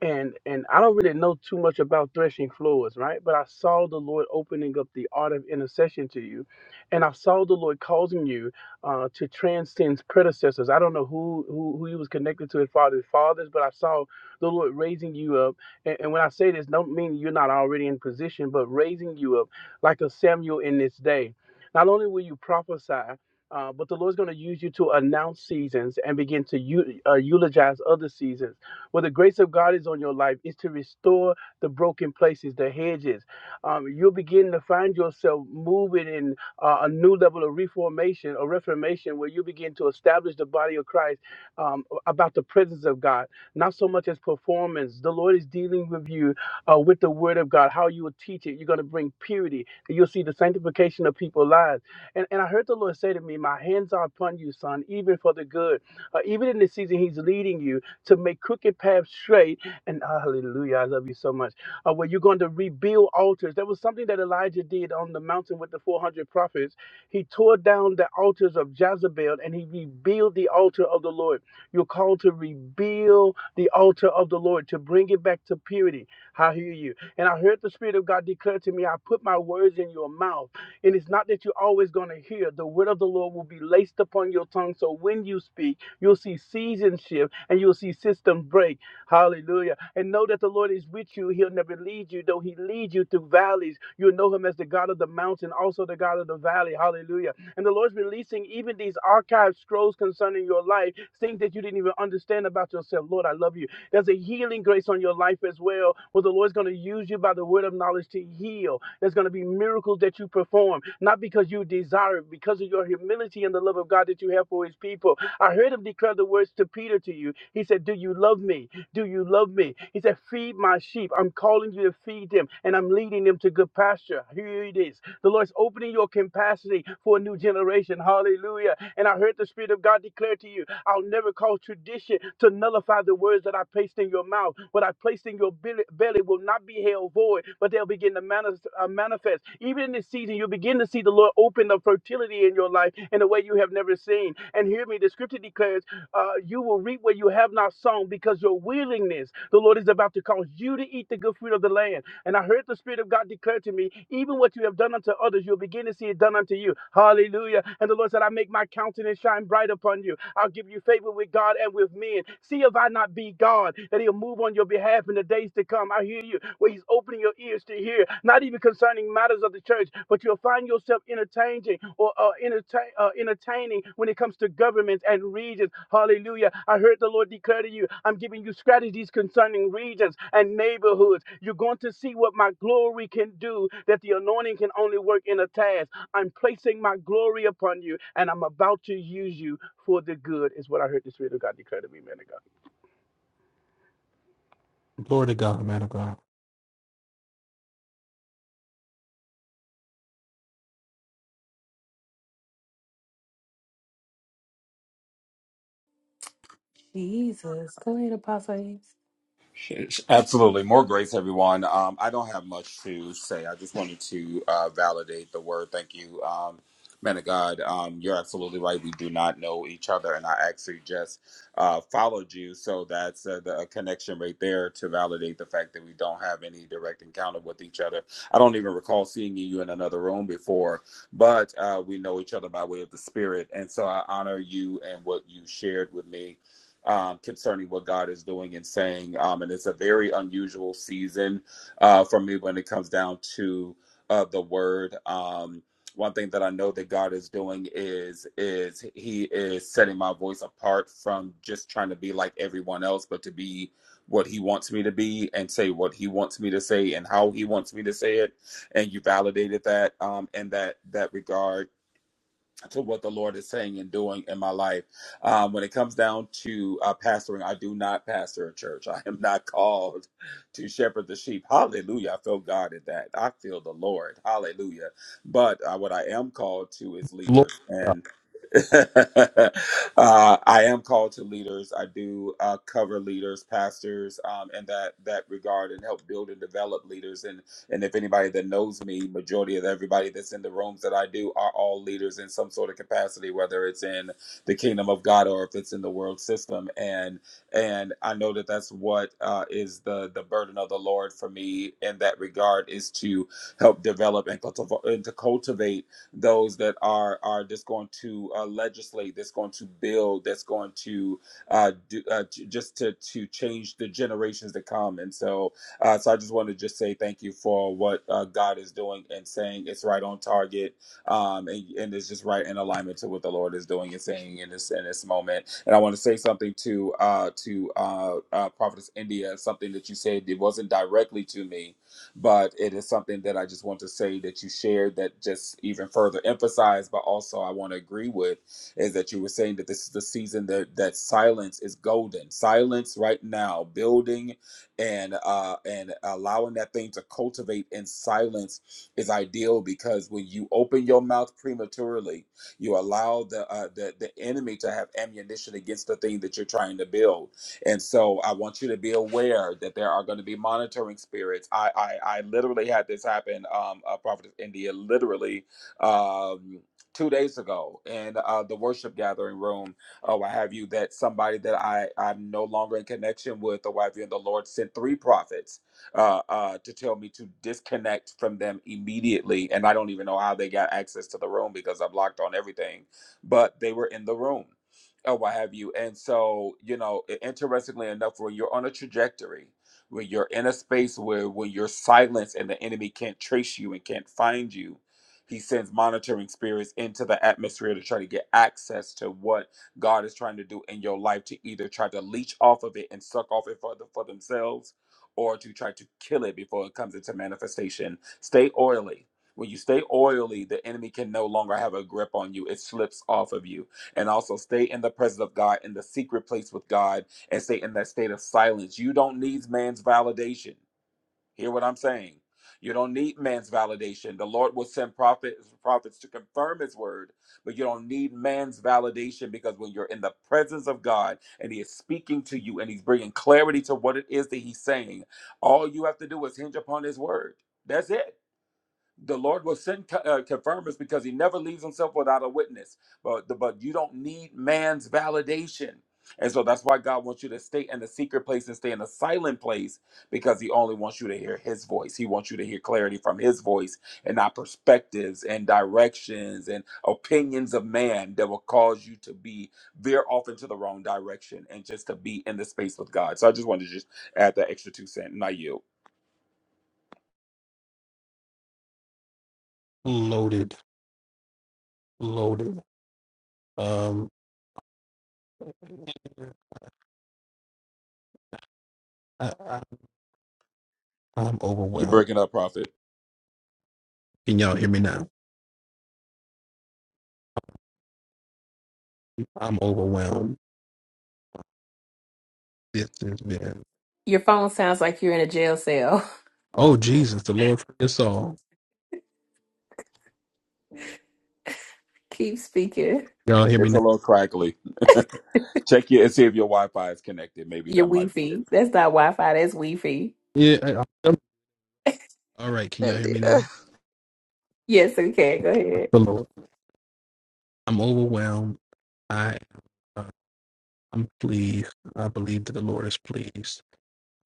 Speaker 9: and and I don't really know too much about threshing floors, right? But I saw the Lord opening up the art of intercession to you, and I saw the Lord causing you uh, to transcend predecessors. I don't know who who who he was connected to as far as his fathers, but I saw the Lord raising you up. And, and when I say this, don't mean you're not already in position, but raising you up like a Samuel in this day. Not only will you prophesy. Uh, but the Lord's going to use you to announce seasons and begin to eu- uh, eulogize other seasons well, the grace of God is on your life is to restore the broken places, the hedges. Um, you'll begin to find yourself moving in uh, a new level of reformation or reformation where you begin to establish the body of Christ um, about the presence of God, not so much as performance. The Lord is dealing with you uh, with the word of God, how you will teach it. You're going to bring purity. and You'll see the sanctification of people's lives. And, and I heard the Lord say to me, My hands are upon you, son, even for the good. Uh, even in this season, He's leading you to make crooked paths straight. And ah, hallelujah, I love you so much. Uh, where you're going to rebuild altars. That was something that Elijah did on the mountain with the 400 prophets. He tore down the altars of Jezebel and he rebuilt the altar of the Lord. You're called to rebuild the altar of the Lord, to bring it back to purity. I hear you. And I heard the Spirit of God declare to me, I put my words in your mouth and it's not that you're always going to hear. The word of the Lord will be laced upon your tongue. So when you speak, you'll see seasons shift and you'll see systems break. Hallelujah. And know that the Lord is with you. He'll never lead you, though He leads you through valleys. You'll know Him as the God of the mountain, also the God of the valley. Hallelujah. And the Lord's releasing even these archive scrolls concerning your life, things that you didn't even understand about yourself. Lord, I love you. There's a healing grace on your life as well, where the Lord's going to use you by the word of knowledge to heal heal. There's going to be miracles that you perform, not because you desire it, because of your humility and the love of God that you have for his people. I heard him declare the words to Peter to you. He said, Do you love me? Do you love me? He said, Feed my sheep. I'm calling you to feed them and I'm leading them to good pasture. Here it is. The Lord's opening your capacity for a new generation. Hallelujah. And I heard the Spirit of God declare to you, I'll never cause tradition to nullify the words that I placed in your mouth. What I placed in your belly, belly will not not be held void, but they'll begin to manis- uh, manifest. Even in this season, you'll begin to see the Lord open up fertility in your life in a way you have never seen. And hear me, the scripture declares, uh, you will reap what you have not sown because your willingness, the Lord is about to cause you to eat the good fruit of the land. And I heard the Spirit of God declare to me, even what you have done unto others, you'll begin to see it done unto you. Hallelujah. And the Lord said, I make my countenance shine bright upon you. I'll give you favor with God and with men. See if I not be God, that He'll move on on your behalf in the days to come. I hear you. Where he's opening your ears to hear, not even concerning matters of the church, but you'll find yourself entertaining or uh, entertain, uh, entertaining when it comes to governments and regions. Hallelujah. I heard the Lord declare to you, I'm giving you strategies concerning regions and neighborhoods. You're going to see what my glory can do, that the anointing can only work in a task. I'm placing my glory upon you, and I'm about to use you for the good, is what I heard the Spirit of God declare to me, man of God.
Speaker 7: Glory to God, man of God.
Speaker 1: Jesus. Go ahead, Apostle Ace.
Speaker 10: Absolutely. More grace, everyone. Um, I don't have much to say. I just wanted to uh, validate the word. Thank you, um, man of God. Um, you're absolutely right. We do not know each other, and I actually just uh, followed you. So that's uh, the a connection right there to validate the fact that we don't have any direct encounter with each other. I don't even recall seeing you in another room before, but uh, we know each other by way of the Spirit. And so I honor you and what you shared with me um, concerning what God is doing and saying. Um, and it's a very unusual season uh, for me when it comes down to uh, the word. Um, one thing that I know that God is doing is is He is setting my voice apart from just trying to be like everyone else, but to be what He wants me to be and say what He wants me to say and how He wants me to say it. And you validated that um, in that that regard to what the Lord is saying and doing in my life. Um, when it comes down to uh, pastoring, I do not pastor a church. [LAUGHS] I am not called to shepherd the sheep. Hallelujah. I feel God in that. I feel the Lord. Hallelujah. But uh, what I am called to is
Speaker 7: Lo-
Speaker 10: leaders. And [LAUGHS] uh, I am called to leaders. I do uh, cover leaders, pastors, um, in that that regard, and help build and develop leaders. And and if anybody that knows me, majority of everybody that's in the rooms that I do are all leaders in some sort of capacity, whether it's in the kingdom of God or if it's in the world system. And and I know that that's what uh, is the the burden of the Lord for me in that regard is to help develop and, cultiv- and to cultivate those that are are just going to uh, legislate, that's going to build, that's going to uh, do, uh, to, just to to change the generations to come. And so uh, so I just want to just say thank you for what uh, God is doing and saying it's right on target, um, and, and it's just right in alignment to what the Lord is doing and saying in this in this moment. And I want to say something to uh, to uh, uh, Prophetess India, something that you said it wasn't directly to me, but it is something that I just want to say that you shared that just even further emphasized, but also I want to agree with is that you were saying that this is the season that that silence is golden. Silence right now, building and uh, and allowing that thing to cultivate in silence is ideal because when you open your mouth prematurely, you allow the uh, the the enemy to have ammunition against the thing that you're trying to build. And so I want you to be aware that there are going to be monitoring spirits. I I, I literally had this happen, um, uh, Prophet India, literally um, two days ago in uh, the worship gathering room or what have you, that somebody that I, I'm no longer in connection with, or what have you, and the Lord sent three prophets uh, uh, to tell me to disconnect from them immediately. And I don't even know how they got access to the room because I blocked on everything, but they were in the room. Or what have you. And so, you know, i- interestingly enough, when you're on a trajectory, when you're in a space where when you're silenced and the enemy can't trace you and can't find you, he sends monitoring spirits into the atmosphere to try to get access to what God is trying to do in your life to either try to leech off of it and suck off it for, the, for themselves or to try to kill it before it comes into manifestation. Stay oily. When you stay oily, the enemy can no longer have a grip on you. It slips off of you. And also stay in the presence of God, in the secret place with God, and stay in that state of silence. You don't need man's validation. Hear what I'm saying. You don't need man's validation. The Lord will send prophets, prophets to confirm his word, but you don't need man's validation because when you're in the presence of God and he is speaking to you and he's bringing clarity to what it is that he's saying, all you have to do is hinge upon his word. That's it the Lord will send co- uh, confirmers because He never leaves Himself without a witness. But the, but you don't need man's validation, and so that's why God wants you to stay in the secret place and stay in the silent place because He only wants you to hear His voice. He wants you to hear clarity from His voice and not perspectives and directions and opinions of man that will cause you to be veer off into the wrong direction and just to be in the space with God. So I just wanted to just add that extra two cent. Not you.
Speaker 7: Loaded, loaded. Um, I, I, I'm
Speaker 10: You're
Speaker 7: overwhelmed.
Speaker 10: breaking up, prophet.
Speaker 7: Can y'all hear me now? I'm overwhelmed. This has been.
Speaker 1: Your phone sounds like you're in a jail cell.
Speaker 7: Oh Jesus, the Lord for us all.
Speaker 1: [LAUGHS] Keep speaking.
Speaker 7: Y'all hear me
Speaker 10: It's a
Speaker 7: now?
Speaker 10: little crackly. [LAUGHS] Check your and see if your Wi-Fi is connected. Maybe
Speaker 1: Your
Speaker 10: that might be it.
Speaker 1: Wi-Fi. That's not Wi-Fi, that's Wi-Fi.
Speaker 7: Yeah. I- I'm- all right. Can y'all hear
Speaker 4: India.
Speaker 7: me now?
Speaker 1: Yes, okay, go ahead.
Speaker 7: The Lord. I'm overwhelmed. I uh, I'm pleased. I believe that the Lord is pleased.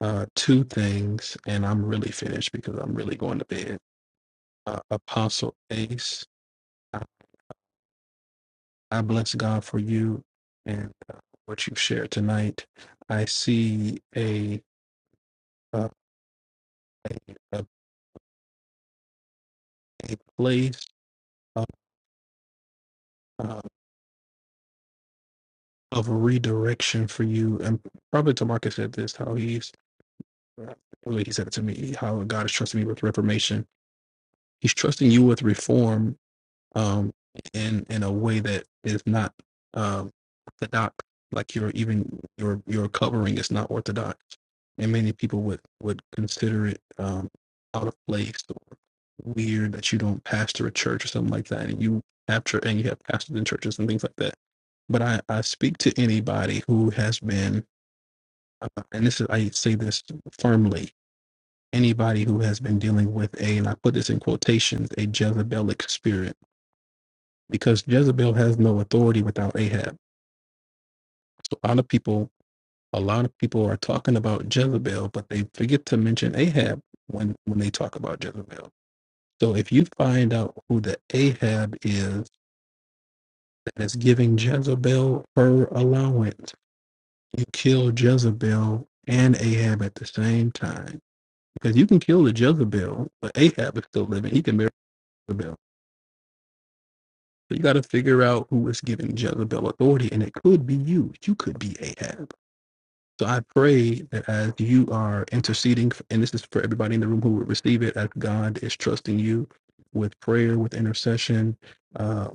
Speaker 7: Uh, two things, and I'm really finished because I'm really going to bed. Uh, Apostle Ace, I, I bless God for you and uh, what you've shared tonight. I see a uh, a, a place of, uh, of redirection for you, and probably Tamarcus said this how he's the way he said it to me, how God is trusting me with reformation. He's trusting you with reform um, in in a way that is not um, orthodox. Like your even your your covering is not orthodox, and many people would would consider it um, out of place or weird that you don't pastor a church or something like that, and you have church and you have pastors in churches and things like that. But I I speak to anybody who has been, uh, and this is I say this firmly anybody who has been dealing with a, and I put this in quotations, a Jezebelic spirit, because Jezebel has no authority without Ahab. So a lot of people, a lot of people are talking about Jezebel, but they forget to mention Ahab when when they talk about Jezebel. So if you find out who the Ahab is that is giving Jezebel her allowance, you kill Jezebel and Ahab at the same time. Because you can kill the Jezebel, but Ahab is still living. He can marry Jezebel. So you got to figure out who is giving Jezebel authority, and it could be you. You could be Ahab. So I pray that as you are interceding, and this is for everybody in the room who would receive it, as God is trusting you with prayer, with intercession, uh,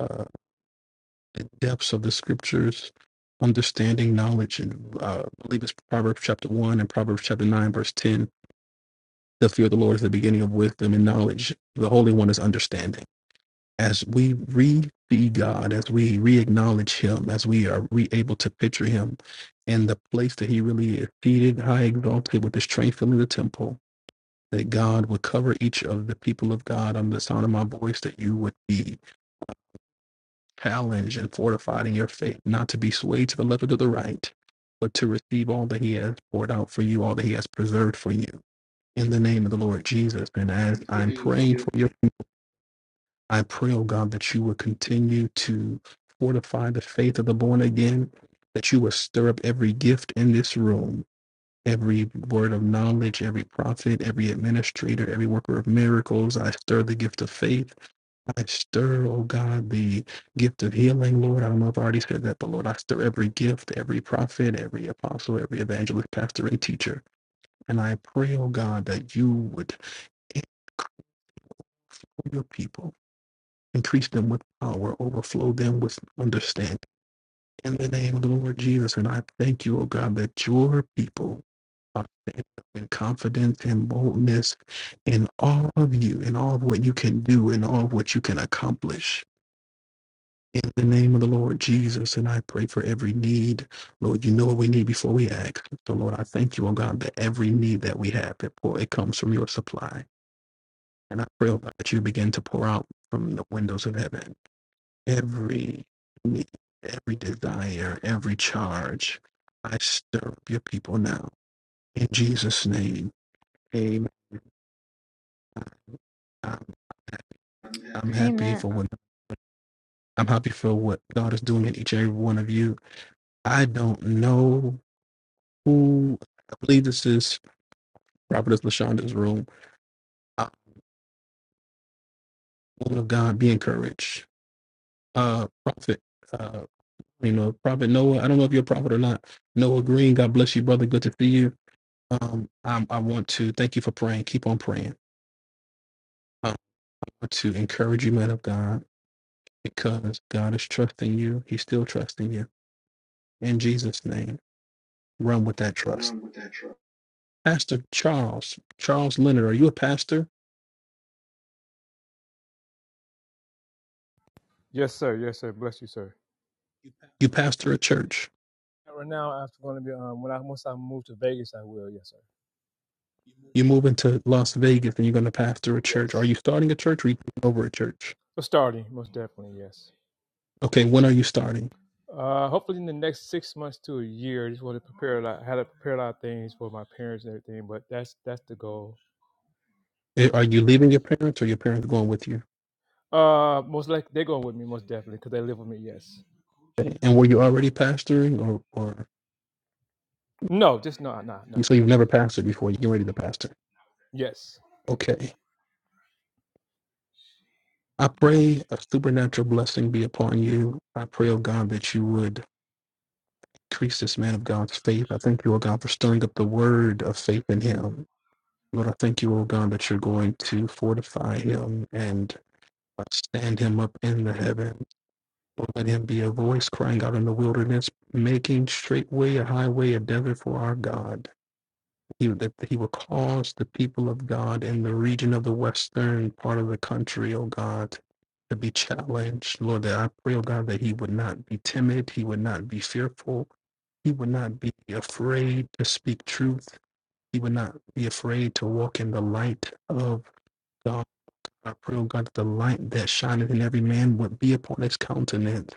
Speaker 7: uh, depths of the scriptures, understanding, knowledge, and uh, I believe it's Proverbs chapter 1 and Proverbs chapter 9, verse 10. The fear of the Lord is the beginning of wisdom and knowledge. The Holy One is understanding. as we re-see God, as we re-acknowledge Him, as we are re-able to picture Him in the place that He really is seated, high exalted, with His strength filling the temple, that God would cover each of the people of God under the sound of my voice, that you would be challenged and fortified in your faith, not to be swayed to the left or to the right, but to receive all that He has poured out for you, all that He has preserved for you. In the name of the Lord Jesus, and as
Speaker 5: I'm
Speaker 7: I'm
Speaker 5: praying for
Speaker 7: praying for
Speaker 5: you.
Speaker 7: your I pray, oh God, that you would continue to fortify the faith of the born again, that you would stir up every gift in this room, every word of knowledge, every prophet, every administrator, every worker of miracles. I stir the gift of faith. I stir, oh God, the gift of healing, Lord. I don't know if I already said that, but Lord, I stir every gift, every prophet, every apostle, every evangelist, pastor, and teacher. And I pray, oh God, that you would increase your people. increase them with power, overflow them with understanding. In the name of the Lord Jesus, and I thank you, O God, that your people are standing up in confidence and boldness in all of you, in all of what you can do, in all of what you can accomplish. In the name of the Lord Jesus, and I pray for every need. Lord, you know what we need before we ask. So, Lord, I thank you, O God, that every need that we have, it, pour, it comes from your supply. And I pray, O God, that you begin to pour out from the windows of heaven every need, every desire, every charge. I stir up your people now in Jesus' name. Amen. I'm, I'm
Speaker 5: unhappy.
Speaker 7: happy
Speaker 5: Amen.
Speaker 7: for what I'm happy for what God is doing in each and every one of you. I don't know who. I believe this is Prophetess Lashonda's room. Uh, woman of God, be encouraged. Uh, prophet, uh, you know, Prophet Noah. I don't know if you're a prophet or not. Noah Green. God bless you, brother. Good to see you. Um, I, I want to thank you for praying. Keep on praying Uh, want to encourage you, man of God, because God is trusting you. He's still trusting you. In Jesus' name, run with that trust.
Speaker 5: Run with that truck.
Speaker 7: Pastor Charles, Charles Leonard, are you a pastor?
Speaker 11: Yes, sir. Yes, sir. Bless you, sir. You pass
Speaker 7: You pastor a church.
Speaker 11: that Right now, I'm going to be um when I once I move to Vegas, I will. Yes, sir. You move
Speaker 7: You move into Las Vegas and you're going to pastor a
Speaker 11: to-
Speaker 7: church. Are you
Speaker 11: Yes.
Speaker 7: starting a church or are you taking over a church?
Speaker 11: So starting, most definitely, yes.
Speaker 7: Okay, when are you starting?
Speaker 11: Uh, hopefully in the next six months to a year, I just want to prepare a lot, had to prepare a lot of things for my parents and everything. But that's that's the goal.
Speaker 7: Eh, Are you leaving your parents or your parents going with you?
Speaker 11: Uh, most likely they're going with me, most definitely, because they live with me. Yes.
Speaker 7: Okay, And were you already pastoring or, or
Speaker 11: No, just no, no, no.
Speaker 7: so you've never pastored before? You're getting ready to pastor.
Speaker 11: Yes.
Speaker 7: Okay. I pray a supernatural blessing be upon you. I pray, oh God, that you would increase this man of God's faith. I thank you, oh God, for stirring up the word of faith in him. Lord, I thank you, oh God, that you're going to fortify him and uh, stand him up in the heavens. Lord, let him be a voice crying out in the wilderness, making straight way a highway, a desert for our God. He, that he will cause the people of God in the region of the western part of the country, oh God, to be challenged. Lord, that I pray, oh God, that he would not be timid, he would not be fearful, he would not be afraid to speak truth, he would not be afraid to walk in the light of God. I pray, oh God, that the light that shineth in every man would be upon his countenance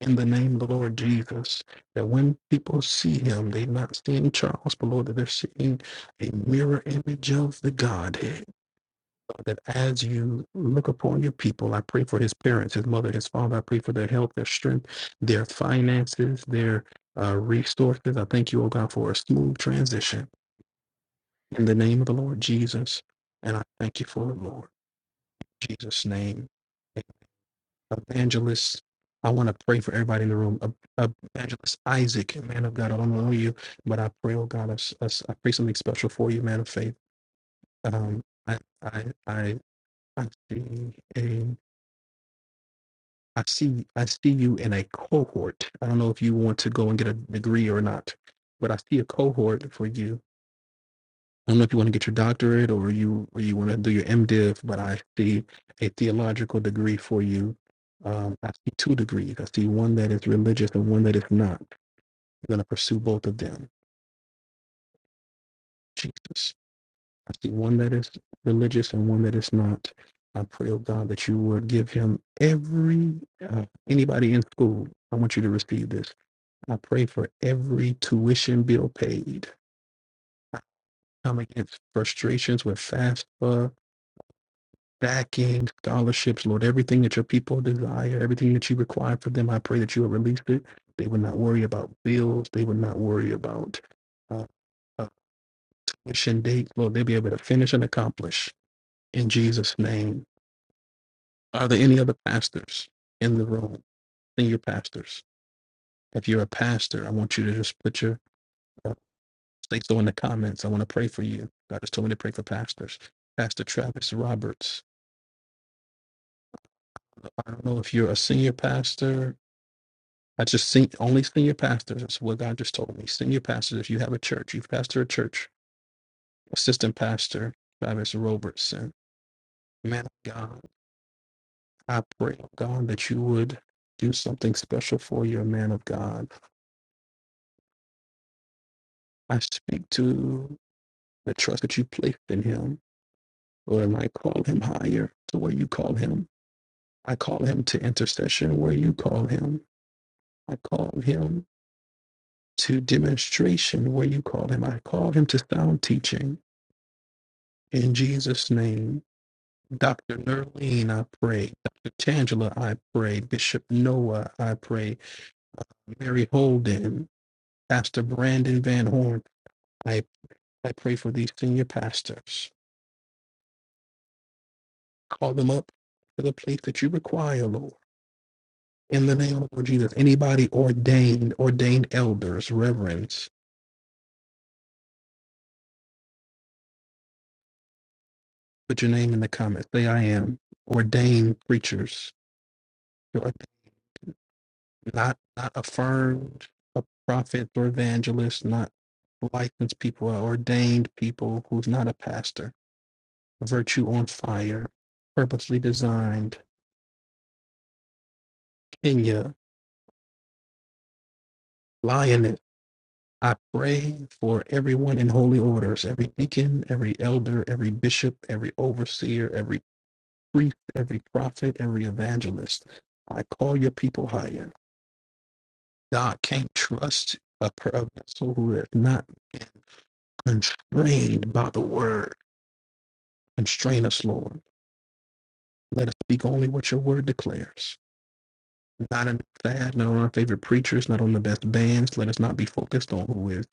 Speaker 7: in the name of the Lord Jesus. That when people see him, they're not seeing Charles, but Lord, that they're seeing a mirror image of the Godhead. Lord, That as you look upon your people, I pray for his parents, his mother, his father. I pray for their health, their strength, their finances, their uh, resources. I thank you, oh God, for a smooth transition in the name of the Lord Jesus. And I thank you for it, Lord. In Jesus' name. evangelist. I want to pray for everybody in the room. Ev- ev- Evangelist Isaac, man of God, I don't know you, but I pray, oh God, I, s- I s- I pray something special for you, man of faith. Um, I, I, I, I see a, I see, I see you in a cohort. I don't know if you want to go and get a degree or not, but I see a cohort for you I don't know if you want to get your doctorate or you or you want to do your MDiv, but I see a theological degree for you. Um, I see two degrees. I see one that is religious and one that is not. You're going to pursue both of them. Jesus. I see one that is religious and one that is not. I pray, oh God, that you would give him every uh, anybody in school. I want you to receive this. I pray for every tuition bill paid. I come against frustrations with FAFSA backing, scholarships, Lord, everything that your people desire, everything that you require for them, I pray that you have released it. They would not worry about bills. They would not worry about uh, uh, mission dates. Lord, they'll be able to finish and accomplish in Jesus' name. Are there any other pastors in the room? Senior pastors. If you're a pastor, I want you to just put your uh, say so in the comments. I want to pray for you. God just told me to pray for pastors. Pastor Travis Roberts. I don't know if you're a senior pastor I just see only senior pastors. That's what God just told me. Senior pastors, if you have a church, you pastor a church, assistant pastor, Travis Robertson, man of God, I pray, oh God, that you would do something special for your man of God. I speak to the trust that you placed in him, Lord, and I call him higher to where you call him. I call him to intercession where you call him. I call him to demonstration where you call him. I call him to sound teaching in Jesus' name. Dr. Nerlene, I pray. Dr. Tangela, I pray. Bishop Noah, I pray. Mary Holden, Pastor Brandon Van Horn, I, I pray for these senior pastors. Call them up to the place that you require, Lord. In the name of Lord Jesus, anybody ordained, ordained elders, reverends, put your name in the comments. Say, I am ordained preachers. not not affirmed a prophet or evangelist, not licensed people or ordained people who's not a pastor. Virtue on fire, purposely designed. Kenya, lioness. I pray for everyone in holy orders, every deacon, every elder, every bishop, every overseer, every priest, every prophet, every evangelist. I call your people higher. God can't trust a, per- a vessel who has not been constrained by the word Constrain us, Lord. Let us speak only what your word declares. Not in fad, not on our favorite preachers, not on the best bands. Let us not be focused on who is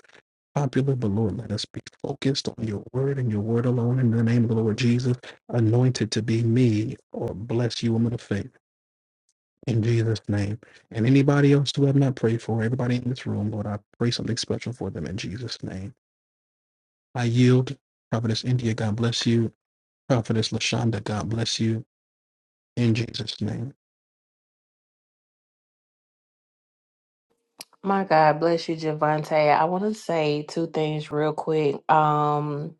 Speaker 7: popular, but Lord, let us be focused on your word and your word alone. In the name of the Lord Jesus, anointed to be me or bless you, woman of faith. In Jesus' name. And anybody else who have not prayed for, everybody in this room, Lord, I pray something special for them in Jesus' name. I yield. Prophetess India, God bless you. Prophetess Lashonda, God bless you. In Jesus' name.
Speaker 1: My God bless you, Javante. I want to say two things real quick. Um,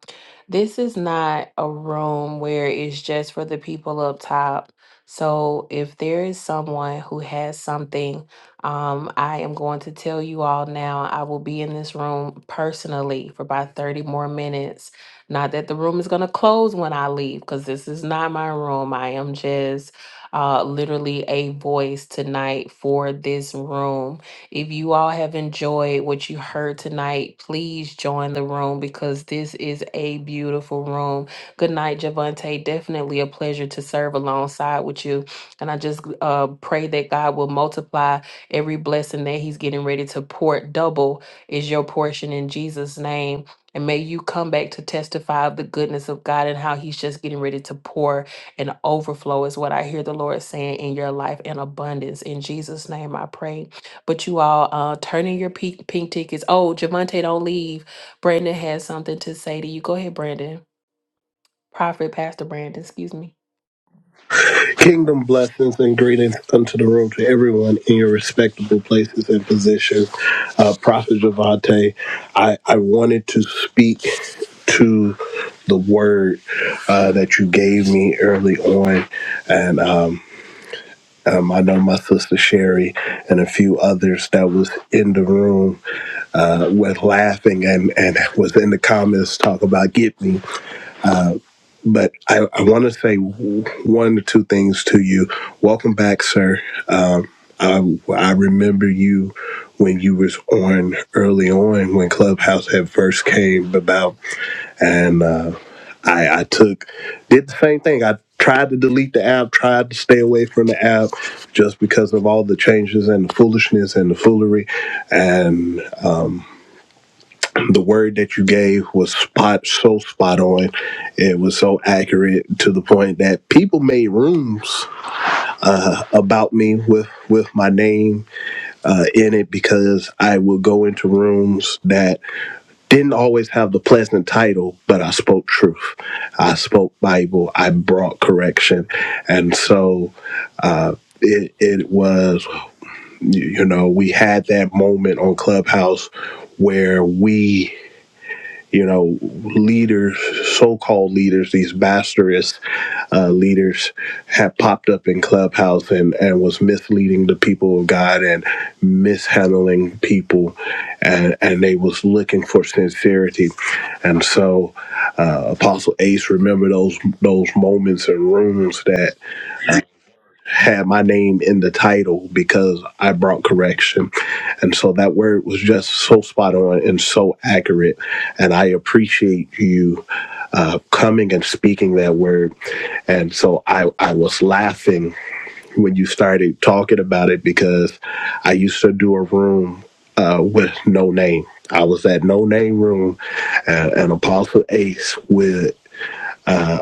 Speaker 1: this is not a room where it's just for the people up top. So if there is someone who has something, um, I am going to tell you all now. I will be in this room personally for about 30 more minutes. Not that the room is going to close when I leave, because this is not my room. I am just uh, literally a voice tonight for this room if you all have enjoyed what you heard tonight, please join the room because this is a beautiful room. Good night, Javante. Definitely a pleasure to serve alongside with you. And I just uh, pray that God will multiply every blessing that He's getting ready to pour. Double is your portion in Jesus' name. And may you come back to testify of the goodness of God and how He's just getting ready to pour and overflow, is what I hear the Lord saying in your life in abundance. In Jesus' name, I pray. But you all uh, turning your pink, pink tickets. Oh, Javante, don't leave. Brandon has something to say to you. Go ahead, Brandon. Prophet, Pastor Brandon, excuse me.
Speaker 12: Kingdom blessings and greetings unto the room to everyone in your respectable places and positions. Uh, Prophet Javante, I, I wanted to speak to the word uh, that you gave me early on. And um, um, I know my sister Sherry and a few others that was in the room uh, was laughing and, and was in the comments talk about get me but I, I want to say one or two things to you. Welcome back, sir. Um, I, I remember you when you was on early on when Clubhouse had first came about, and uh, I, I took did the same thing. I tried to delete the app, tried to stay away from the app, just because of all the changes and the foolishness and the foolery, the word that you gave was spot so spot on. It was so accurate to the point that people made rooms about me with with my name uh, in it because I would go into rooms that didn't always have the pleasant title, but I spoke truth. I spoke Bible. I brought correction, and so. Uh, it, it was, you you know, we had that moment on Clubhouse where we you know, leaders, so-called leaders, these bastardist uh, leaders had popped up in Clubhouse and, and was misleading the people of God and mishandling people, and, and they was looking for sincerity. And so uh, Apostle Ace remember those those moments and rooms that had my name in the title because I brought correction. And so that word was just so spot on and so accurate. And I appreciate you uh, coming and speaking that word. And so I, I was laughing when you started talking about it because I used to do a room uh, with no name. I was at No Name Room, uh, and Apostle Ace with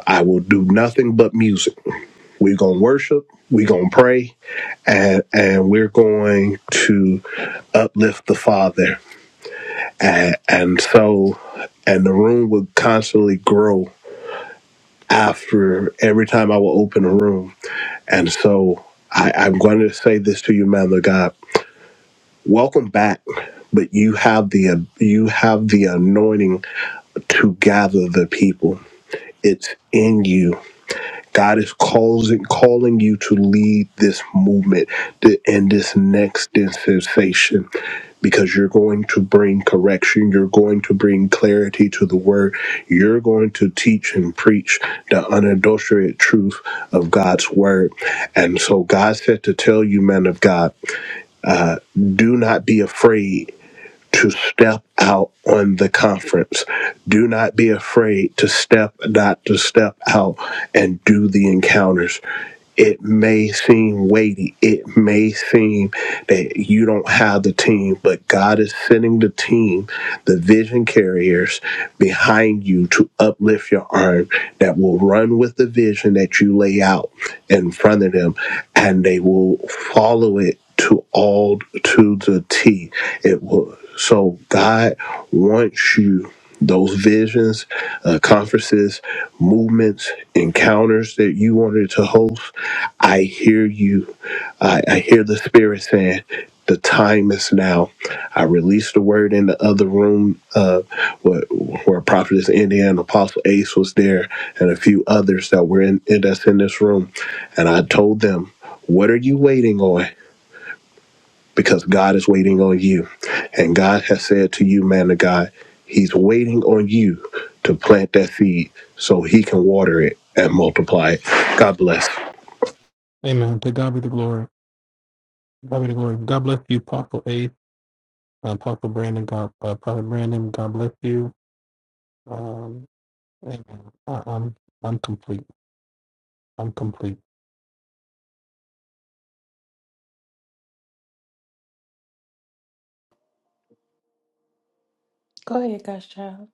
Speaker 12: I will do nothing but music we're going to worship. We're going to pray. And, and we're going to uplift the Father. And, and so, and the room would constantly grow after every time I will open a room. And so I, I'm going to say this to you, man of God. Welcome back, but you have the you have the anointing to gather the people. It's in you God is calling calling you to lead this movement th- and this next dispensation because you're going to bring correction, you're going to bring clarity to the word, you're going to teach and preach the unadulterated truth of God's word. And so God said to tell you, man of God, do not be afraid to step out on the conference. Do not be afraid to step, not to step out and do the encounters. It may seem weighty. It may seem that you don't have the team, but God is sending the team, the vision carriers behind you to uplift your arm that will run with the vision that you lay out in front of them and they will follow it to all to the T. It will so God wants you those visions, uh, conferences, movements, encounters that you wanted to host. I hear you I, I hear the spirit saying, "The time is now." I released the word in the other room, uh, where, where Prophetess India and Apostle Ace was there, and a few others that were in that's in this room, and I told them, "What are you waiting on?" Because God is waiting on you, and God has said to you, man of God, He's waiting on you to plant that seed so He can water it and multiply it. God bless.
Speaker 7: Amen. To God be the glory. God be the glory. God bless you, Apostle Ace, uh, Apostle Brandon. God, uh, Prophet Brandon. God bless you. Um, amen. I, I'm I'm complete. I'm complete.
Speaker 1: Go ahead, God's child.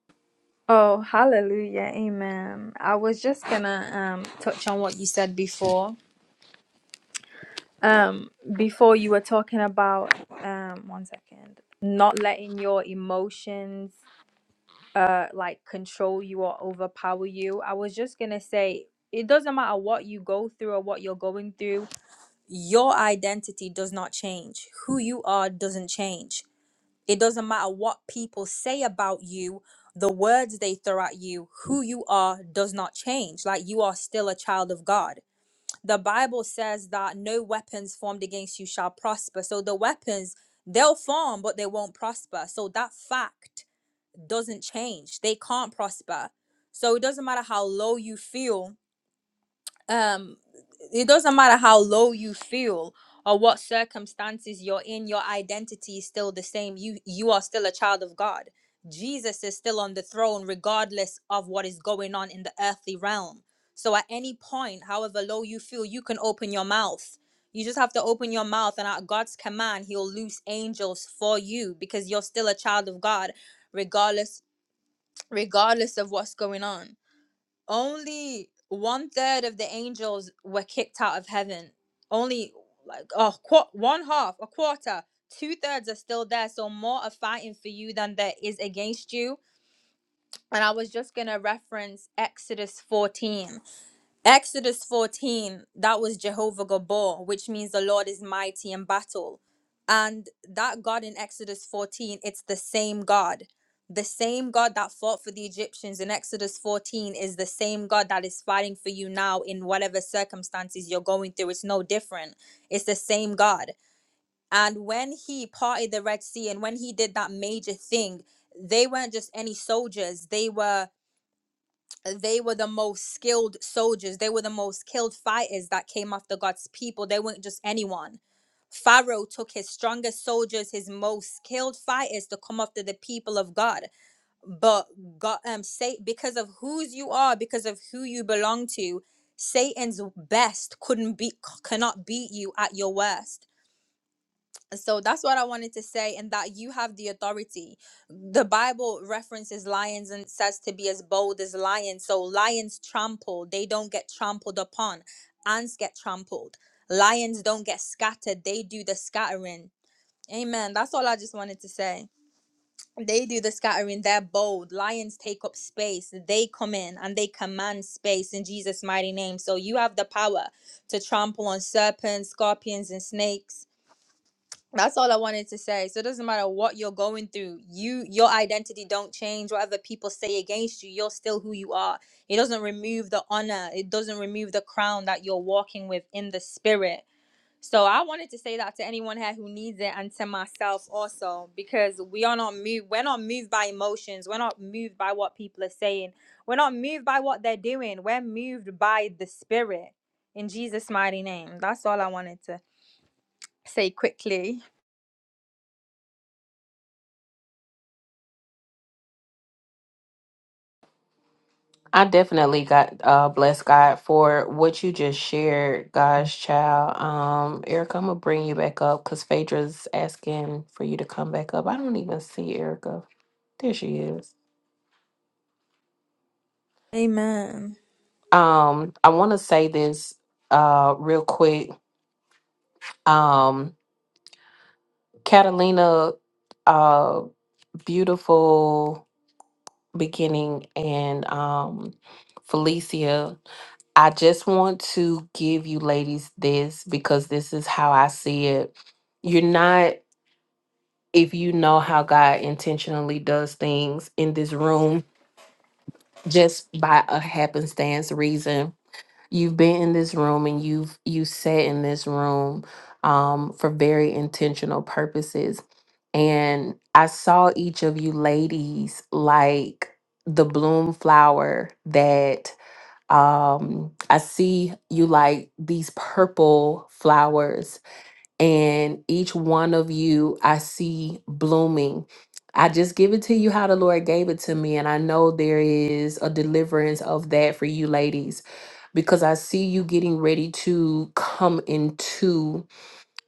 Speaker 5: Oh, hallelujah. Amen. I was just gonna um touch on what you said before Um, before you were talking about um, one second, not letting your emotions uh like control you or overpower you. I was just gonna say it doesn't matter what you go through or what you're going through. Your identity does not change. Who you are doesn't change. It doesn't matter what people say about you. The words they throw at you, who you are does not change. Like you are still a child of God the Bible says that no weapons formed against you shall prosper. So the weapons, they'll form, but they won't prosper. So that fact doesn't change. They can't prosper. So it doesn't matter how low you feel um it doesn't matter how low you feel or what circumstances you're in your identity is still the same you you are still a child of god jesus is still on the throne regardless of what is going on in the earthly realm so at any point however low you feel you can open your mouth you just have to open your mouth and at god's command he'll loose angels for you because you're still a child of god regardless regardless of what's going on only one third of the angels were kicked out of heaven. Only like oh, qu- one half, a quarter, two thirds are still there. So more are fighting for you than there is against you. And I was just gonna reference Exodus 14. Exodus 14, that was Jehovah Gabor, which means the Lord is mighty in battle. And that God in Exodus 14, it's the same God. The same God that fought for the Egyptians in Exodus 14 is the same God that is fighting for you now in whatever circumstances you're going through. It's no different. It's the same God. And when he parted the Red Sea and when he did that major thing, they weren't just any soldiers. They were they were the most skilled soldiers. They were the most skilled fighters that came after God's people. They weren't just anyone. Pharaoh took his strongest soldiers, his most skilled fighters to come after the people of God. But God um say because of whose you are, because of who you belong to, Satan's best couldn't beat cannot beat you at your worst so that's what I wanted to say, and that you have the authority. The Bible references lions and says to be as bold as lions. So lions trample, they don't get trampled upon. Ants get trampled. Lions don't get scattered, they do the scattering. Amen. That's all I just wanted to say. They do the scattering, they're bold. Lions take up space, they come in and they command space in Jesus' mighty name. So you have the power to trample on serpents, scorpions, and snakes that's all I wanted to say. So it doesn't matter what you're going through, you your identity don't change. Whatever people say against you, you're still who you are. It doesn't remove the honor. It doesn't remove the crown that you're walking with in the spirit. So I wanted to say that to anyone here who needs it and to myself also, because we are not moved. We're not moved by emotions. We're not moved by what people are saying. We're not moved by what they're doing. We're moved by the spirit. In Jesus' mighty name. That's all I wanted to say quickly.
Speaker 1: I definitely got uh blessed God for what you just shared, God's child. Um, Erica, I'm gonna bring you back up because Phaedra's asking for you to come back up. I don't even see Erica. There she is.
Speaker 5: Amen.
Speaker 1: Um, I wanna say this uh real quick. Um, Catalina uh, beautiful beginning and um Felicia, I just want to give you ladies this because this is how I see it. You're not if you know how God intentionally does things in this room just by a happenstance reason you've been in this room and you've you sat in this room um, for very intentional purposes and i saw each of you ladies like the bloom flower that um i see you like these purple flowers and each one of you i see blooming I just give it to you how the Lord gave it to me. And I know there is a deliverance of that for you ladies because I see you getting ready to come into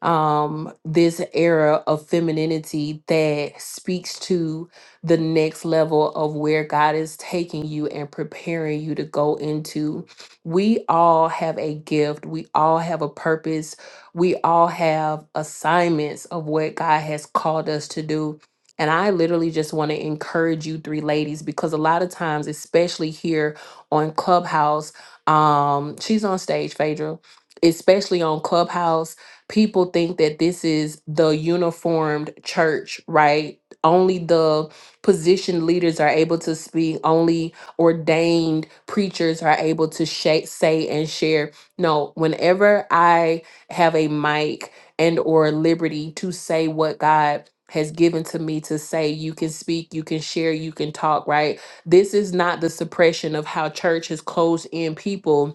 Speaker 1: um this era of femininity that speaks to the next level of where God is taking you and preparing you to go into. We all have a gift, we all have a purpose, we all have assignments of what God has called us to do. And I literally just want to encourage you three ladies because a lot of times especially here on Clubhouse um she's on stage Phaedra especially on Clubhouse people think that this is the uniformed church, right? Only the positioned leaders are able to speak, only ordained preachers are able to sha- say and share. No, whenever I have a mic and or liberty to say what God has given to me to say you can speak, you can share, you can talk, right? This is not the suppression of how church has closed in people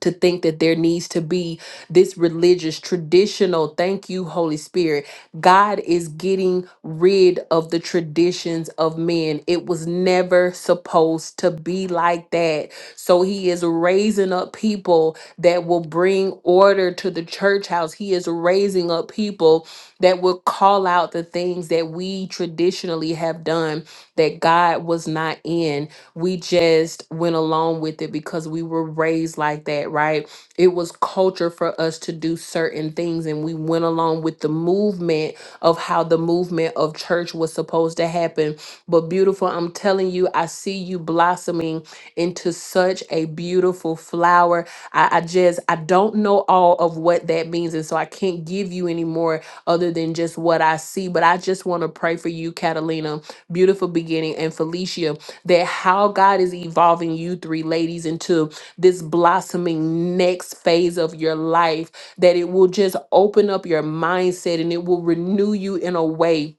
Speaker 1: to think that there needs to be this religious traditional thank you holy spirit god is getting rid of the traditions of men it was never supposed to be like that so he is raising up people that will bring order to the church house he is raising up people that will call out the things that we traditionally have done that god was not in we just went along with it because we were raised like that, right? It was culture for us to do certain things, and we went along with the movement of how the movement of church was supposed to happen. But, beautiful, I'm telling you, I see you blossoming into such a beautiful flower. I, I just, I don't know all of what that means. And so I can't give you any more other than just what I see. But I just want to pray for you, Catalina, beautiful beginning, and Felicia that how God is evolving you three ladies into this blossoming next phase of your life, that it will just open up your mindset and it will renew you in a way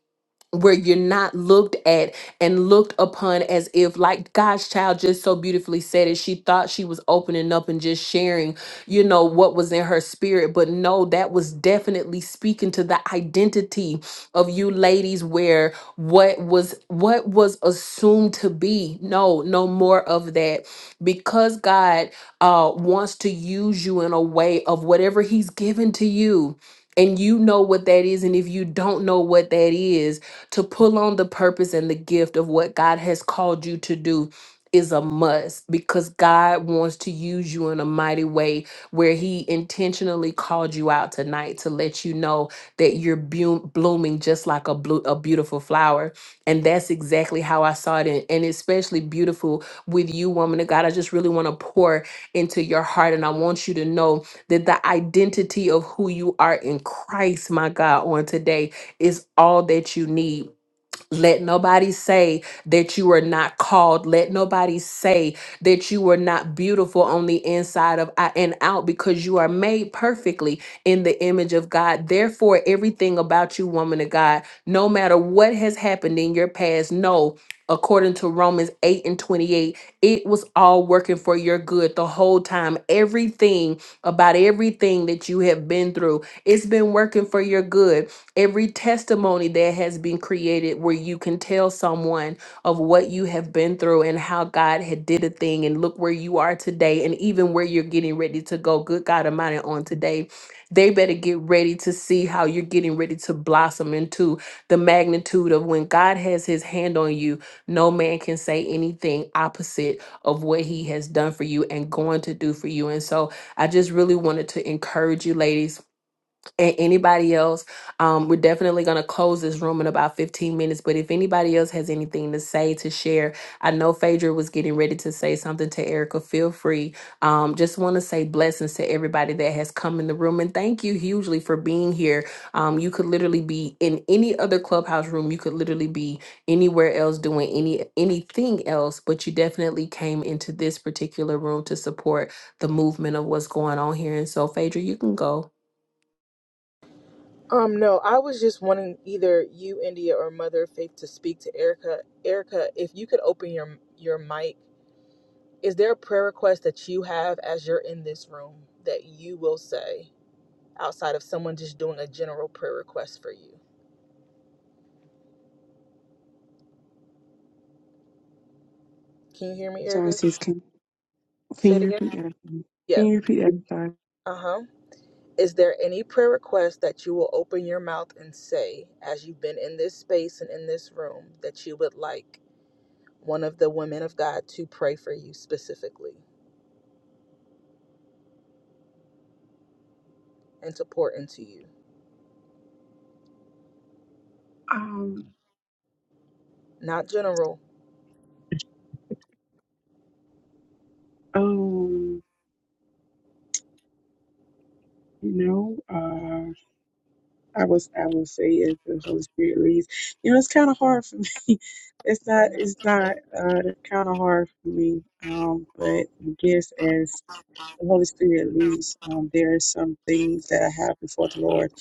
Speaker 1: where you're not looked at and looked upon as if like God's child just so beautifully said it she thought she was opening up and just sharing you know what was in her spirit but no that was definitely speaking to the identity of you ladies where what was what was assumed to be no no more of that because God uh wants to use you in a way of whatever he's given to you and you know what that is and if you don't know what that is to pull on the purpose and the gift of what God has called you to do is a must because God wants to use you in a mighty way where He intentionally called you out tonight to let you know that you're bu- blooming just like a, blue, a beautiful flower. And that's exactly how I saw it. And, and especially beautiful with you, woman of God. I just really want to pour into your heart. And I want you to know that the identity of who you are in Christ, my God, on today is all that you need. Let nobody say that you are not called. Let nobody say that you are not beautiful on the inside of I- and out because you are made perfectly in the image of God. Therefore, everything about you, woman of God, no matter what has happened in your past, no. According to Romans 8 and 28, it was all working for your good the whole time. Everything about everything that you have been through, it's been working for your good every testimony that has been created where you can tell someone of what you have been through and how God had did a thing and look where you are today and even where you're getting ready to go good God Almighty on today they better get ready to see how you're getting ready to blossom into the magnitude of when God has his hand on you no man can say anything opposite of what he has done for you and going to do for you and so I just really wanted to encourage you ladies and anybody else um, we're definitely going to close this room in about 15 minutes but if anybody else has anything to say to share i know phaedra was getting ready to say something to erica feel free um, just want to say blessings to everybody that has come in the room and thank you hugely for being here um, you could literally be in any other clubhouse room you could literally be anywhere else doing any anything else but you definitely came into this particular room to support the movement of what's going on here and so phaedra you can go
Speaker 4: Um, no, I was just wanting either you, India, or Mother of Faith to speak to Erica. Erica, if you could open your your mic, is there a prayer request that you have as you're in this room that you will say? outside of someone just doing a general prayer request for you. Can you hear me,
Speaker 13: Sorry,
Speaker 4: Erica?
Speaker 13: sis. Can can
Speaker 4: Say it
Speaker 13: you
Speaker 4: again.
Speaker 13: repeat that? Again? Can
Speaker 4: Yep.
Speaker 13: you repeat that? I'm sorry.
Speaker 4: Uh huh. Is there any prayer request that you will open your mouth and say as you've been in this space and in this room that you would like one of the women of God to pray for you specifically and to pour into you?
Speaker 13: Um.
Speaker 4: Not general.
Speaker 13: Um. You know. Uh. I was. I will say as the Holy Spirit leads. You know, it's kind of hard for me. [LAUGHS] It's
Speaker 4: I
Speaker 13: not.
Speaker 4: know.
Speaker 13: It's not. Uh. It's kind of hard for me. Um. But I guess as the Holy Spirit leads, um, there are some things that I have before the Lord.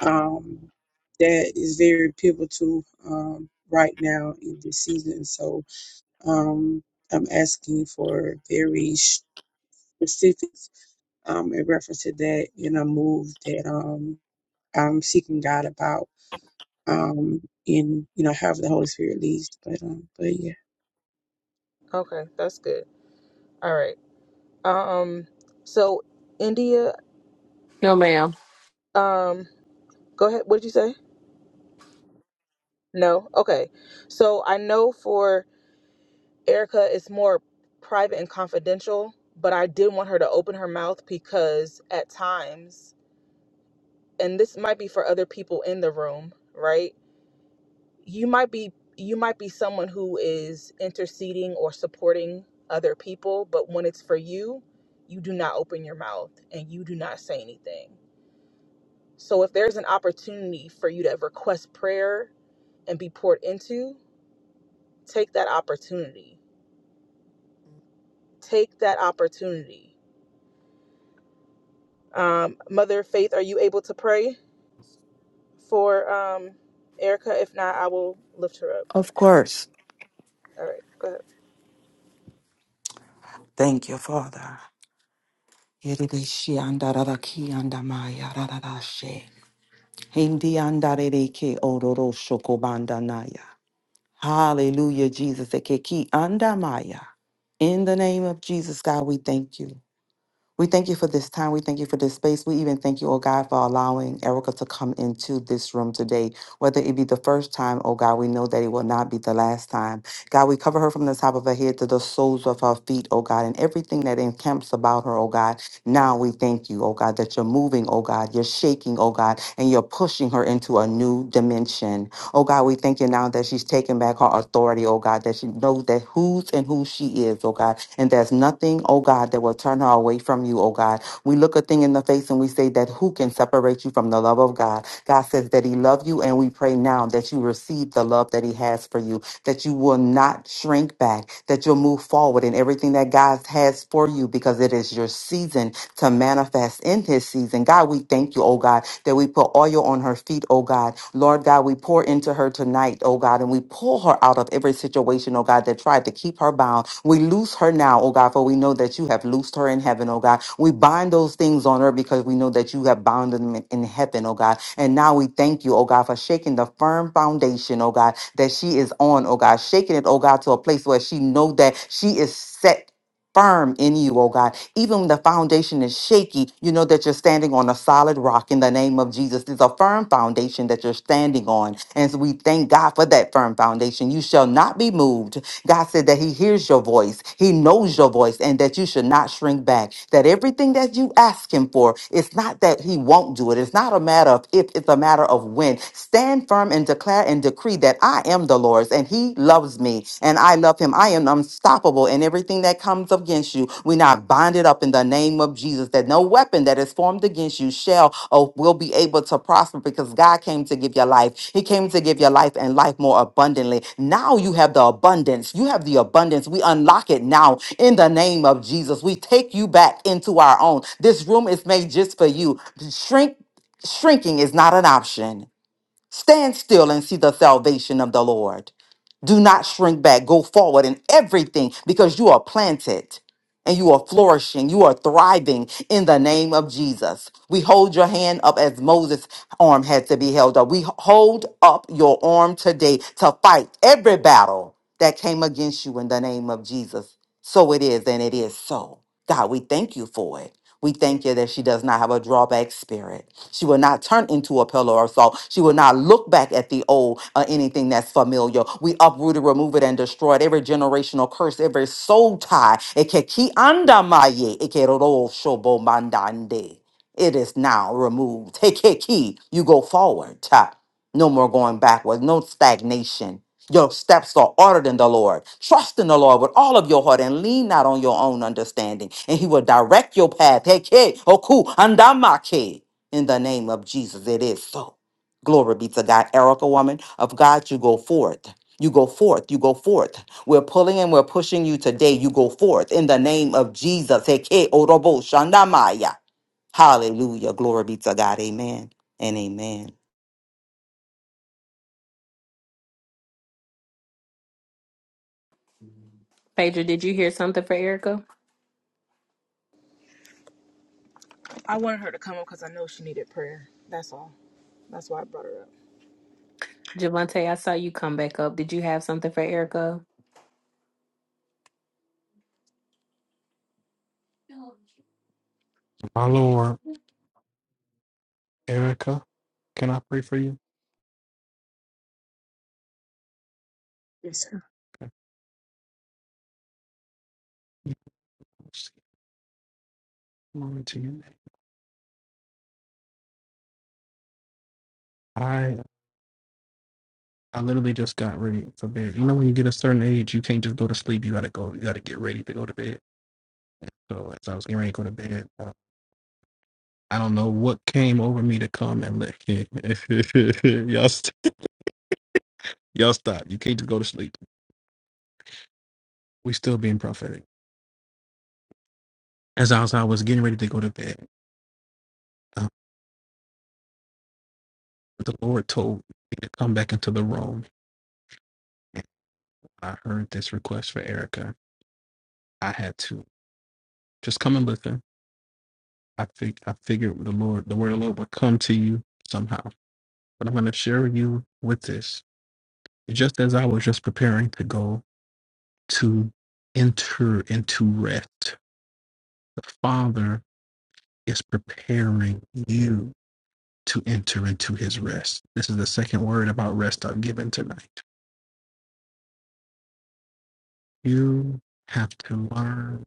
Speaker 13: Um. That is very pivotal. Um. Right now in this season, so Um, I'm asking for very sh- specifics um, in reference to that in a move that um, I'm seeking God about um, in, you know, however the Holy Spirit leads. But, um, but yeah.
Speaker 4: Okay, that's good. All right. Um. So India.
Speaker 1: no ma'am
Speaker 4: Um. Go ahead. What did you say? No. Okay. So I know for Erica is more private and confidential, but I did want her to open her mouth because at times, and this might be for other people in the room, right? You might be you might be someone who is interceding or supporting other people, but when it's for you, you do not open your mouth and you do not say anything. So if there's an opportunity for you to request prayer and be poured into, take that opportunity take that opportunity. Um, Mother Faith, are you able to pray for um, Erica? If not, I will lift her up.
Speaker 2: Of course.
Speaker 4: All right, go ahead.
Speaker 2: Thank you, Father. Yedidishi andararaki andamaya rararashe. Hindi andarereke ororo shokobandanaya. Hallelujah, Jesus. Ekeki andamaya. In the name of Jesus, God, we thank you. We thank you for this time. We thank you for this space. We even thank you, oh God, for allowing Erica to come into this room today. Whether it be the first time, oh God, we know that it will not be the last time. God, we cover her from the top of her head to the soles of her feet, oh God, and everything that encamps about her, oh God. Now we thank you, oh God, that you're moving, oh God, you're shaking, oh God, and you're pushing her into a new dimension. Oh God, we thank you now that she's taking back her authority, oh God, that she knows that whose and who she is, oh God and there's nothing, oh God, that will turn her away from you, oh God. We look a thing in the face and we say that who can separate you from the love of God? God says that He loves you, and we pray now that you receive the love that He has for you, that you will not shrink back, that you'll move forward in everything that God has for you because it is your season to manifest in his season. God, we thank you, oh God, that we put oil on her feet, oh God. Lord God, we pour into her tonight, oh God, and we pull her out of every situation, oh God, that tried to keep her bound. We loose her now, oh God, for we know that you have loosed her in heaven, oh God. We bind those things on earth because we know that you have bound them in in heaven, oh God. And now we thank you, oh God, for shaking the firm foundation, oh God, that she is on, oh God, shaking it, oh God, to a place where she know that she is set firm in you, oh God. Even when the foundation is shaky, you know that you're standing on a solid rock in the name of Jesus. It's a firm foundation that you're standing on. And so we thank God for that firm foundation. You shall not be moved. God said that He hears your voice, He knows your voice, and that you should not shrink back. That everything that you ask Him for, it's not that He won't do it. It's not a matter of if, it's a matter of when. Stand firm and declare and decree that I am the Lord's and He loves me and I love Him. I am unstoppable, and everything that comes against you, we're not bonded bind it up in the name of Jesus, that no weapon that is formed against you shall or will be able to prosper because God came to give you life. He came to give you life and life more abundantly. Now you have the abundance. You have the abundance. We unlock it now in the name of Jesus. We take you back into our own. This room is made just for you. Shrink shrinking is not an option. Stand still and see the salvation of the Lord. Do not shrink back. Go forward in everything because you are planted and you are flourishing. You are thriving in the name of Jesus. We hold your hand up as Moses' arm had to be held up. We hold up your arm today to fight every battle that came against you in the name of Jesus. So it is, and it is so. God, we thank you for it. We thank you that she does not have a drawback spirit. She will not turn into a pillar of salt. She will not look back at the old or anything that's familiar. We uproot it, remove it, and destroy it. Every generational curse, every soul tie. Eke ki andamaye, eke roro shobo mandande. It is now removed. Take it You go forward. Ah, No more going backwards. No stagnation. Your steps are ordered in the Lord. Trust in the Lord with all of your heart and lean not on your own understanding, and He will direct your path. Heke, oku, andamake. In the name of Jesus, it is so. Glory be to God. Erica, woman of God, you go forth. You go forth. You go forth. We're pulling and we're pushing you today. You go forth in the name of Jesus. Heke, orobo, shandamaya. Hallelujah. Glory be to God. Amen and amen.
Speaker 1: Phaedra, did you hear something for Erica?
Speaker 4: I wanted her to come up because I know she needed prayer. That's all. That's why I brought her up.
Speaker 1: Javante, I saw you come back up. Did you have something for Erica?
Speaker 7: My Lord, Erica, can I pray for you?
Speaker 13: Yes, sir.
Speaker 7: Okay. Glory to your name. I I literally just got ready for bed. You know, when you get a certain age, you can't just go to sleep. You gotta go. You gotta get ready to go to bed. So as I was getting ready to go to bed, uh, I don't know what came over me to come and let [LAUGHS] y'all. Y'all stop. You can't just go to sleep. We still being prophetic. As I was, I was getting ready to go to bed, um, the Lord told me to come back into the room. And I heard this request for Erica. I had to just come and listen. I fig- I figured the Lord, the word of the Lord would come to you somehow. But I'm going to share you with this. Just as I was just preparing to go to enter into rest, the Father is preparing you to enter into his rest. This is the second word about rest I've given tonight. You have to learn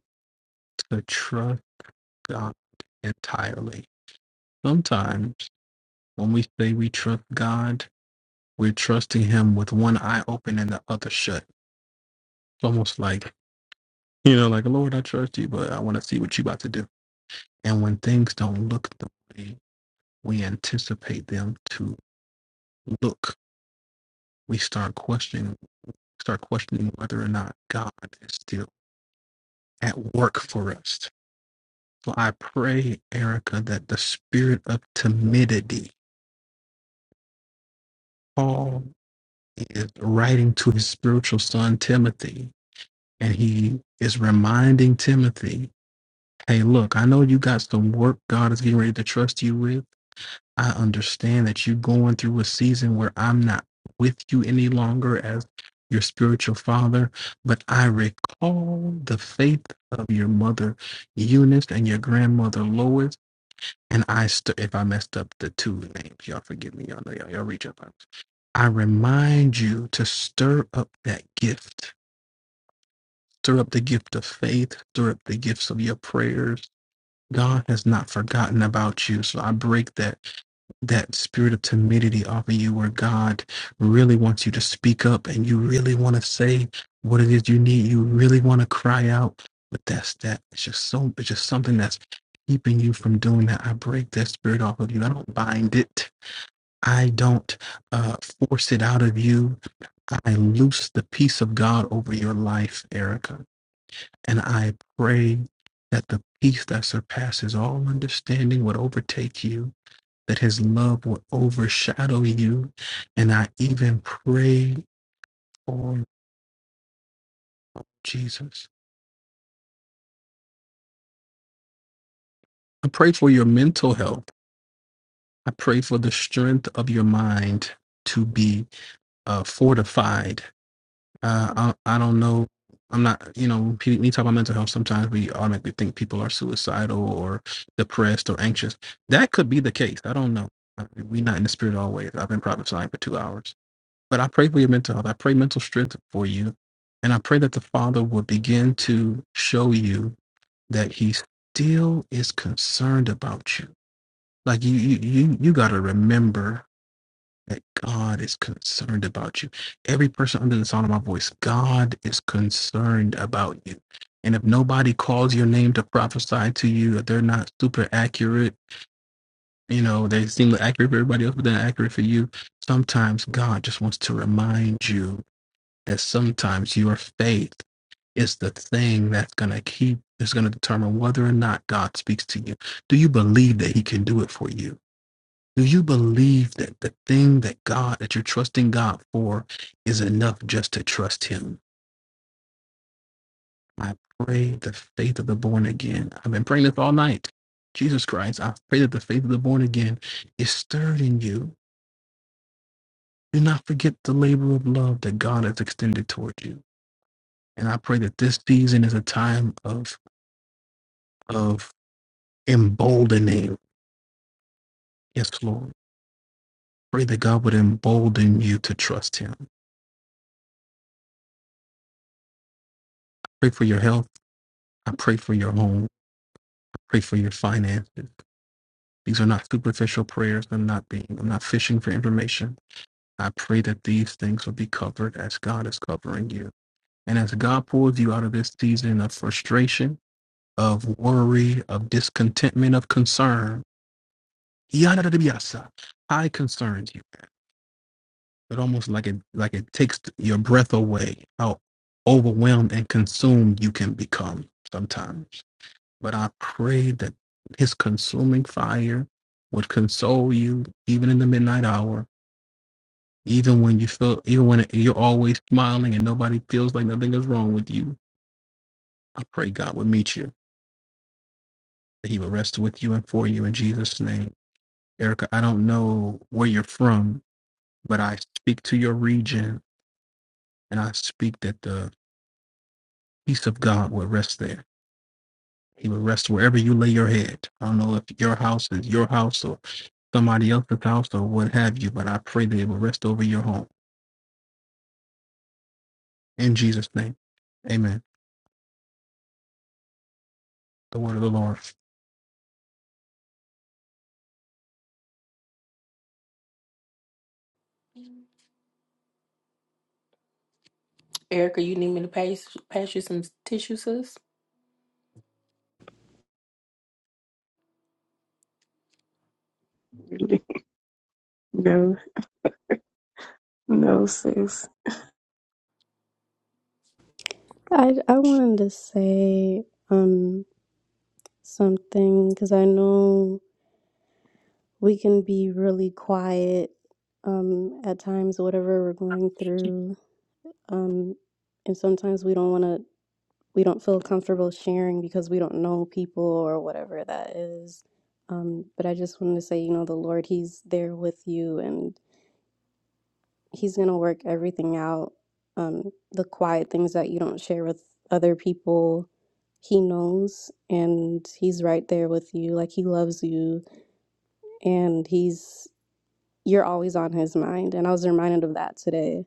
Speaker 7: to trust God entirely. Sometimes when we say we trust God, we're trusting Him with one eye open and the other shut. It's almost like, you know, like, Lord, I trust you, but I want to see what you about to do. And when things don't look the way we anticipate them to look, we start questioning, start questioning whether or not God is still. at work for us. So I pray, Erica, that the spirit of timidity, Paul is writing to his spiritual son, Timothy, and he is reminding Timothy, hey, look, I know you got some work God is getting ready to trust you with. I understand that you're going through a season where I'm not with you any longer as your spiritual father, but I recall the faith of your mother Eunice and your grandmother Lois And I st- if I messed up the two names, y'all forgive me. Y'all know y'all, y'all reach up. I remind you to stir up that gift. Stir up the gift of faith. Stir up the gifts of your prayers. God has not forgotten about you. So I break that that spirit of timidity off of you where God really wants you to speak up and you really want to say what it is you need. You really want to cry out. But that's that. It's just so it's just something that's keeping you from doing that. I break that spirit off of you. I don't bind it. I don't uh, force it out of you. I loose the peace of God over your life, Erica. And I pray that the peace that surpasses all understanding would overtake you that his love will overshadow you. And I even pray for Jesus. I pray for your mental health. I pray for the strength of your mind to be uh, fortified. Uh, I, I don't know. I'm not, you know, when pe- when you talk about mental health, sometimes we automatically think people are suicidal or depressed or anxious. That could be the case. I don't know. We're not in the spirit always. I've been prophesying for two hours But I pray for your mental health. I pray mental strength for you. And I pray that the Father will begin to show you that He still is concerned about you. Like you, you, you, you got to remember that God is concerned about you. Every person under the sound of my voice, God is concerned about you. And if nobody calls your name to prophesy to you, if they're not super accurate, you know, they seem accurate for everybody else, but they're not accurate for you. Sometimes God just wants to remind you and sometimes your faith is the thing that's going to keep, is going to determine whether or not God speaks to you. Do you believe that He can do it for you? Do you believe that the thing that God, that you're trusting God for, is enough just to trust Him? I pray the faith of the born again. I've been praying this all night. Jesus Christ, I pray that the faith of the born again is stirred in you. Do not forget the labor of love that God has extended toward you. And I pray that this season is a time of of emboldening. Yes, Lord. Pray that God would embolden you to trust Him. Pray for your health. I pray for your home. I pray for your finances. These are not superficial prayers. I'm not being, I'm not fishing for information. I pray that these things will be covered as God is covering you. And as God pulls you out of this season of frustration, of worry, of discontentment, of concern, yada, yada, I concerns you. but almost like it like it takes your breath away how overwhelmed and consumed you can become sometimes but i pray that his consuming fire would console you even in the midnight hour even when you feel even when you're always smiling and nobody feels like nothing is wrong with you i pray god would meet you that he would rest with you and for you in jesus name erica i don't know where you're from but i speak to your region and i speak that the peace of god would rest there He will rest wherever you lay your head. I don't know if your house is your house or somebody else's house or what have you, but I pray that it will rest over your home. In Jesus' name. Amen. The word of the Lord.
Speaker 1: Erica, you need me to pass pass you some tissue, sis?
Speaker 13: Really? No, no, sis.
Speaker 6: I I wanted to say um something because I know we can be really quiet um at times whatever we're going through um and sometimes we don't want to we don't feel comfortable sharing because we don't know people or whatever that is um but I just wanted to say you know the Lord he's there with you and. he's going to work everything out. Um, the quiet things that you don't share with other people, he knows and he's right there with you. Like he loves you and he's, you're always on his mind. And I was reminded of that today.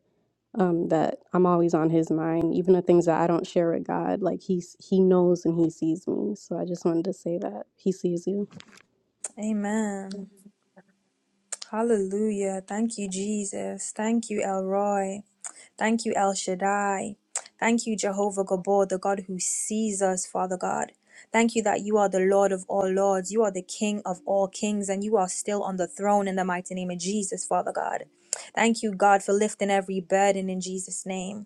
Speaker 6: Um, that I'm always on his mind, even the things that I don't share with God. Like he's he knows and he sees me. So I just wanted to say that he sees you.
Speaker 5: Amen. Hallelujah. Thank you, Jesus. Thank you, El Roy. Thank you, El Shaddai. Thank you, Jehovah Gabor, the God who sees us, Father God. Thank you that you are the Lord of all lords. You are the King of all kings, and you are still on the throne in the mighty name of Jesus, Father God. Thank you, God, for lifting every burden in Jesus' name.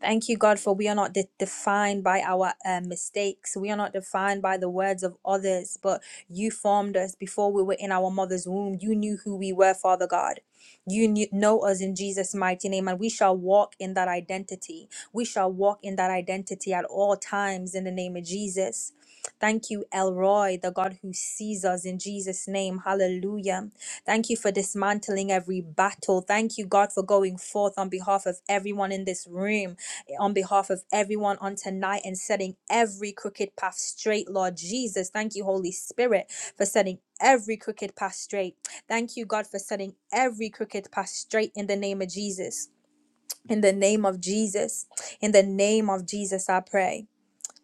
Speaker 5: Thank you, God, for we are not de- defined by our uh, mistakes. We are not defined by the words of others, but you formed us before we were in our mother's womb. You knew who we were, Father God. You knew, know us in Jesus' mighty name, and we shall walk in that identity. We shall walk in that identity at all times in the name of Jesus. Thank you, Elroy, the God who sees us in Jesus' name. Hallelujah. Thank you for dismantling every battle. Thank you, God, for going forth on behalf of everyone in this room on behalf of everyone on tonight and setting every crooked path straight, Lord Jesus. Thank you, Holy Spirit, for setting every crooked path straight. Thank you, God, for setting every crooked path straight in the name of Jesus. In the name of Jesus. In the name of Jesus, I pray.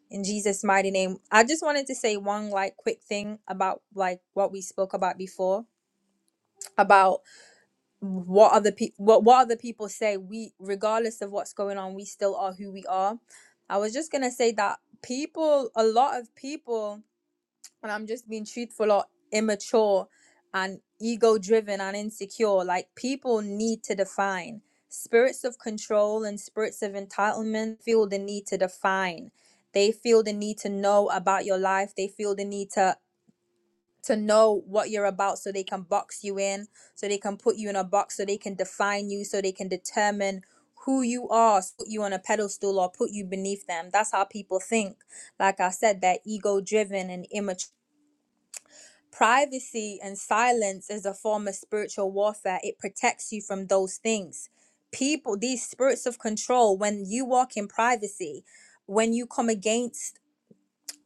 Speaker 5: In Jesus' mighty name. I just wanted to say one like quick thing about like what we spoke about before about what other people what, what other people say we regardless of what's going on we still are who we are i was just gonna say that people a lot of people and i'm just being truthful are immature and ego driven and insecure like people need to define spirits of control and spirits of entitlement feel the need to define they feel the need to know about your life they feel the need to to know what you're about so they can box you in, so they can put you in a box, so they can define you, so they can determine who you are, so put you on a pedestal or put you beneath them. That's how people think. Like I said, they're ego driven and immature. Privacy and silence is a form of spiritual warfare. It protects you from those things. People, these spirits of control, when you walk in privacy, when you come against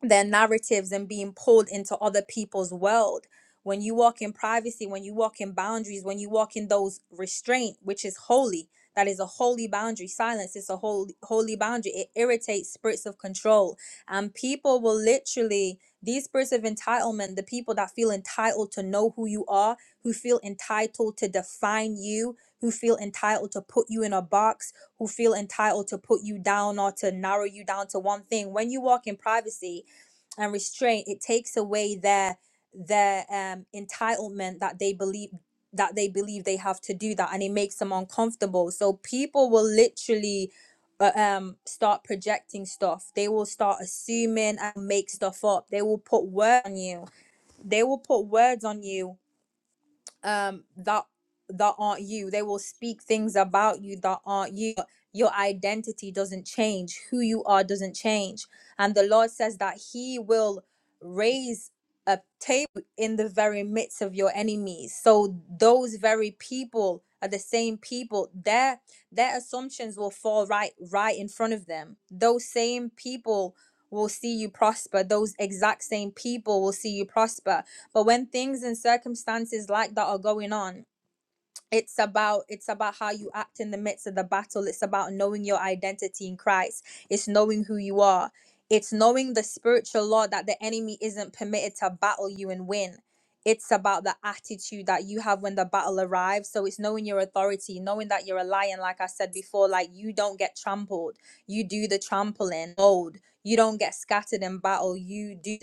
Speaker 5: their narratives and being pulled into other people's world. When you walk in privacy, when you walk in boundaries, when you walk in those restraint, which is holy, that is a holy boundary. Silence is a holy holy boundary. It irritates spirits of control. And people will literally these spirits of entitlement, the people that feel entitled to know who you are, who feel entitled to define you, who feel entitled to put you in a box, who feel entitled to put you down or to narrow you down to one thing. When you walk in privacy, and restraint it takes away their their um entitlement that they believe that they believe they have to do that and it makes them uncomfortable so people will literally uh, um start projecting stuff they will start assuming and make stuff up they will put words on you they will put words on you um that that aren't you they will speak things about you that aren't you your identity doesn't change who you are doesn't change and the lord says that he will raise a table in the very midst of your enemies so those very people are the same people their their assumptions will fall right right in front of them those same people will see you prosper those exact same people will see you prosper but when things and circumstances like that are going on it's about it's about how you act in the midst of the battle it's about knowing your identity in christ it's knowing who you are it's knowing the spiritual law that the enemy isn't permitted to battle you and win it's about the attitude that you have when the battle arrives so it's knowing your authority knowing that you're a lion like i said before like you don't get trampled you do the trampling old you don't get scattered in battle you do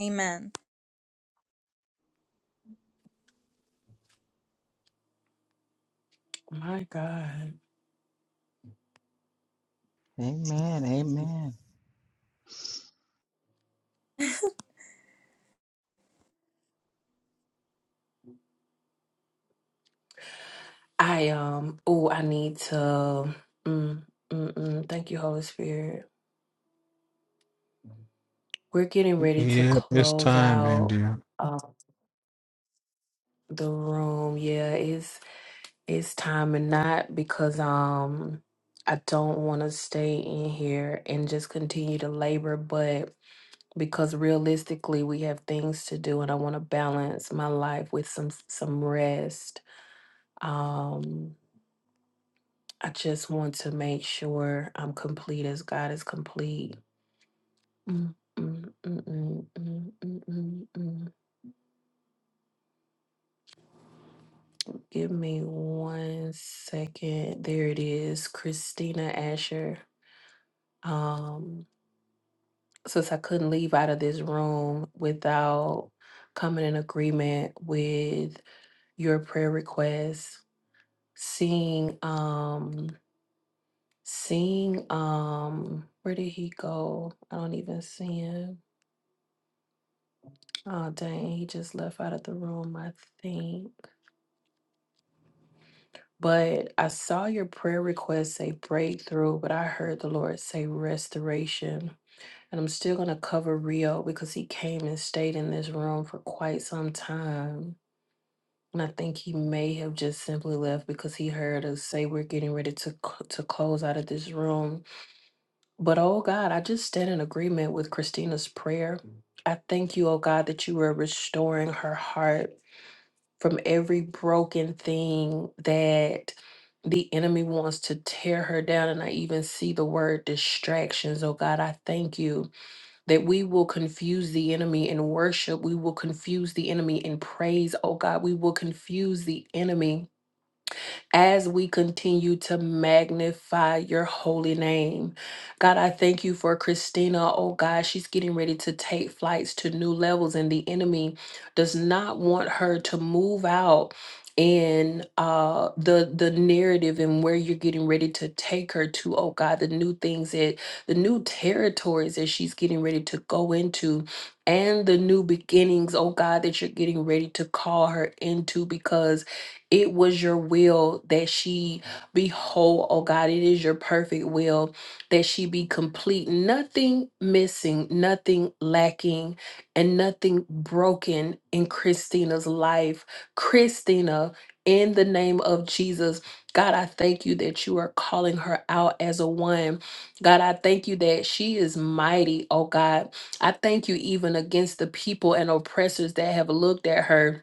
Speaker 5: amen
Speaker 1: My God.
Speaker 3: Amen. Amen.
Speaker 1: I um oh I need to mm, mm, mm, thank you Holy Spirit. We're getting ready to
Speaker 7: Yep, it's
Speaker 1: close
Speaker 7: time,
Speaker 1: out
Speaker 7: Andy.
Speaker 1: um the room. Yeah, it's it's time and not because um I don't want to stay in here and just continue to labor, but because realistically we have things to do and I want to balance my life with some some rest. Um I just want to make sure I'm complete as God is complete. Mm, mm, mm, mm, mm, mm, mm, mm. Give me one second. There it is. Christina Asher. Um since I couldn't leave out of this room without coming in agreement with your prayer requests seeing um seeing um where did he go? I don't even see him. Oh dang, he just left out of the room, I think. But I saw your prayer request say breakthrough, but I heard the Lord say restoration. And I'm still gonna cover Rio because he came and stayed in this room for quite some time. And I think he may have just simply left because he heard us say we're getting ready to cl- to close out of this room But oh God, I just stand in agreement with Christina's prayer. I thank you, oh God, that you are restoring her heart from every broken thing that the enemy wants to tear her down. And I even see the word distractions. Oh God, I thank you that we will confuse the enemy in worship. We will confuse the enemy in praise. Oh God, we will confuse the enemy as we continue to magnify your holy name. God, I thank you for Christina. Oh God, she's getting ready to take flights to new levels, and the enemy does not want her to move out in uh the the narrative and where you're getting ready to take her to oh god the new things that the new territories that she's getting ready to go into and the new beginnings oh god that you're getting ready to call her into because it was your will that she be whole, oh God. It is your perfect will that she be complete, nothing missing, nothing lacking, and nothing broken in Christina's life. Christina, in the name of Jesus, God, I thank you that you are calling her out as a one. God, I thank you that she is mighty, oh God. I thank you even against the people and oppressors that have looked at her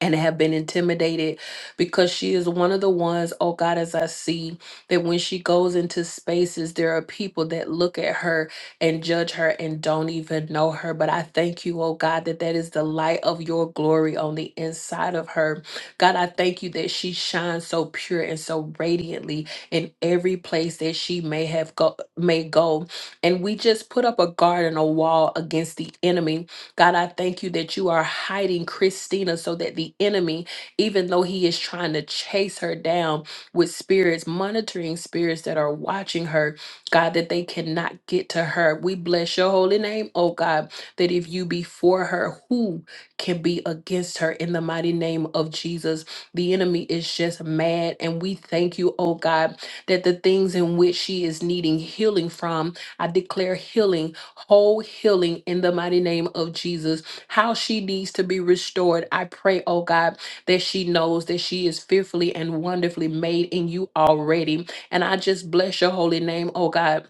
Speaker 1: and have been intimidated because she is one of the ones, oh God, as I see that when she goes into spaces, there are people that look at her and judge her and don't even know her. But I thank you, oh God, that that is the light of your glory on the inside of her. God, I thank you that she shines so pure and so radiantly in every place that she may have go may go. And we just put up a guard and a wall against the enemy God, I thank you that you are hiding Christina so that the enemy, even though he is trying to chase her down with spirits, monitoring spirits that are watching her, God, that they cannot get to her. We bless your holy name, oh God, that if you be for her, who can be against her in the mighty name of Jesus? The enemy is just mad. And we thank you, oh God, that the things in which she is needing healing from I declare healing, whole healing in the mighty name of Jesus. How she needs to be restored, I pray, oh God, that she knows that she is fearfully and wonderfully made in you already. And I just bless your holy name, oh God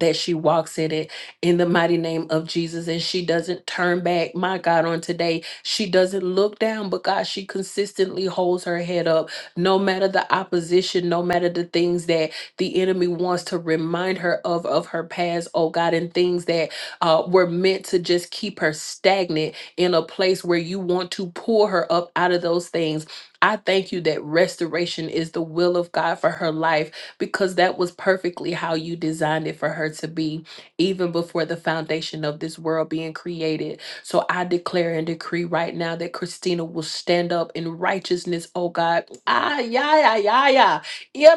Speaker 1: that she walks in it in the mighty name of Jesus and she doesn't turn back. My God, on today, she doesn't look down, but God, she consistently holds her head up no matter the opposition, no matter the things that the enemy wants to remind her of, of her past, oh God, and things that uh, were meant to just keep her stagnant in a place where you want to pull her up out of those things. I thank you that restoration is the will of God for her life because that was perfectly how you designed it for her to be, even before the foundation of this world being created. So I declare and decree right now that Christina will stand up in righteousness, oh God. Ah, yeah, yeah, yeah, yeah.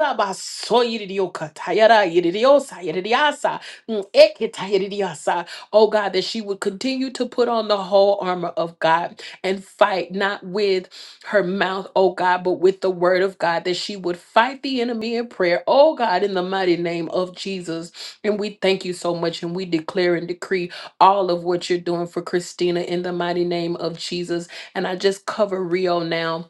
Speaker 1: Oh God, that she would continue to put on the whole armor of God and fight not with her mouth, oh God, but with the word of God, that she would fight the enemy in prayer, oh God, in the mighty name of Jesus. And we thank you so much and we declare and decree all of what you're doing for Christina in the mighty name of Jesus. And I just cover Rio now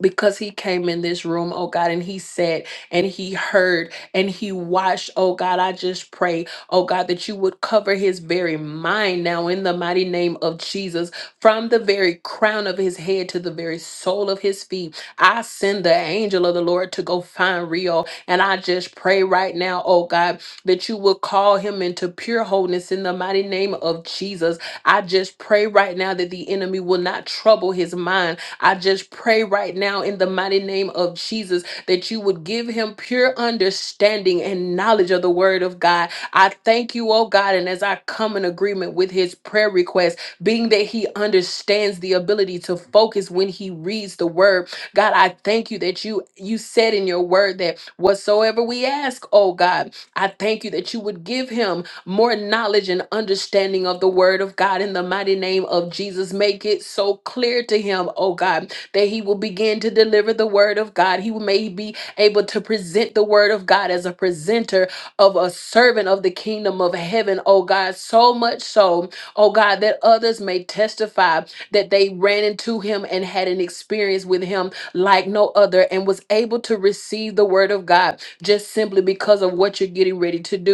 Speaker 1: because he came in this room, oh God, and he said and he heard and he watched, oh God, I just pray, oh God, that you would cover his very mind now in the mighty name of Jesus, from the very crown of his head to the very sole of his feet. I send the angel of the Lord to go find Rio, and I just pray right now, oh God, that you would call him into pure wholeness in the mighty name of Jesus. I just pray right now that the enemy will not trouble his mind I just pray right now in the mighty name of Jesus that you would give him pure understanding and knowledge of the word of God. I thank you, oh God, and as I come in agreement with his prayer request, being that he understands the ability to focus when he reads the word. God, I thank you that you you said in your word that whatsoever we ask, oh God, I thank you that you would give him more knowledge and understanding of the word of God in the mighty name of Jesus. Make it so clear to him, oh God, that he will begin to deliver the word of God. He may be able to present the word of God as a presenter of a servant of the kingdom of heaven, oh God, so much so, oh God, that others may testify that they ran into him and had an experience with him like no other and was able to receive the word of God just simply because of what you're getting ready to do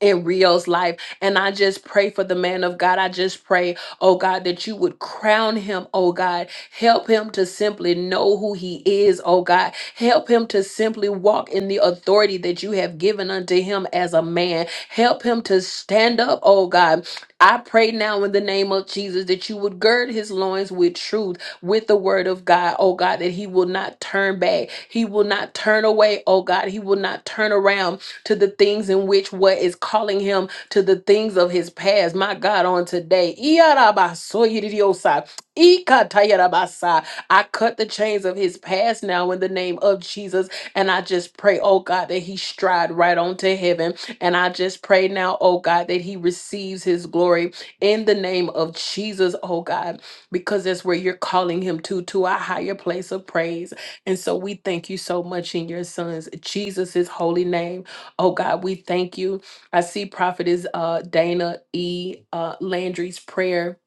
Speaker 1: in Rio's life. And I just pray for the man of God. I just pray, oh God, that you would crown him, oh God. Help him to simply know who he is, oh God. Help him to simply walk in the authority that you have given unto him as a man. Help him to stand up, oh God. I pray now in the name of Jesus that you would gird his loins with truth, with the word of God, oh God, that he will not turn back. He will not turn away, oh God. He will not turn around to the things in which what is calling him to the things of his past. My God, on today. Iyarabasoyiridiosai, ikatayarabasai. I cut the chains of his past now in the name of Jesus. And I just pray, oh God, that he stride right on to heaven. And I just pray now, oh God, that he receives his glory in the name of Jesus, oh God, because that's where you're calling him to, to a higher place of praise. And so we thank you so much in your son's Jesus' holy name. Oh God, we thank you. I see prophetess uh, Dana E. Uh, Landry's prayer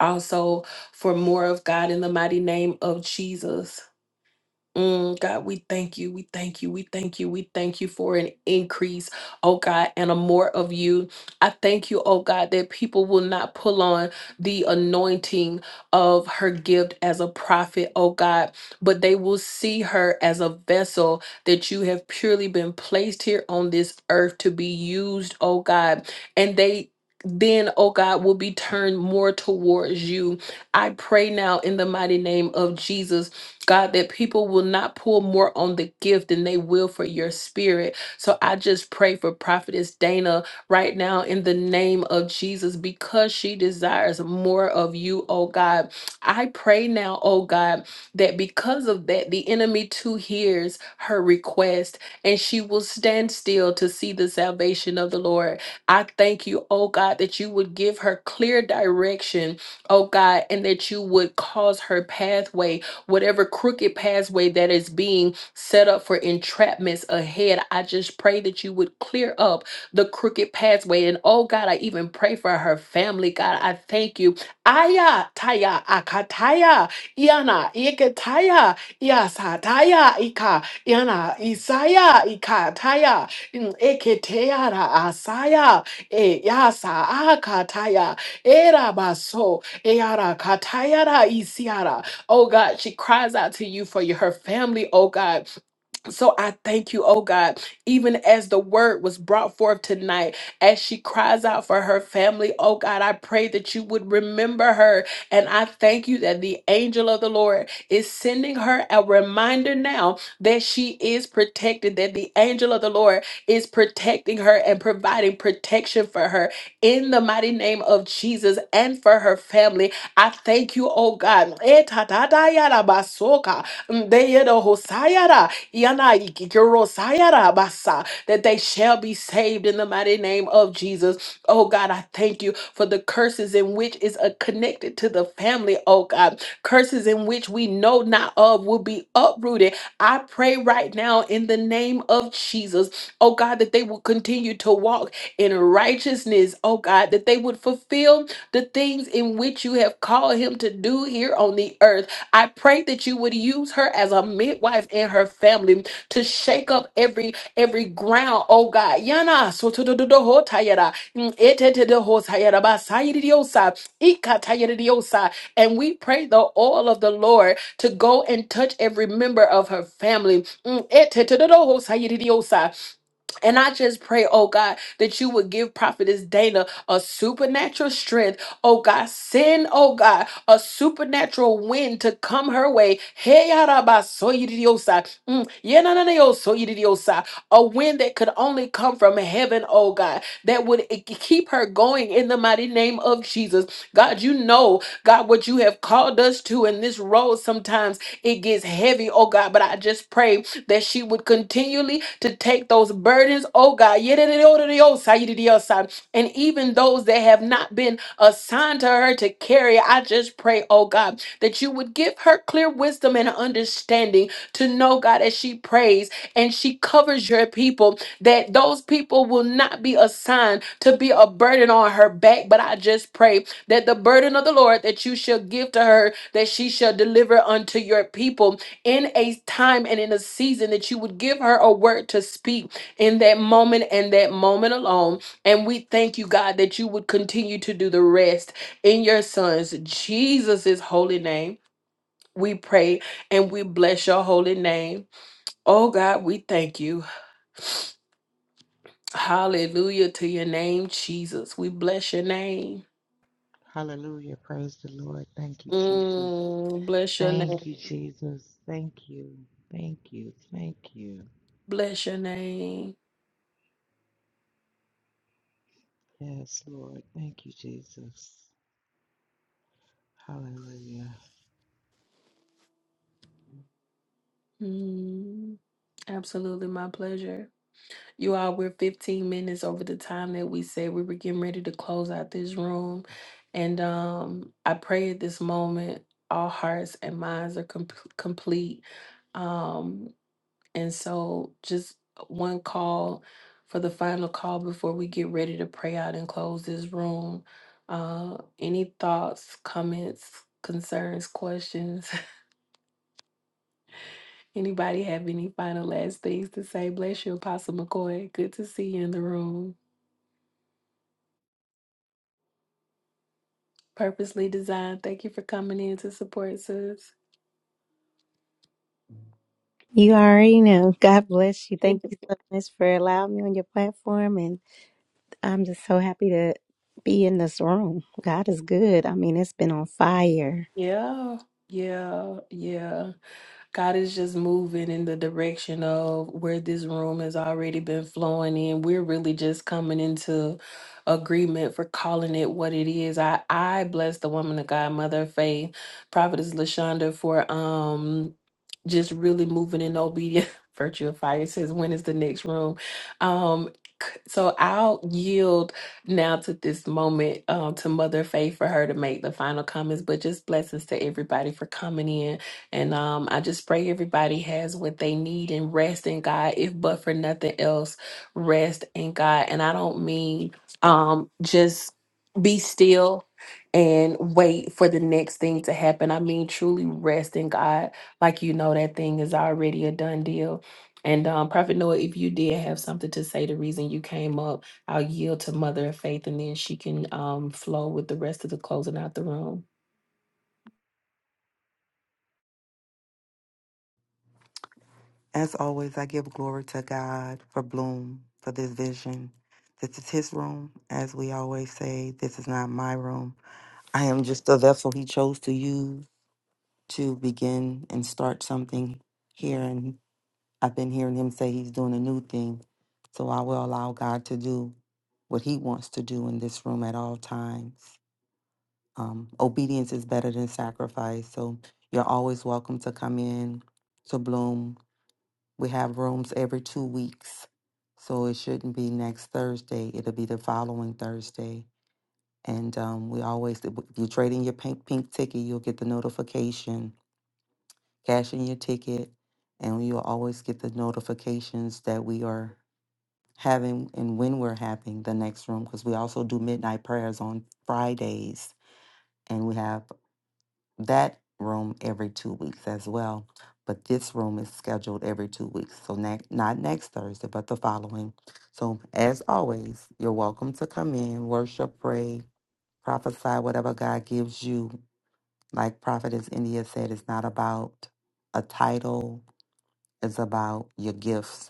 Speaker 1: also for more of God in the mighty name of Jesus. Mm, God, we thank you. We thank you. We thank you. We thank you for an increase, oh God, and a more of you. I thank you, oh God, that people will not pull on the anointing of her gift as a prophet, oh God, but they will see her as a vessel that you have purely been placed here on this earth to be used, oh God. And they then, oh God, will be turned more towards you. I pray now in the mighty name of Jesus God, that people will not pull more on the gift than they will for your spirit. So I just pray for Prophetess Dana right now in the name of Jesus because she desires more of you, oh God. I pray now, oh God, that because of that, the enemy too hears her request and she will stand still to see the salvation of the Lord. I thank you, oh God, that you would give her clear direction, oh God, and that you would cause her pathway whatever crooked pathway that is being set up for entrapments ahead. I just pray that you would clear up the crooked pathway. And oh God, I even pray for her family. God, I thank you. Aya taya akataya iana ikataya iasataya ika iana isaya ikataya mm, eketeara asaya e yasa akataya era baso eara katayara isiara Oh God, she cries out to you for your, her family, oh God. So I thank you, oh God, even as the word was brought forth tonight, as she cries out for her family, oh God, I pray that you would remember her. And I thank you that the angel of the Lord is sending her a reminder now that she is protected, that the angel of the Lord is protecting her and providing protection for her in the mighty name of Jesus and for her family I thank you, oh God. Etatadayara basoka, ndeyero hosayara, yana ikikero sayara basa, That they shall be saved in the mighty name of Jesus. Oh God, I thank you for the curses in which is uh, connected to the family, oh God. Curses in which we know not of will be uprooted. I pray right now in the name of Jesus, oh God, that they will continue to walk in righteousness, oh God, that they would fulfill the things in which you have called him to do here on the earth. I pray that you would use her as a midwife and her family to shake up every every ground, oh God. Yana sotododohotayara, mm, etetedohotayara, basayidiosa, ikatayidiosa. And we pray the oil of the Lord to go and touch every member of her family. Mm, etetedodohotayidiosa. And I just pray, oh God, that you would give Prophetess Dana a supernatural strength Oh God, send, oh God, a supernatural wind to come her way. Hey, yaraba, yarabasoyidiosa. Mm, yenananayosoyidiosa. A wind that could only come from heaven, oh God, that would e- e-, keep her going in the mighty name of Jesus. God, you know, God, what you have called us to in this road sometimes it gets heavy, oh God. But I just pray that she would continually to take those burdens, oh God, yedidiodidiosa, yedidiodiosa, and even those that have not been assigned to her to carry. I just pray, oh God, that you would give her clear wisdom and understanding to know, God, as she prays and she covers your people, that those people will not be assigned to be a burden on her back. But I just pray that the burden of the Lord that you shall give to her, that she shall deliver unto your people in a time and in a season that you would give her a word to speak in that moment and that moment alone. And we thank you, God, that you would continue to do the rest in your sons, Jesus' holy name. We pray and we bless your holy name. Oh God, we thank you. Hallelujah to your name, Jesus. We bless your name.
Speaker 3: Hallelujah. Praise the Lord. Thank you, Jesus.
Speaker 1: Mm, bless your
Speaker 3: Thank
Speaker 1: name.
Speaker 3: you, Jesus. Thank you. Thank you. Thank you.
Speaker 1: Bless your name.
Speaker 3: Yes, Lord. Thank you, Jesus. Hallelujah.
Speaker 1: Mm, absolutely my pleasure. You all, we're 15 minutes over the time that we said we were getting ready to close out this room. And um, I pray at this moment all hearts and minds are com- complete. Um, and so just one call for the final call before we get ready to pray out and close this room. Uh, any thoughts, comments, concerns, questions? [LAUGHS] Anybody have any final last things to say? Bless you, Apostle McCoy. Good to see you in the room. Purposely designed. Thank you for coming in to support, sis.
Speaker 14: You already know. God bless you. Thank
Speaker 1: [LAUGHS]
Speaker 14: you so much for allowing me on your platform. And I'm just so happy to be in this room. God is good. I mean, it's been on fire.
Speaker 1: Yeah, yeah, yeah. God is just moving in the direction of where this room has already been flowing in. We're really just coming into agreement for calling it what it is. I I bless the woman of God, Mother of Faith, Prophetess Lashonda for um just really moving in obedience. [LAUGHS] Virtue of fire says, when is the next room? Um c- so I'll yield now to this moment um, to Mother Faith for her to make the final comments, but just blessings to everybody for coming in. And um, I just pray everybody has what they need and rest in God, if but for nothing else, rest in God. And I don't mean um, just be still and wait for the next thing to happen. I mean truly rest in God, like you know that thing is already a done deal. And um, Prophet Noah, if you did have something to say, the reason you came up, I'll yield to Mother of Faith, and then she can um, flow with the rest of the closing out the room.
Speaker 2: As always, I give glory to God for Bloom, for this vision. This is his room. As we always say, this is not my room. I am just a vessel he chose to use to begin and start something here. And I've been hearing him say he's doing a new thing. So I will allow God to do what he wants to do in this room at all times. Um, obedience is better than sacrifice. So you're always welcome to come in to Bloom we have rooms every two weeks. So it shouldn't be next Thursday. It'll be the following Thursday. And um, we always, if you trade in your pink, pink ticket, you'll get the notification, cash in your ticket, and you'll always get the notifications that we are having and when we're having the next room because we also do midnight prayers on Fridays. And we have that room every two weeks as well. But this room is scheduled every two weeks. So ne- not next Thursday, but the following. So as always, you're welcome to come in, worship, pray, prophesy whatever God gives you. Like Prophetess India said, it's not about a title, it's about your gifts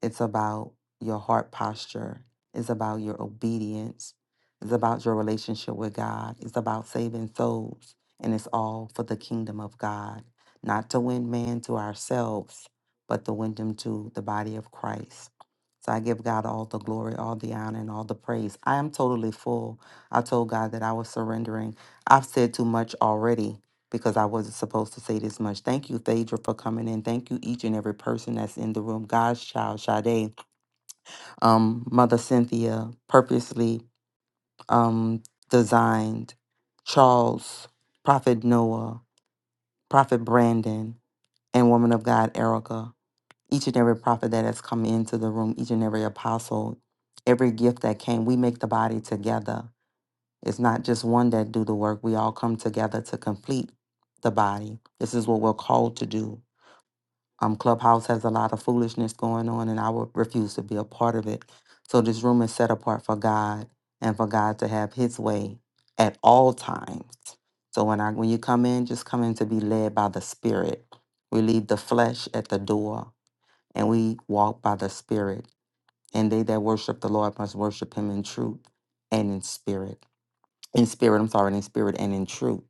Speaker 2: it's about your heart posture. It's about your obedience. It's about your relationship with God. It's about saving souls. And it's all for the kingdom of God, not to win man to ourselves, but to win them to the body of Christ. So I give God all the glory, all the honor, and all the praise. I am totally full. I told God that I was surrendering. I've said too much already because I wasn't supposed to say this much. Thank you, Phaedra, for coming in. Thank you, each and every person that's in the room. God's child, Sade, um, Mother Cynthia, purposely um, designed, Charles, Prophet Noah, Prophet Brandon, and Woman of God, Erica. Each and every prophet that has come into the room, each and every apostle, every gift that came, we make the body together. It's not just one that do the work. We all come together to complete the body. This is what we're called to do Um, Clubhouse has a lot of foolishness going on, and I would refuse to be a part of it. So this room is set apart for God and for God to have His way at all times. So when I when you come in, just come in to be led by the Spirit. We leave the flesh at the door, and we walk by the Spirit. And they that worship the Lord must worship Him in truth and in spirit in spirit, I'm sorry, in spirit and in truth.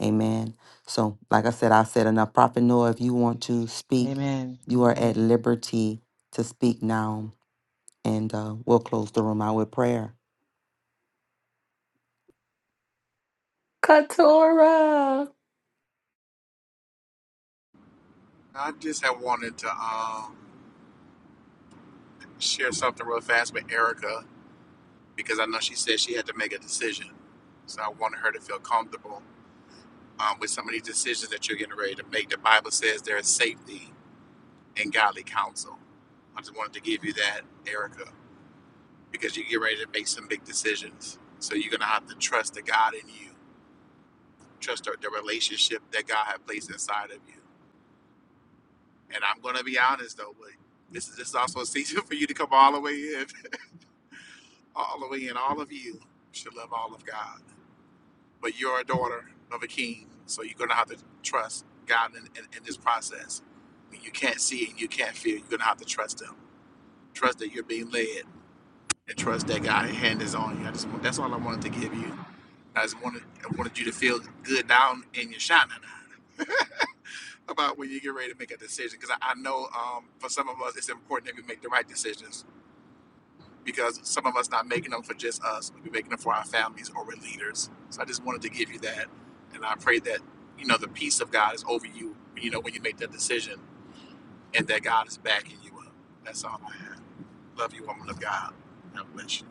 Speaker 2: Amen. So, like I said, I said enough. Prophet Noah, if you want to speak,
Speaker 3: Amen.
Speaker 2: you are at
Speaker 3: Amen.
Speaker 2: liberty to speak now. And uh, we'll close the room out with prayer.
Speaker 1: Katora.
Speaker 15: I just had wanted to um, share something real fast with Erica because I know she said she had to make a decision. So I wanted her to feel comfortable um, with some of these decisions that you're getting ready to make. The Bible says there is safety in godly counsel. I just wanted to give you that, Erica, because you get ready to make some big decisions. So you're going to have to trust the God in you, trust the the relationship that God has placed inside of you. And I'm going to be honest, though, but this is, this is also a season [LAUGHS] for you to come all the way in. [LAUGHS] all the way, in all of you should love all of God. But you're a daughter of a king, so you're gonna have to trust God in, in, in this process. When you can't see and you can't feel, you're gonna have to trust Him. Trust that you're being led, and trust that God's hand is on you. I just want, that's all I wanted to give you. I just wanted I wanted you to feel good down in your shana about when you get ready to make a decision, because I, I know um, for some of us it's important that we make the right decisions because some of us not making them for just us. We're making them for our families or we're leaders. So I just wanted to give you that. And I pray that, you know, the peace of God is over you, you know, when you make that decision and that God is backing you up. That's all. I love you, woman of God. God bless you.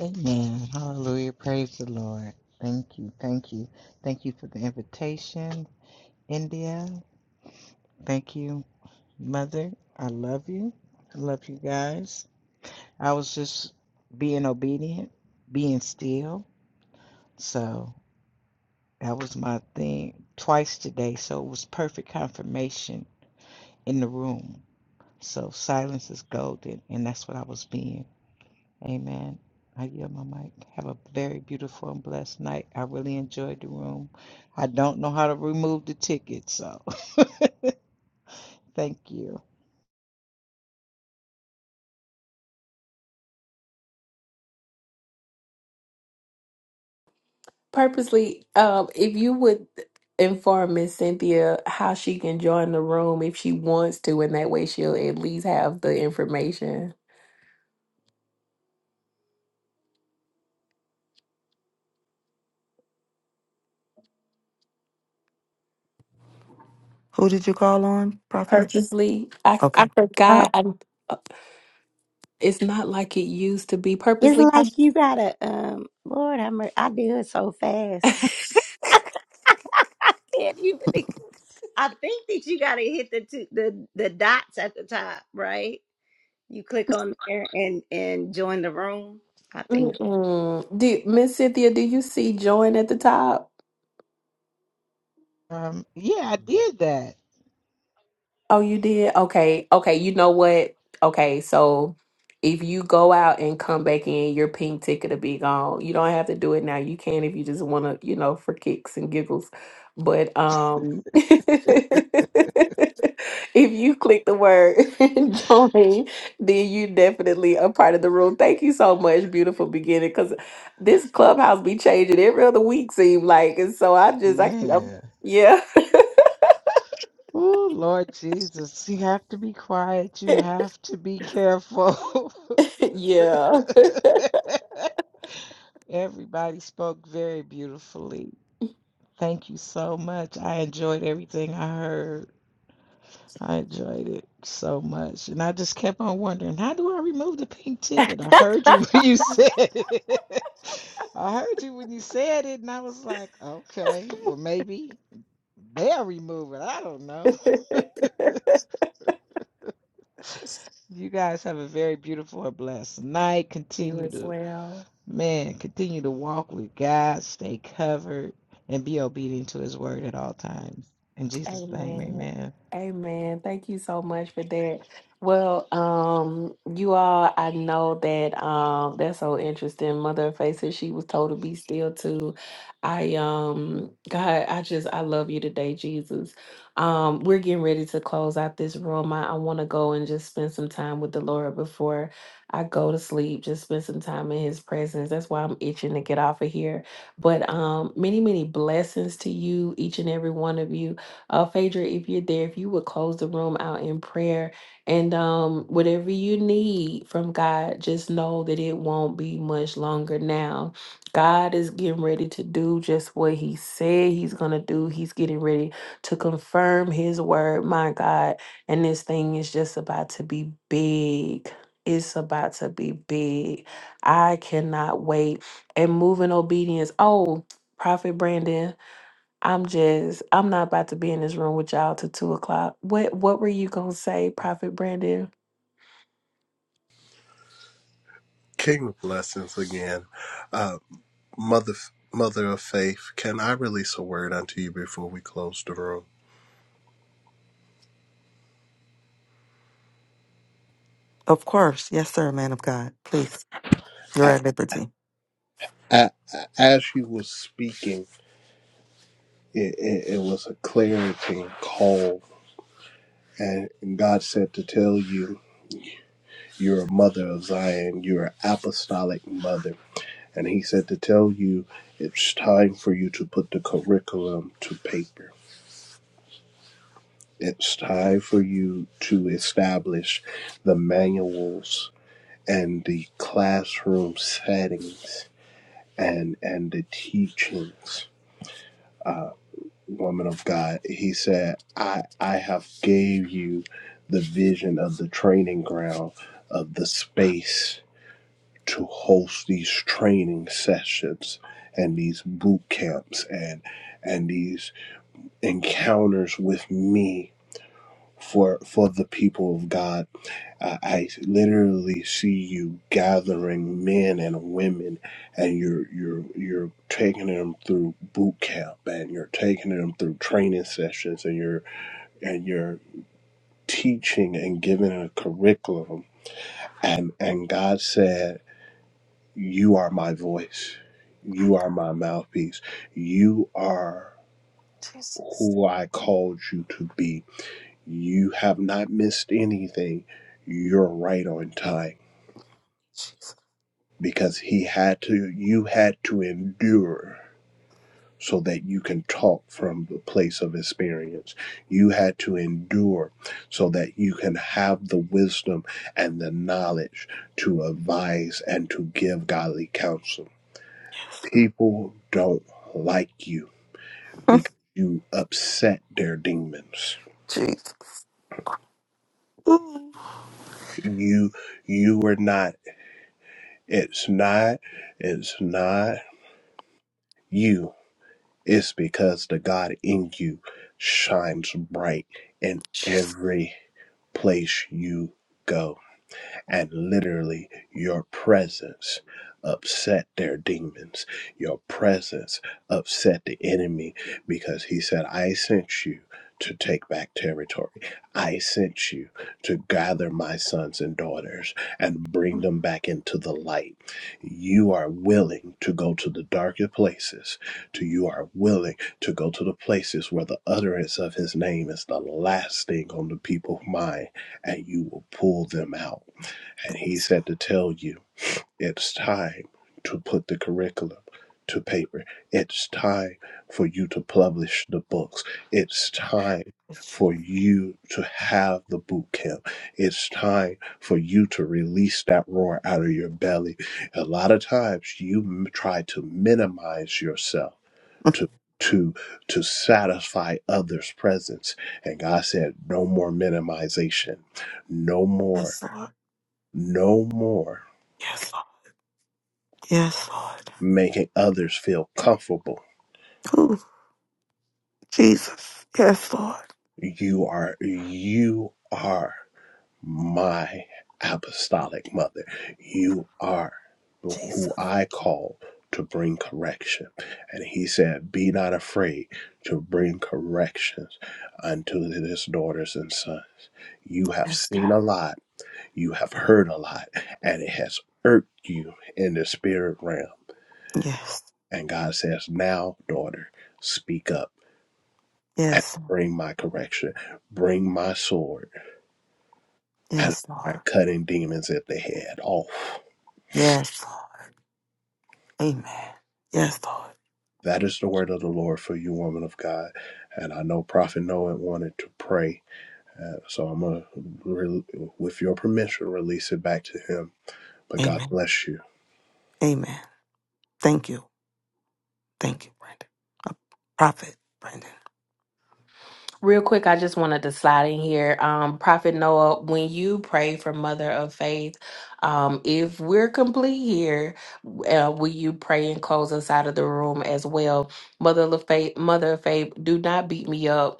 Speaker 3: Amen. Hallelujah. Praise the Lord. Thank you. Thank you. Thank you for the invitation, India. Thank you, Mother. I love you. I love you guys. I was just being obedient, being still. So that was my thing twice today. So it was perfect confirmation in the room. So silence is golden, and that's what I was being. Amen. I yield my mic. Have a very beautiful and blessed night. I really enjoyed the room. I don't know how to remove the ticket, so [LAUGHS] thank you.
Speaker 1: purposely um if you would inform miss cynthia how she can join the room if she wants to and that way she'll at least have the information
Speaker 2: Who did you call on, Prophet?
Speaker 1: purposely i i
Speaker 2: Okay.
Speaker 14: Oh,
Speaker 1: forgot i it's not like it used to be
Speaker 14: it's
Speaker 1: purposely I-
Speaker 14: like you gotta, um, Lord, I'm, I do it so fast. [LAUGHS] I can't even, ex- I think that you gotta hit the, two, the, the dots at the top, right? You click on there and and join the room. I think.
Speaker 1: Mm-mm. do miss cynthia do you see join at the top
Speaker 3: Um, yeah, I did that.
Speaker 1: Oh, you did? Okay. Okay. You know what? Okay. So if you go out and come back in, your pink ticket will be gone. You don't have to do it now. You can if you just want to, you know, for kicks and giggles. But um [LAUGHS] if you click the word [LAUGHS] join, then you definitely a part of the room. Thank you so much, beautiful beginning, because this clubhouse be changing every other week, seem like. And so I just I I'm-
Speaker 3: Man.
Speaker 1: yeah,
Speaker 3: Oh, Lord Jesus. You have to be quiet. You have to be careful.
Speaker 1: [LAUGHS] yeah.
Speaker 3: [LAUGHS] Everybody spoke very beautifully. Thank you so much. I enjoyed everything I heard. I enjoyed it so much. And I just kept on wondering, how do I remove the pink ticket? I heard you [LAUGHS] when you said it. [LAUGHS] I heard you when you said it, and I was like, okay, well, maybe they'll remove it. I don't know. [LAUGHS]
Speaker 1: [LAUGHS]
Speaker 3: You guys have a very beautiful and blessed night.
Speaker 1: You
Speaker 3: Continue
Speaker 1: as
Speaker 3: to,
Speaker 1: well.
Speaker 3: man, continue to walk with God, stay covered, and be obedient to his word at all times. In Jesus' name,
Speaker 1: Amen.
Speaker 3: amen.
Speaker 1: Amen. Thank you so much for that. Well, um, you all, I know that um that's so interesting. Mother of Faces, she was told to be still too. I um God, I just I love you today, Jesus. Um, we're getting ready to close out this room. I, I want to go and just spend some time with the Lord before I go to sleep. Just spend some time in his presence. That's why I'm itching to get off of here. But um many, many blessings to you, each and every one of you. Uh, Phaedra, if you're there, if you would close the room out in prayer and um, whatever you need from God, just know that it won't be much longer now. God is getting ready to do just what He said He's going to do. He's getting ready to confirm His word, my God. And this thing is just about to be big. It's about to be big. I cannot wait. And moving obedience. Oh, Prophet Brandon. I'm just, I'm not about to be in this room with y'all till two o'clock. What what were you gonna say, Prophet Brandon?
Speaker 12: King of blessings again. Mother, mother of faith, can I release a word unto you before we close the room?
Speaker 2: Of course. Yes, sir, man of God. Please. You're
Speaker 12: A-
Speaker 2: at liberty.
Speaker 12: a- As she was speaking, it, it, it was a clarity call, and God said to tell you, you're a mother of Zion, you're an apostolic mother, and He said to tell you, it's time for you to put the curriculum to paper. It's time for you to establish the manuals and the classroom settings and and the teachings, uh, woman of God. He said, "I I have gave you the vision of the training ground of the space to host these training sessions and these boot camps and and these encounters with me for for the people of God I, I literally see you gathering men and women, and you're you're you're taking them through boot camp, and you're taking them through training sessions, and you're and you're teaching and giving a curriculum. And and God said, "You are my voice. You are my mouthpiece. You are." Who I called you to be. You have not missed anything. You're right on time because he had to you had to endure so that you can talk from the place of experience you had to endure so that you can have the wisdom and the knowledge to advise and to give godly counsel people don't like you because you upset their demons
Speaker 2: Jesus.
Speaker 12: you you were not it's not it's not you It's because the God in you shines bright in
Speaker 2: Jesus.
Speaker 12: every place you go and literally your presence upset their demons your presence upset the enemy because he said i sent you to take back territory i sent you to gather my sons and daughters and bring them back into the light you are willing to go to the darker places to you are willing to go to the places where the utterance of his name is the last thing on the people's mind and you will pull them out and he said to tell you, it's time to put the curriculum to paper. It's time for you to publish the books. It's time
Speaker 2: Jesus.
Speaker 12: for you to have the boot camp. It's time for you to release that roar out of your belly. A lot of times you m- try to minimize yourself to to to satisfy others' presence. And God said, no more minimization. No more
Speaker 2: Yes, Lord.
Speaker 12: no more
Speaker 2: Yes, Lord. Yes, Lord.
Speaker 12: making others feel comfortable.
Speaker 2: Ooh, Jesus. Yes, Lord.
Speaker 12: You are you are my apostolic mother. You are
Speaker 2: Jesus.
Speaker 12: who I call to bring correction. And he said, Be not afraid to bring corrections unto his daughters and sons. You have
Speaker 2: Yes, God.
Speaker 12: seen a lot, you have heard a lot, and it has irked you in the spirit realm.
Speaker 2: Yes.
Speaker 12: And God says, Now, daughter, speak up and
Speaker 2: Yes.
Speaker 12: bring my correction, bring my sword, and
Speaker 2: Yes,
Speaker 12: start
Speaker 2: Lord.
Speaker 12: cutting demons at the head off.
Speaker 2: Yes, Lord. Amen. Yes, Lord.
Speaker 12: That is the word of the Lord for you, woman of God. And I know Prophet Noah wanted to pray, uh, so I'm gonna, with your permission, release it back to him. But God
Speaker 2: Amen.
Speaker 12: bless you.
Speaker 2: Amen. Thank you. Thank you, Brandon. A prophet, Brandon.
Speaker 1: Real quick, I just wanted to slide in here. Um, Prophet Noah, when you pray for Mother of Faith, um, if we're complete here, uh, will you pray and close us out of the room as well? Mother of Faith, Mother of Faith, do not beat me up.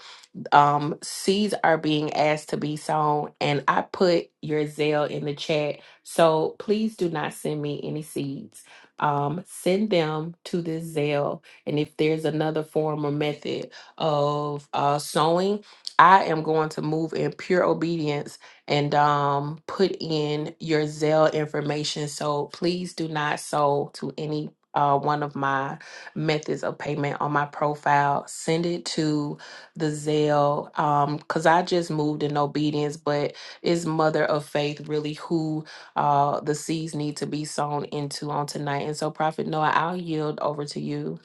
Speaker 1: um, seeds are being asked to be sown, and I put your Zelle in the chat. So please do not send me any seeds. Um, send them to this Zelle. And if there's another form or method of uh, sowing, I am going to move in pure obedience and um, put in your Zelle information. So please do not sow to any uh, one of my methods of payment on my profile. Send it to the zeal um because i just moved in obedience but is mother of faith really who uh the seeds need to be sown into on tonight and so prophet noah i'll yield over to you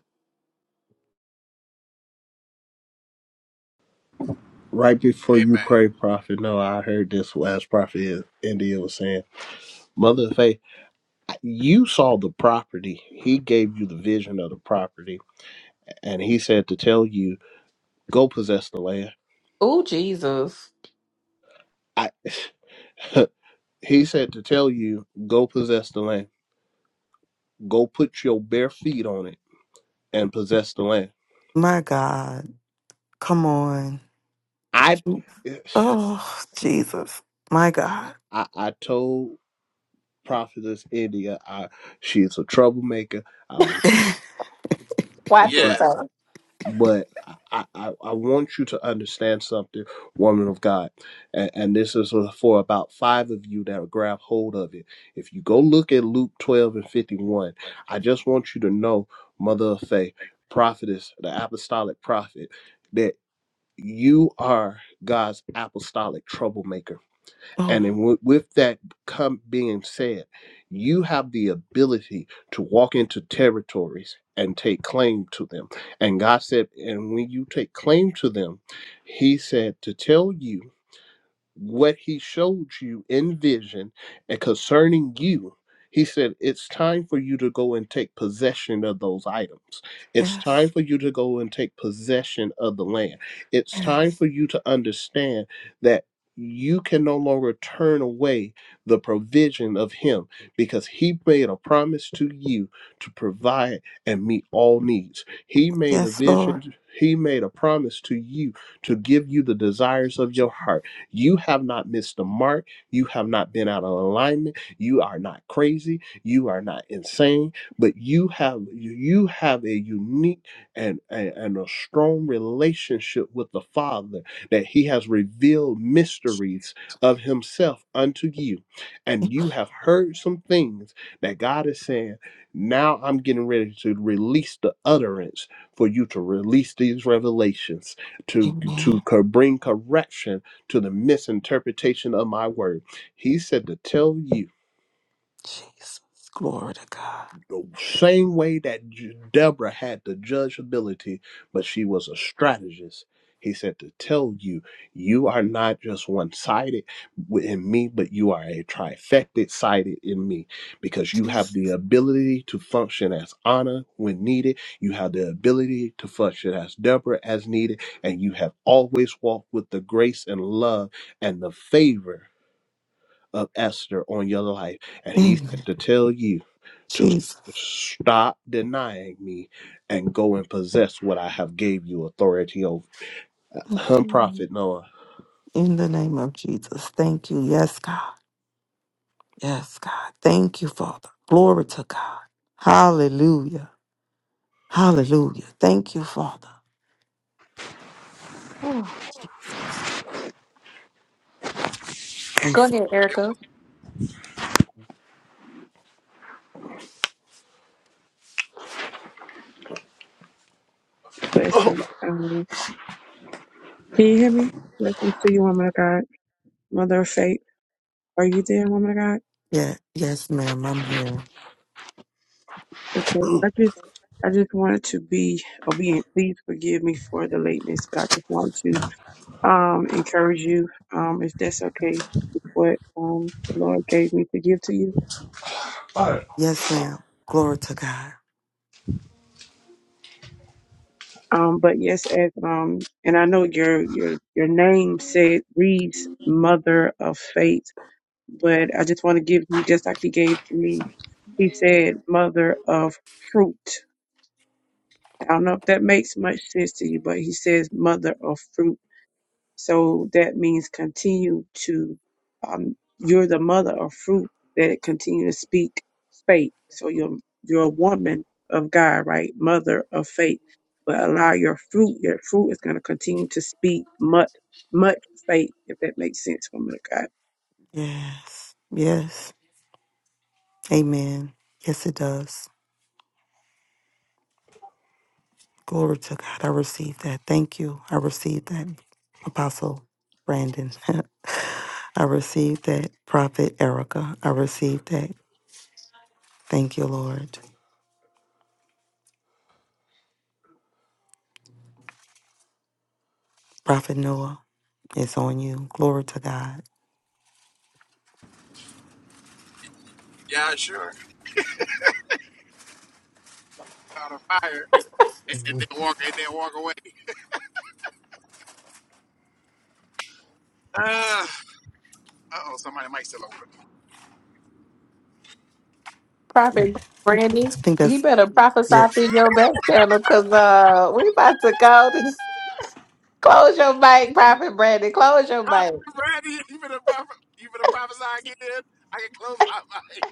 Speaker 12: Right before you
Speaker 15: Amen.
Speaker 12: pray, Prophet Noah, I heard this last Prophet India was saying, "Mother of Faith, you saw the property. He gave you the vision of the property, and he said to tell you." go possess the land.
Speaker 1: oh jesus
Speaker 12: I [LAUGHS] he said to tell you, go possess the land. Go put your bare feet on it and possess the land.
Speaker 2: My God. Come on.
Speaker 12: I [SIGHS]
Speaker 2: Oh, Jesus. My God.
Speaker 12: I, I told Prophetess India I she's a troublemaker. I was
Speaker 1: watch it
Speaker 15: Yes.
Speaker 1: so
Speaker 12: but I, I, I want you to understand something, woman of God. And, and this is for about five of you that will grab hold of it. If you go look at Luke 12 and 51, I just want you to know, mother of faith, prophetess, the apostolic prophet, that you are God's apostolic troublemaker and
Speaker 2: Oh,
Speaker 12: then with, with that come being said, you have the ability to walk into territories and take claim to them. And God said, and when you take claim to them, He said to tell you what he showed you in vision and concerning you, he said, It's time for you to go and take possession of those items. It's time
Speaker 2: yes.
Speaker 12: for you to go and take possession of the land. It's time
Speaker 2: Yes.
Speaker 12: for you to understand that you can no longer turn away the provision of him because he made a promise to you to provide and meet all needs. He made a
Speaker 2: Yes, Lord.
Speaker 12: vision, he made a promise to you to give you the desires of your heart you have not missed the mark. You have not been out of alignment. You are not crazy. You are not insane. But you have you have a unique and, and, and a strong relationship with the Father that He has revealed mysteries of Himself unto you. And you have heard some things that God is saying, now I'm getting ready to release the utterance for you to release these revelations to to
Speaker 2: Amen.
Speaker 12: co- bring correction to the misinterpretation of my word. He said to tell you
Speaker 2: Jesus. Glory to God.
Speaker 12: the same way that J- Deborah had the judgeability, but she was a strategist. He said to tell you, you are not just one sided in me, but you are a trifected sided in me because you have
Speaker 2: Jesus.
Speaker 12: the ability to function as Anna when needed. You have the ability to function as Deborah as needed. And you have always walked with the grace and love and the favor of Esther on your life. And he
Speaker 2: Amen.
Speaker 12: said to tell you to
Speaker 2: Jesus.
Speaker 12: stop denying me and go and possess what I have gave you authority over.
Speaker 2: In the
Speaker 12: Hum
Speaker 2: name
Speaker 12: prophet Noah.
Speaker 2: in the name of Jesus. Thank you. Yes, God. Yes, God. Thank you, Father. Glory to God. Hallelujah. Hallelujah. Thank you, Father. Oh, Jesus. I'm,
Speaker 1: go
Speaker 2: s-
Speaker 1: ahead
Speaker 15: They,
Speaker 1: erica
Speaker 13: Blessings. Um, can you hear me? Blessings to you, woman of God, mother of faith. Are you there, woman of God?
Speaker 2: yeah, yes, ma'am. I'm here.
Speaker 13: Okay. I just, I just wanted to be obedient. Please forgive me for the lateness, but I just want to um, encourage you, um, if that's okay with what um, the Lord gave me to give to you.
Speaker 2: Yes, ma'am. Glory to God.
Speaker 13: Um, but yes, as um, and I know your your your name said reads Mother of Faith, but I just want to give you just like He gave me. He said Mother of Fruit. I don't know if that makes much sense to you, but He says Mother of Fruit So that means continue to, um, you're the mother of fruit that it continue to speak faith. So you're, you're a woman of God, right? Mother of faith, but allow your fruit, your fruit is going to continue to speak much, much faith, if that makes sense, woman of God.
Speaker 2: Yes. Yes. Amen. Yes, it does. Glory to God. I received that. Thank you. I received that, Apostle Brandon. [LAUGHS] I received that, Prophet Erica. I received that. Thank you, Lord. Prophet Noah, it's on you. Glory to God.
Speaker 15: yeah, sure. Out of fire. And, and then walk and then walk away. Uh oh, somebody might still over.
Speaker 1: prophet brandy
Speaker 2: I think
Speaker 1: he
Speaker 2: that's,
Speaker 1: better prophesy
Speaker 2: yes.
Speaker 1: through your back channel because uh we about to go
Speaker 15: [LAUGHS]
Speaker 1: [LAUGHS] close your mic prophet brandy close your mic
Speaker 15: Randy, you finna, proph- you finna prophesy again? I can close my mic.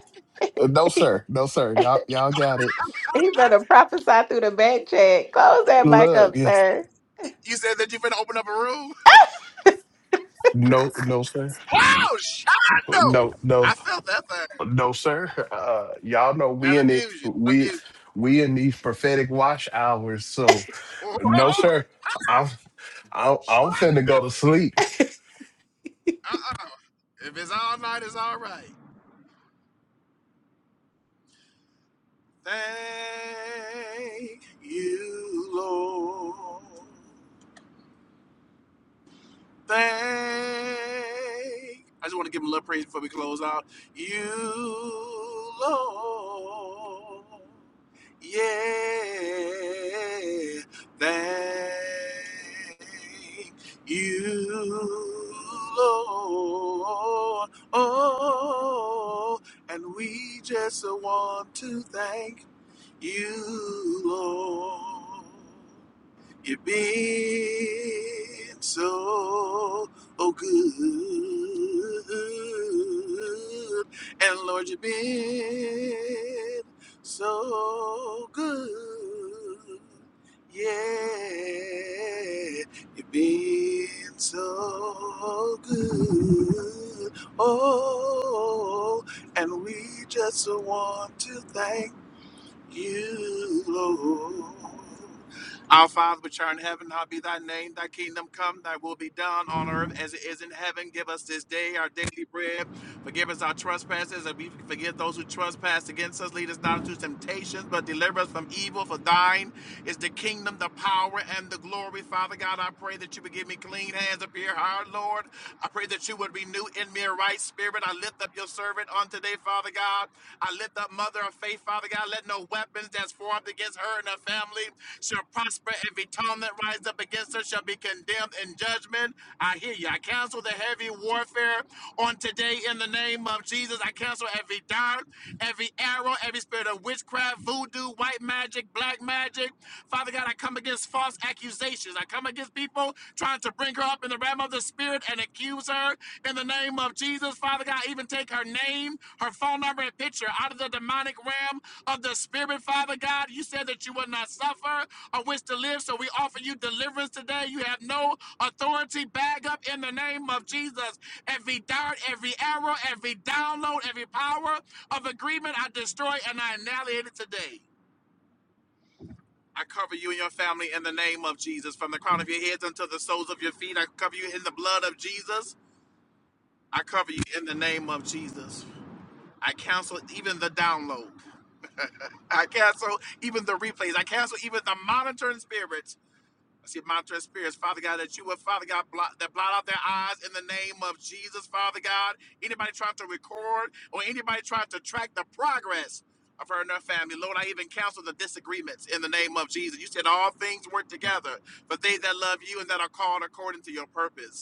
Speaker 12: Uh, No, sir. No, sir. Y'all, y'all got it.
Speaker 1: He
Speaker 15: [LAUGHS]
Speaker 1: better prophesy through the back check. Close that mic
Speaker 12: Look,
Speaker 1: up,
Speaker 12: yeah.
Speaker 1: sir.
Speaker 15: you said that you finna open up a room?
Speaker 12: no, no, sir.
Speaker 15: Wow, Shondo!
Speaker 12: No, no,
Speaker 15: I felt that thing.
Speaker 12: no, sir. Uh, y'all know we
Speaker 15: That'll
Speaker 12: in it.
Speaker 15: amuse you. That'll
Speaker 12: We,
Speaker 15: amuse
Speaker 12: we in these prophetic watch hours. So,
Speaker 15: you. Whoa,
Speaker 12: no, sir. I'm, I'm, I'm
Speaker 15: Shondo!
Speaker 12: finna go to sleep.
Speaker 15: [LAUGHS] Uh-uh. If it's all night, it's all right. Thank you, Lord. thank. I just want to give him a little praise before we close out. You, Lord, yeah, thank you, Lord. Oh, and we just want to thank you, Lord. You've been so oh good, and Lord, you've been so good. Yeah, you've been so good. Oh, and we just want to thank you, Lord. Our Father, which art in heaven, hallowed be thy name. Thy kingdom come, thy will be done on earth as it is in heaven. Give us this day our daily bread. Forgive us our trespasses, and we forgive those who trespass against us. Lead us not into temptation, but deliver us from evil. For thine is the kingdom, the power, and the glory. Father God, I pray that you would give me clean hands up here, heart, Lord. I pray that you would renew in me a right spirit. I lift up your servant on today, Father God. I lift up Mother of Faith, Father God. Let no weapons that's formed against her and her family shall shall prosper. Every tongue that rises up against her shall be condemned in judgment. I hear you. I cancel the heavy warfare on today in the name of Jesus. I cancel every dart, every arrow, every spirit of witchcraft, voodoo, white magic, black magic. Father God, I come against false accusations. I come against people trying to bring her up in the realm of the spirit and accuse her in the name of Jesus. Father God, even take her name, her phone number, and picture out of the demonic realm of the spirit, Father God. You said that you would not suffer of which to live. So we offer you deliverance today. You have no authority. Bag up in the name of Jesus. Every dart, every arrow, every download, every power of agreement, I destroy and I annihilate it today. I cover you and your family in the name of Jesus. From the crown of your heads unto the soles of your feet, I cover you in the blood of Jesus. I cover you in the name of Jesus. I cancel even the download. [LAUGHS] I cancel even the replays. I cancel even the monitoring spirits I see Montrez spirits, Father God, that you would, Father God, blot, that blot out their eyes in the name of Jesus, Father God. Anybody trying to record or anybody trying to track the progress of her and her family, Lord, I even counsel the disagreements in the name of Jesus. You said all things work together for they that love you and that are called according to your purpose.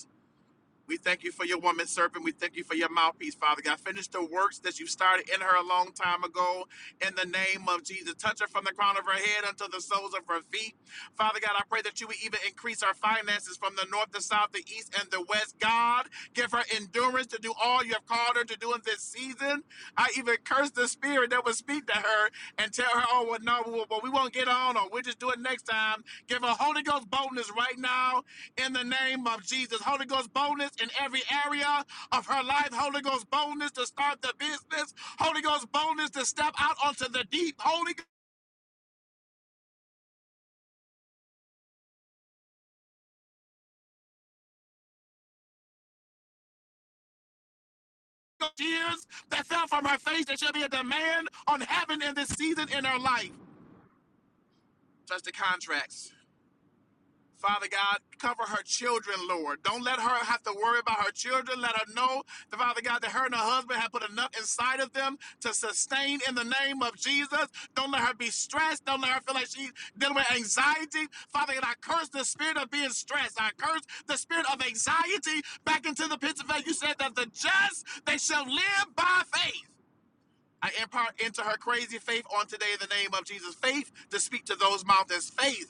Speaker 15: We thank you for your woman servant. We thank you for your mouthpiece, Father God. Finish the works that you started in her a long time ago in the name of Jesus. Touch her from the crown of her head unto the soles of her feet. Father God, I pray that you would even increase our finances from the north, the south, the east, and the west. God, give her endurance to do all you have called her to do in this season. I even curse the spirit that would speak to her and tell her, oh, well, no, well, well, we won't get on, or we'll just do it next time. Give her Holy Ghost boldness right now in the name of Jesus. Holy Ghost boldness in every area of her life. Holy Ghost boldness to start the business. Holy Ghost boldness to step out onto the deep. Holy Ghost tears that fell from her face. There shall be a demand on heaven in this season in her life. Touch the contracts. Father God, cover her children, Lord. Don't let her have to worry about her children. Let her know, that, Father God, that her and her husband have put enough inside of them to sustain in the name of Jesus. Don't let her be stressed. Don't let her feel like she's dealing with anxiety. Father God, I curse the spirit of being stressed. I curse the spirit of anxiety back into the pits of hell. You said that the just, they shall live by faith. I impart into her crazy faith on today in the name of Jesus. Faith to speak to those mountains. Faith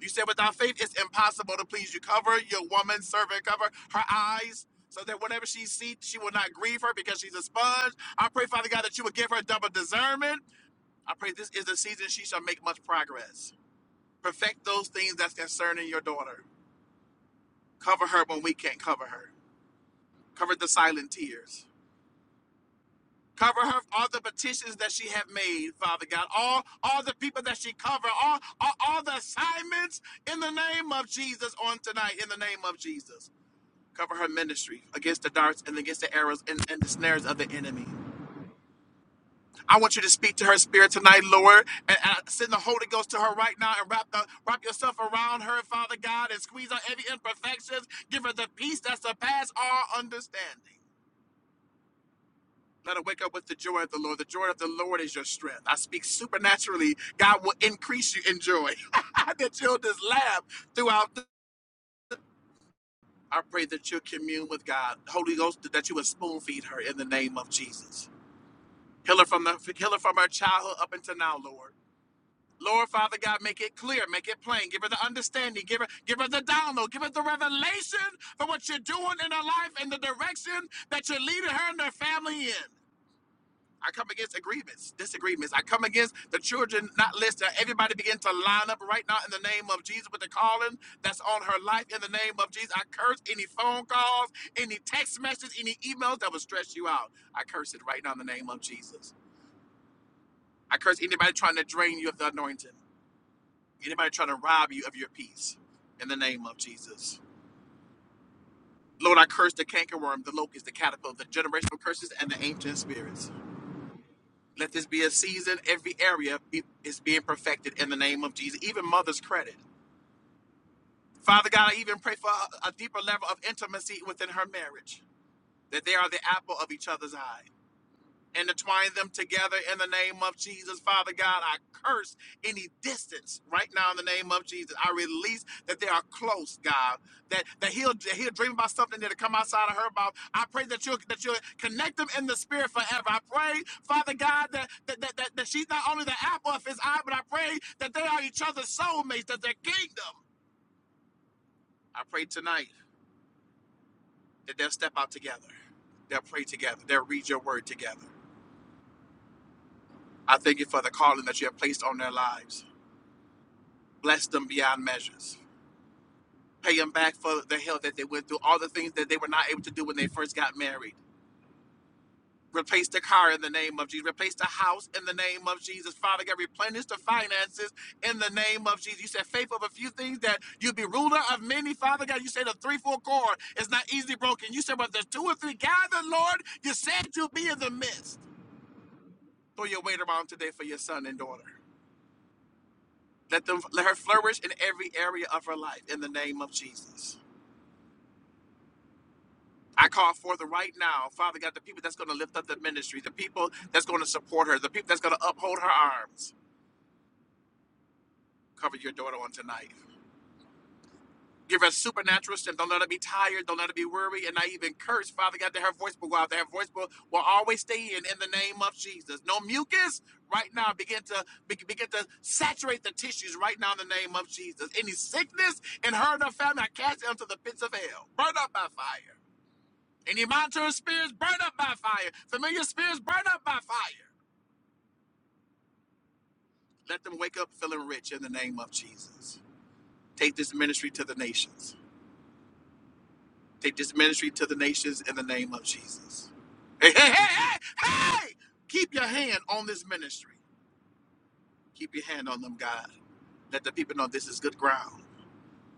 Speaker 15: you said without faith, it's impossible to please you. Cover your woman servant, cover her eyes. So that whatever she sees, she will not grieve her because she's a sponge. I pray, Father God, that you would give her double discernment. I pray this is the season she shall make much progress. Perfect those things that's concerning your daughter. Cover her when we can't cover her. Cover the silent tears. Cover her for all the petitions that she have made, Father God. All all the people that she cover, all, all all the assignments in the name of Jesus on tonight, in the name of Jesus. cover her ministry against the darts and against the arrows and, and the snares of the enemy. I want you to speak to her spirit tonight, Lord, and, and send the Holy Ghost to her right now and wrap the, wrap yourself around her, Father God, and squeeze out every imperfections. Give her the peace that surpasses all understanding. Let her wake up with the joy of the Lord. The joy of the Lord is your strength. I speak supernaturally. God will increase you in joy. [LAUGHS] that you'll just laugh throughout. The- I pray that you'll commune with God. Holy Ghost, that you would spoon feed her in the name of Jesus. Heal her from the heal her from her childhood up until now, Lord. Lord, Father God, make it clear, make it plain. Give her the understanding, give her, give her the download, give her the revelation for what you're doing in her life and the direction that you're leading her and her family in. I come against agreements, disagreements. I come against the children not listening. Everybody begin to line up right now in the name of Jesus with the calling that's on her life in the name of Jesus. I curse any phone calls, any text messages, any emails that will stress you out. I curse it right now in the name of Jesus. I curse anybody trying to drain you of the anointing, anybody trying to rob you of your peace in the name of Jesus. Lord, I curse the cankerworm, the locust, the caterpillar, the generational curses, and the ancient spirits. Let this be a season. Every area be, is being perfected in the name of Jesus, even mother's credit. Father God, I even pray for a, a deeper level of intimacy within her marriage, that they are the apple of each other's eye. intertwine them together in the name of Jesus. Father God, I curse any distance right now in the name of Jesus. I release that they are close, God. That that he'll that he'll dream about something that'll come outside of her mouth. I pray that you that you connect them in the spirit forever. I pray, Father God, that that, that, that that she's not only the apple of his eye, but I pray that they are each other's soulmates, that their kingdom. I pray tonight that they'll step out together. They'll pray together. They'll read your word together. I thank you for the calling that you have placed on their lives. bless them beyond measures, pay them back for the hell that they went through, all the things that they were not able to do when they first got married. Replace the car in the name of Jesus. Replace the house in the name of Jesus. Father God, replenish the finances in the name of Jesus. You said faithful of a few things that you would be ruler of many. Father God, you said a three-four cord is not easily broken. You said, but there's two or three gathered, Lord, you said you'll be in the midst. Throw your weight around today for your son and daughter. Let them let her flourish in every area of her life in the name of Jesus. I call forth right now, Father God, the people that's going to lift up the ministry, the people that's going to support her, the people that's going to uphold her arms. Cover your daughter on tonight. Give her supernatural strength. Don't let her be tired. Don't let her be weary and not even cursed. Father God, that her voice will go out. That her voice will, will always stay in in the name of Jesus. No mucus right now. Begin to be- begin to saturate the tissues right now in the name of Jesus. Any sickness in her and her family, I cast it into the pits of hell. Burn up by fire. Any monitoring spirits burn up by fire. Familiar spirits burn up by fire. Let them wake up feeling rich in the name of Jesus. Take this ministry to the nations. Take this ministry to the nations in the name of Jesus. Hey, hey, hey, hey, hey! Keep your hand on this ministry. Keep your hand on them, God. Let the people know this is good ground.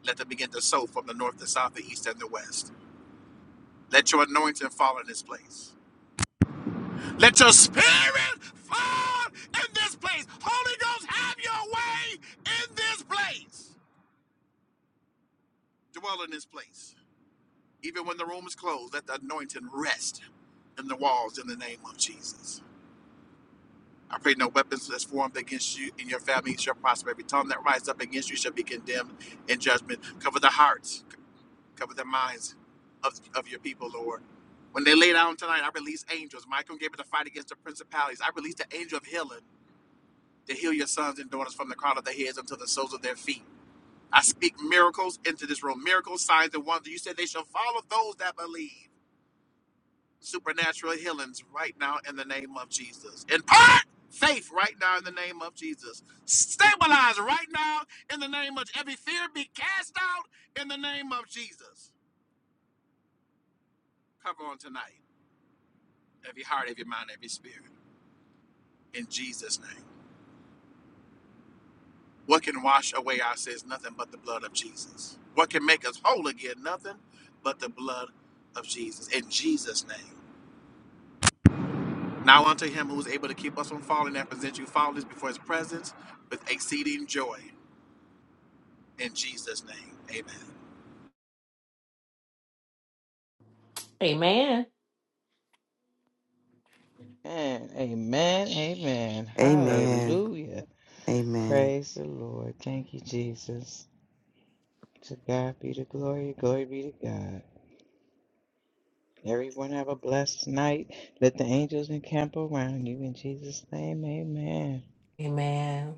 Speaker 15: Let them begin to sow from the north, the south, the east, and the west. Let your anointing fall in this place. Let your spirit fall in this place. Holy Ghost, have your way in this place. Dwell in this place. Even when the room is closed, let the anointing rest in the walls in the name of Jesus. I pray no weapons that's formed against you and your family shall prosper. Every tongue that rises up against you shall be condemned in judgment. Cover the hearts, c- cover the minds of, of your people, Lord. When they lay down tonight, I release angels. Michael gave it a fight against the principalities. I release the angel of healing to heal your sons and daughters from the crown of their heads unto the soles of their feet. I speak miracles into this room, miracles, signs, and wonders. You said they shall follow those that believe. Supernatural healings right now in the name of Jesus. Impart faith right now in the name of Jesus. Stabilize right now in the name of every fear be cast out in the name of Jesus. Cover on tonight every heart, every mind, every spirit in Jesus' name. What can wash away our sins? Nothing but the blood of Jesus. What can make us whole again? Nothing but the blood of Jesus. In Jesus' name. Now unto him who is able to keep us from falling and present you faultless before his presence with exceeding joy. In Jesus' name. Amen.
Speaker 1: Amen.
Speaker 3: Amen, amen, amen.
Speaker 2: Amen.
Speaker 3: Hallelujah.
Speaker 2: Amen.
Speaker 3: Praise the Lord. Thank you, Jesus. To God be the glory. Glory be to God. Everyone have a blessed night. Let the angels encamp around you. In Jesus' name, amen.
Speaker 1: Amen.